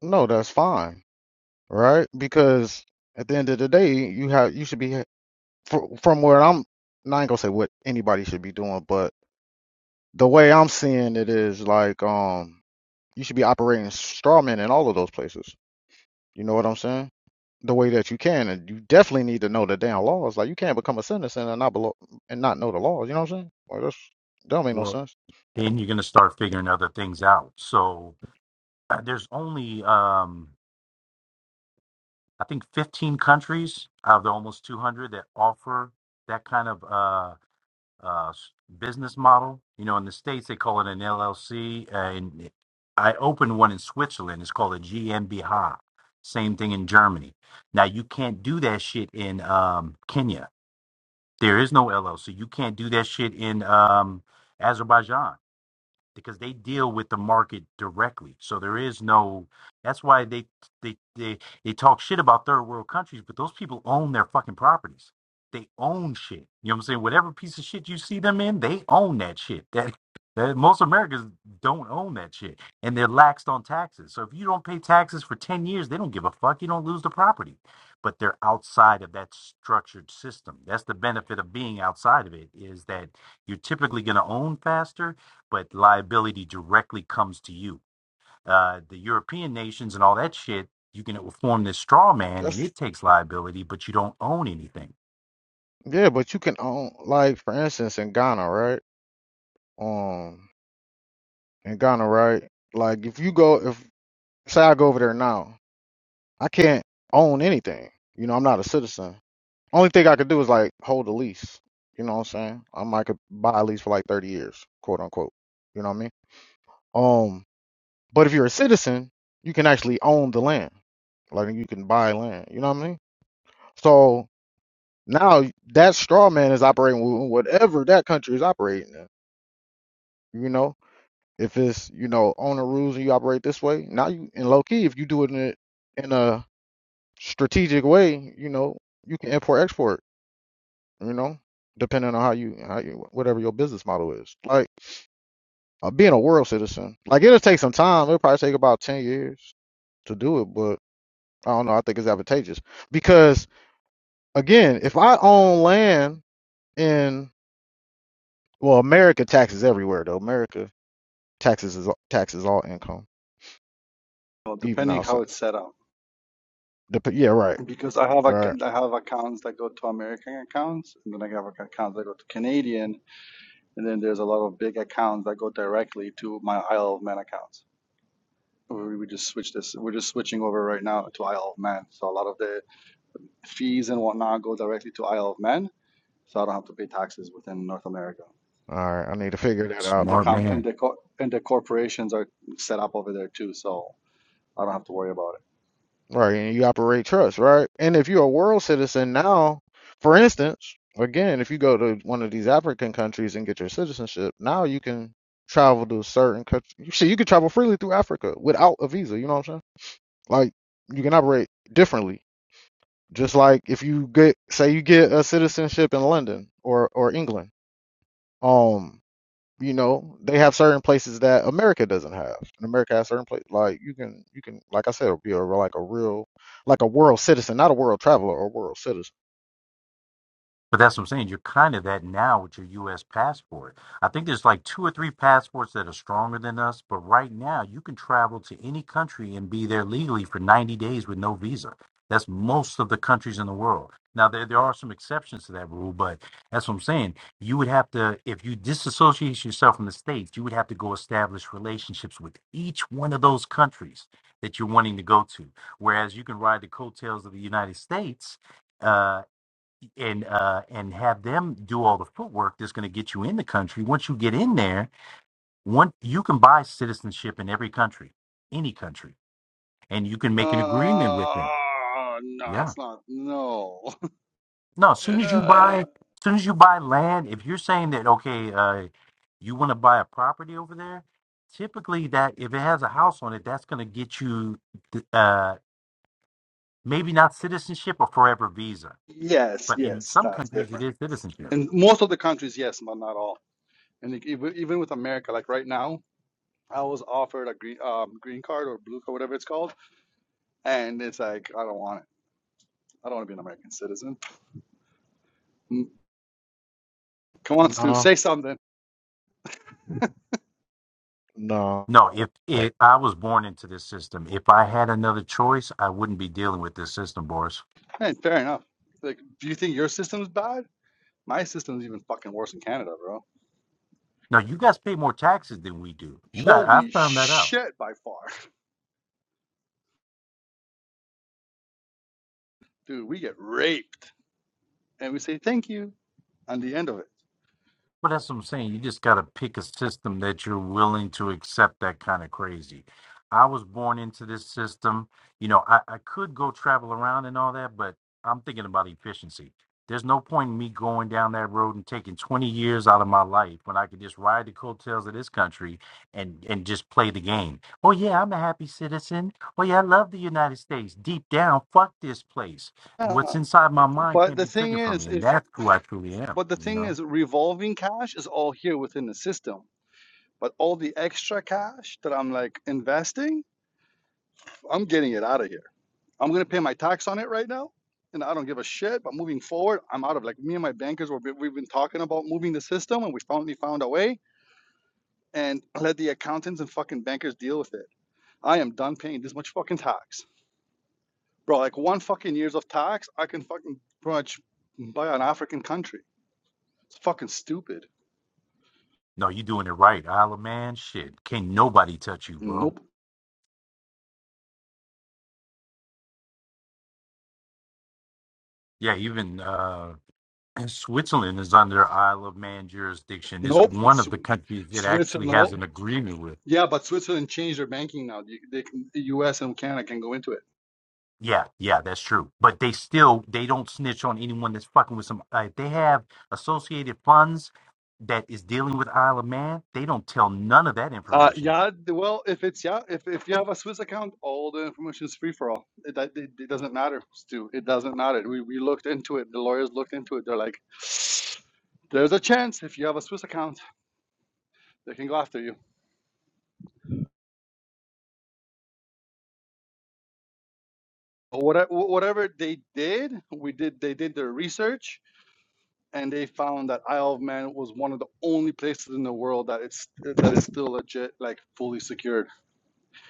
No, that's fine, right? Because at the end of the day, you have you should be fr- from where I'm. and I ain't gonna say what anybody should be doing, but the way I'm seeing it is like um you should be operating straw man in all of those places. You know what I'm saying? The way that you can, and you definitely need to know the damn laws. Like you can't become a citizen and not below and not know the laws. You know what I'm saying? Like that's that don't make no sense. That's yeah, but you can own like for instance in Ghana, right? um in Ghana, right? Like if you go if say I go over there now, I can't own anything. You know, I'm not a citizen. Only thing I could do is like hold a lease. You know what I'm saying? I might could buy a lease for like thirty years, quote unquote. You know what I mean? Um but if you're a citizen, you can actually own the land. Like you can buy land. You know what I mean? So now that straw man is operating with whatever that country is operating in. You know? If it's, you know, owner rules and you operate this way, now you in low key, if you do it in a, in a strategic way, you know, you can import export, you know, depending on how you, how you, whatever your business model is. Like uh, being a world citizen, like it'll take some time. It'll probably take about 10 years to do it, but I don't know. I think it's advantageous because again, if I own land in, well, America taxes everywhere though. America taxes is taxes all income,
Well,
even
depending
outside.
how it's set up,
Dep- yeah, right,
because I have
right.
ac- I have accounts that go to American accounts, and then I have accounts that go to Canadian, and then there's a lot of big accounts that go directly to my Isle of Man accounts. We we just switch this. We're just switching over right now to Isle of Man, so a lot of the fees and whatnot go directly to Isle of Man, so I don't have to pay taxes within North America.
All right, I need to figure that
And
out.
the comp and the co- and the corporations are set up over there too, so I don't have to worry about it.
Right, and you operate trust, right? And if you're a world citizen now, for instance, again, if you go to one of these African countries and get your citizenship, now you can travel to certain countries. see, you can travel freely through Africa without a visa. You know what I'm saying? Like you can operate differently, just like if you get, say, you get a citizenship in London or or England. Um. You know, they have certain places that America doesn't have. And America has certain places like you can you can like I said be a like a real like a world citizen, not a world traveler or world citizen.
Uh, no, it's not. No. Uh, yes, yes, that's different. In most of the countries, yes, but not all. And like, even even with America, like right now, I was offered a green um, green card or blue card, whatever it's called, and it's like I don't want it. I don't want to be an American citizen. Mm, Come on, Stu,
Nah,
say something.
nah,
Hey, fair enough. Like, do you think your system's bad? My system's even fucking worse in Canada, bro. Holy shit, by far, dude. We get raped, and we say thank you on the end of it. Yeah, but the thing is, if But the thing is, revolving cash is all here within the system. But all the extra cash that I'm like investing, I'm getting it out of here. I'm gonna pay my tax on it right now, and I don't give a shit. But moving forward, I'm out of like me and my bankers. Were, we've been talking about moving the system, and we finally found a way. And let the accountants and fucking bankers deal with it. I am done paying this much fucking tax, bro. Like one fucking years of tax, I can fucking pretty much buy an African country. It's fucking stupid. Nope. Nope. It's Switzerland. no. Yeah, but Switzerland changed their banking now. You- They can, the U.S. and Canada can go into it. Uh, yeah. the- Well, if it's yeah, if if you have a Swiss account, all the information is free for all. It, that- it, it doesn't matter, Stu. It doesn't matter. We we looked into it. The lawyers looked into it. They're like, there's a chance if you have a Swiss account, they can go after you. Whatever whatever they did, we did. They did their research and they found that Isle of Man was one of the only places in the world that it's that is still legit, like fully secured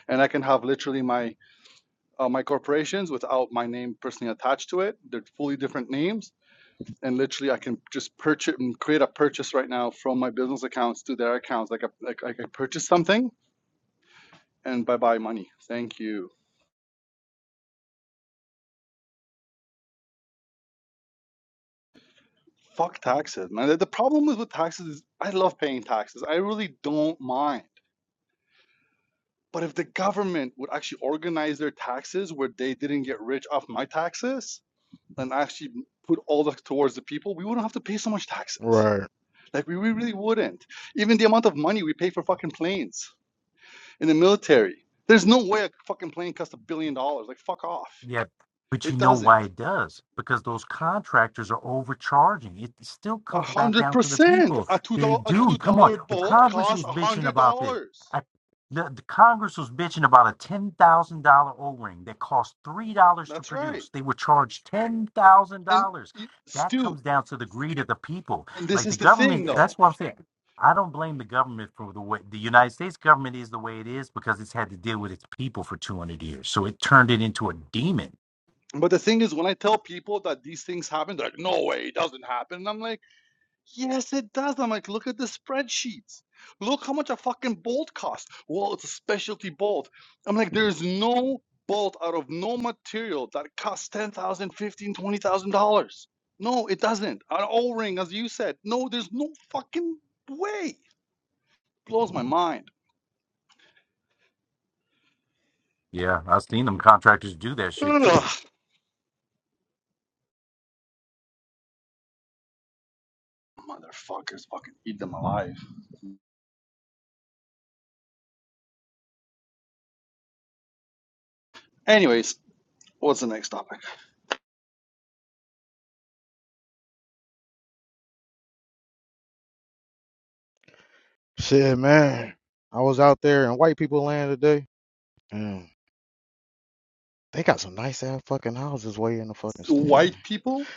and I can have literally my uh, my corporations without my name personally attached to it. They're fully different names, and literally I can just purchase and create a purchase right now from my business accounts to their accounts. Like I like, like I purchase something and bye bye money. Thank you. Fuck taxes, man. The- problem is with taxes is I love paying taxes. I really don't mind. But if the government would actually organize their taxes where they didn't get rich off my taxes and actually put all that towards the people, we wouldn't have to pay so much taxes.
right.
Like we, we really wouldn't. Even the amount of money we pay for fucking planes in the military. There's no way a fucking plane costs a billion dollars. Like fuck off. It doesn't. A hundred percent. A two dollar a two dollar bolt costs a hundred dollars. That's right. And you, Stu, and this is the thing though. But the thing is, when I tell people that these things happen, they're like, "No way, it doesn't happen." And I'm like. Yes, it does. I'm like, look at the spreadsheets. Look how much a fucking bolt costs. Well, it's a specialty bolt. I'm like, there's no bolt out of no material that costs ten thousand, fifteen, twenty thousand dollars. No, it doesn't. An O-ring, as you said. No, there's no fucking way. Blows my mind. Ugh, motherfuckers, fucking eat them alive. Anyways, what's the next topic?
Shit, man. I was out there in white people land today, and they got some nice ass fucking houses way in the fucking sticks,
White
man.
people,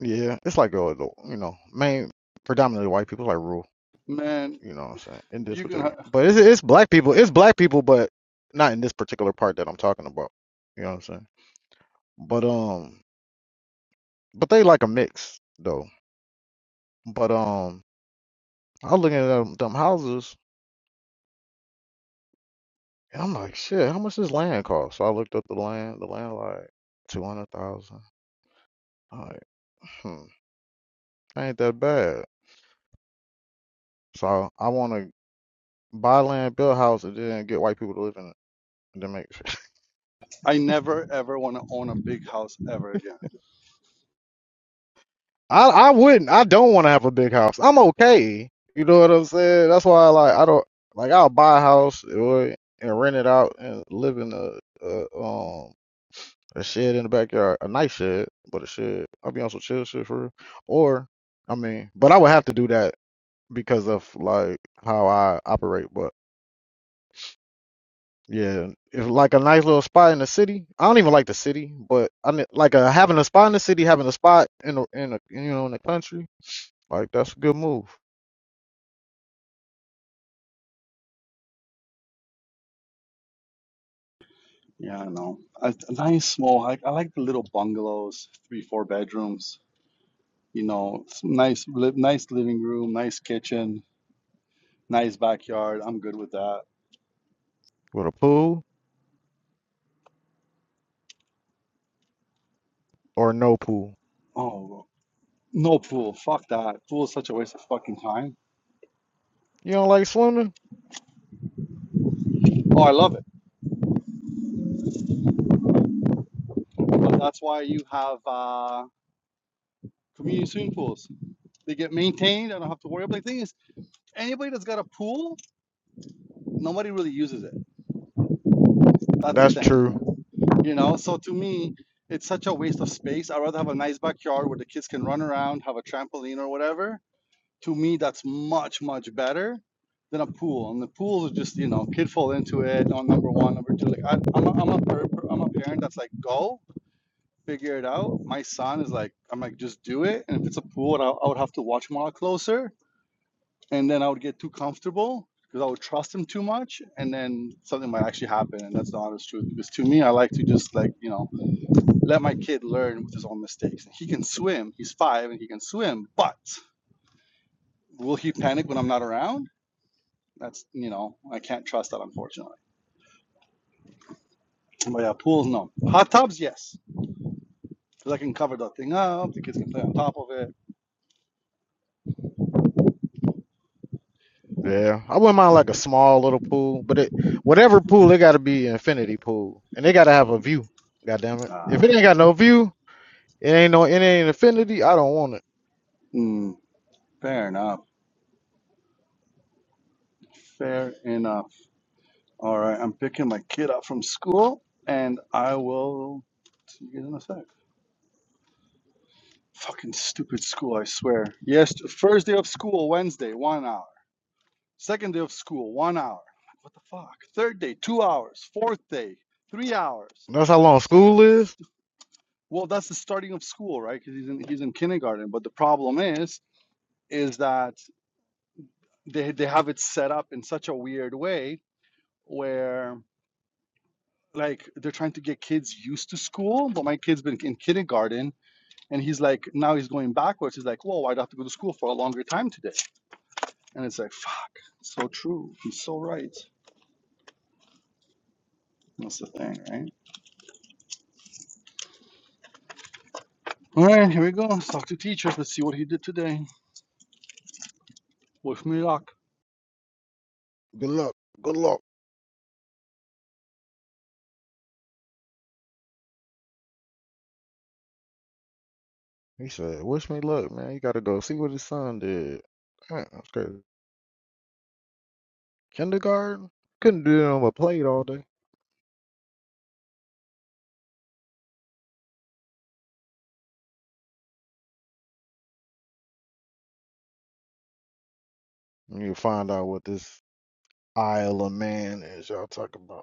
Yeah, it's like a you know main predominantly white people like rural.
man,
You know what I'm saying? In this
you can.
particular,
Ha-
but it's it's black people. It's black people, but not in this particular part that I'm talking about. You know what I'm saying? But um, but they like a mix though. But um, I was looking at them, them houses, and I'm like, shit, how much this land cost? So I looked up the land. The land like two hundred thousand. Like, hmm, ain't that bad. So I want to buy land, build a house, and then get white people to live in it. And then make
I never ever want to own a big house ever again.
I I wouldn't. I don't want to have a big house. I'm okay. You know what I'm saying? That's why I like I don't like I'll buy a house or and rent it out and live in a, a um a shed in the backyard, a nice shed, but a shed. I'll be on some chill shit for real. Or I mean, but I would have to do that because of like how I operate. But yeah, if like a nice little spot in the city, I don't even like the city, but I mean, like uh having a spot in the city, having a spot in the in the you know in the country, like that's a good move.
Yeah, I don't know. A, a nice small. I, I like the little bungalows, three, four bedrooms. You know, s- nice, li nice living room, nice kitchen, nice backyard. I'm good with that.
With a pool or no pool?
Oh, no pool. Fuck that. Pool is such a waste of fucking time.
You don't like swimming?
Oh, I love it. But that's why you have uh, community swimming pools. They get maintained. I don't have to worry. But the thing is, anybody that's got a pool, nobody really uses it. That's the
That's true.
thing. you know so to me it's such a waste of space i'd rather have a nice backyard where the kids can run around have a trampoline or whatever to me that's much much better than a pool and the pool is just you know kid fall into it on number one number two like I, I'm, a, I'm, a, per- per- I'm a parent that's like go figure it out my son is like i'm like just do it and if it's a pool i, I would have to watch him a lot closer and then i would get too comfortable because i would trust him too much and then something might actually happen and that's the honest truth because to me i like to just like you know let my kid learn with his own mistakes. And he can swim. He's five and he can swim, but will he panic when I'm not around? That's you know, I can't trust that unfortunately. But yeah, pools no. Hot tubs, yes. Because I can cover the thing up, the kids can play on top of it.
Yeah. I wouldn't mind like a small little pool, but it whatever pool, it gotta be an infinity pool. And they gotta have a view. God damn it. If
Uh,
it ain't got no view, it ain't no it ain't infinity, I don't want it.
mm, fair enough. Fair enough. All right, I'm picking my kid up from school and I will see you guys in a sec. Fucking stupid school, I swear. Yes, first day of school, Wednesday, one hour. Second day of school, one hour. Like, what the fuck? Third day, two hours. Fourth day, three hours.
That's how long
It's like,
school is.
well, that's the starting of school, right? Because he's in he's in kindergarten. But the problem is, is that they they have it set up in such a weird way where like they're trying to get kids used to school. But my kid's been in kindergarten, and he's like, now he's going backwards. He's like, whoa, I'd have to go to school for a longer time today. And it's like, fuck, so true. He's so right. That's the thing, right? All right, here we go. Let's talk to teacher. Let's see what he did today with me luck.
Good luck. Good luck. He said, Wish me luck, man. You gotta go see what his son did. Man, that's crazy. Kindergarten? Couldn't do it on a plate all day. You find out what this Isle of Man is y'all talking about.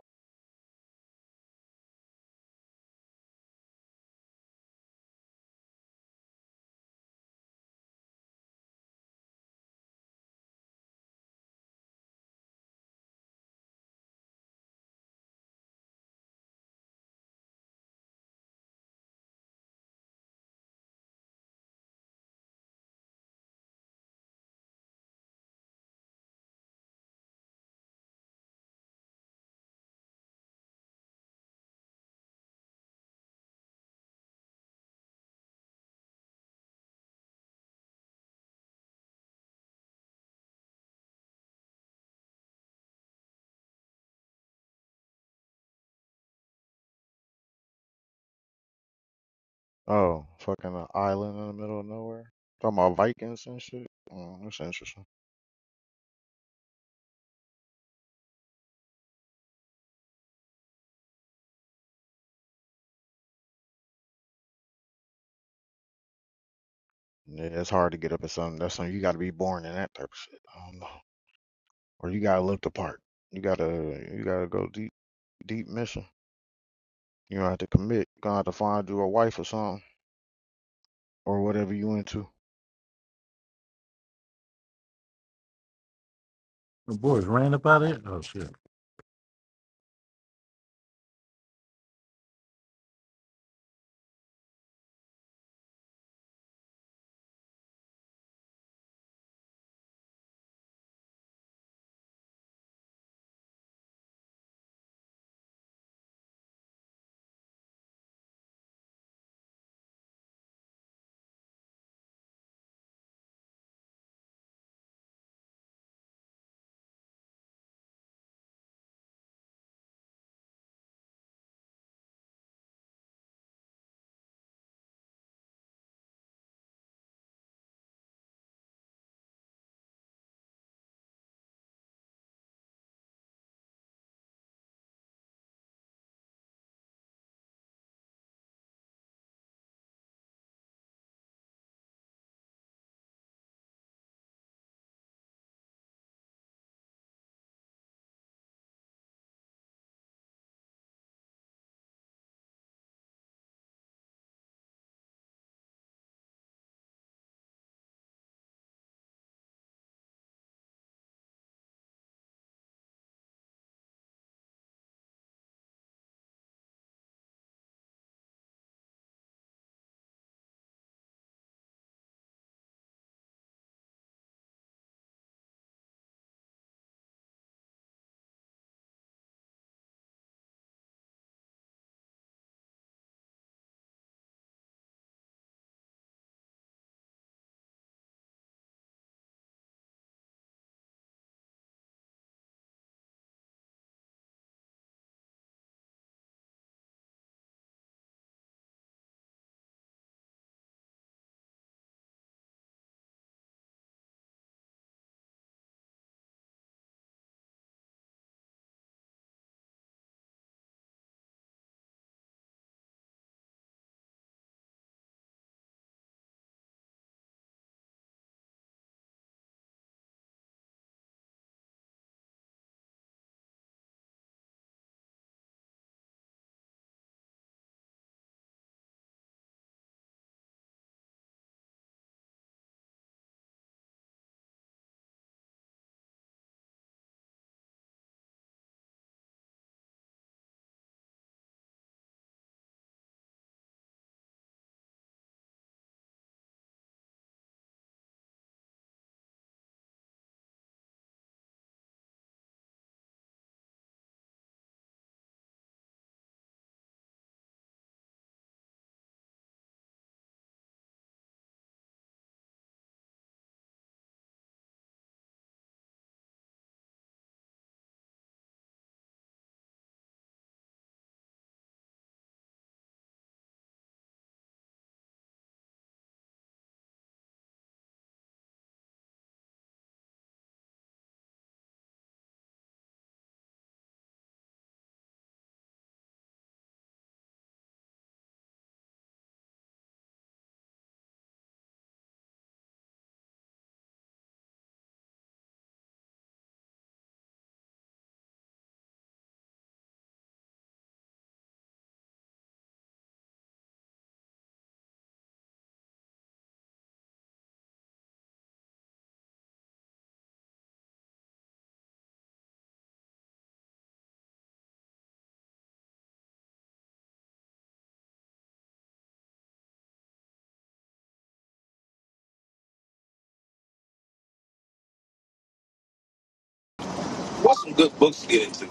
Oh, fucking an island in the middle of nowhere. Talking about Vikings and shit. Mm, that's interesting. Yeah, it's hard to get up at something. That's something you got to be born in that type of shit. I don't know, or you gotta look the part. You gotta, you gotta go deep, deep mission. You gonna have to commit. gonna have to find you a wife or something, or whatever you into.
What's some good books to get into?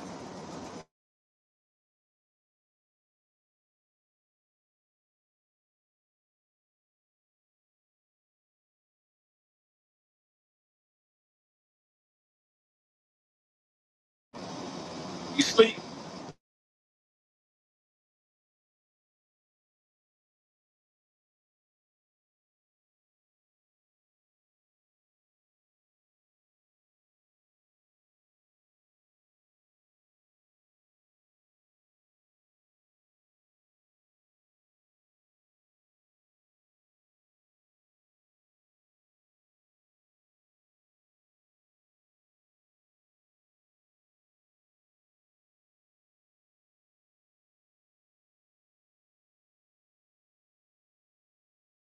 You speak.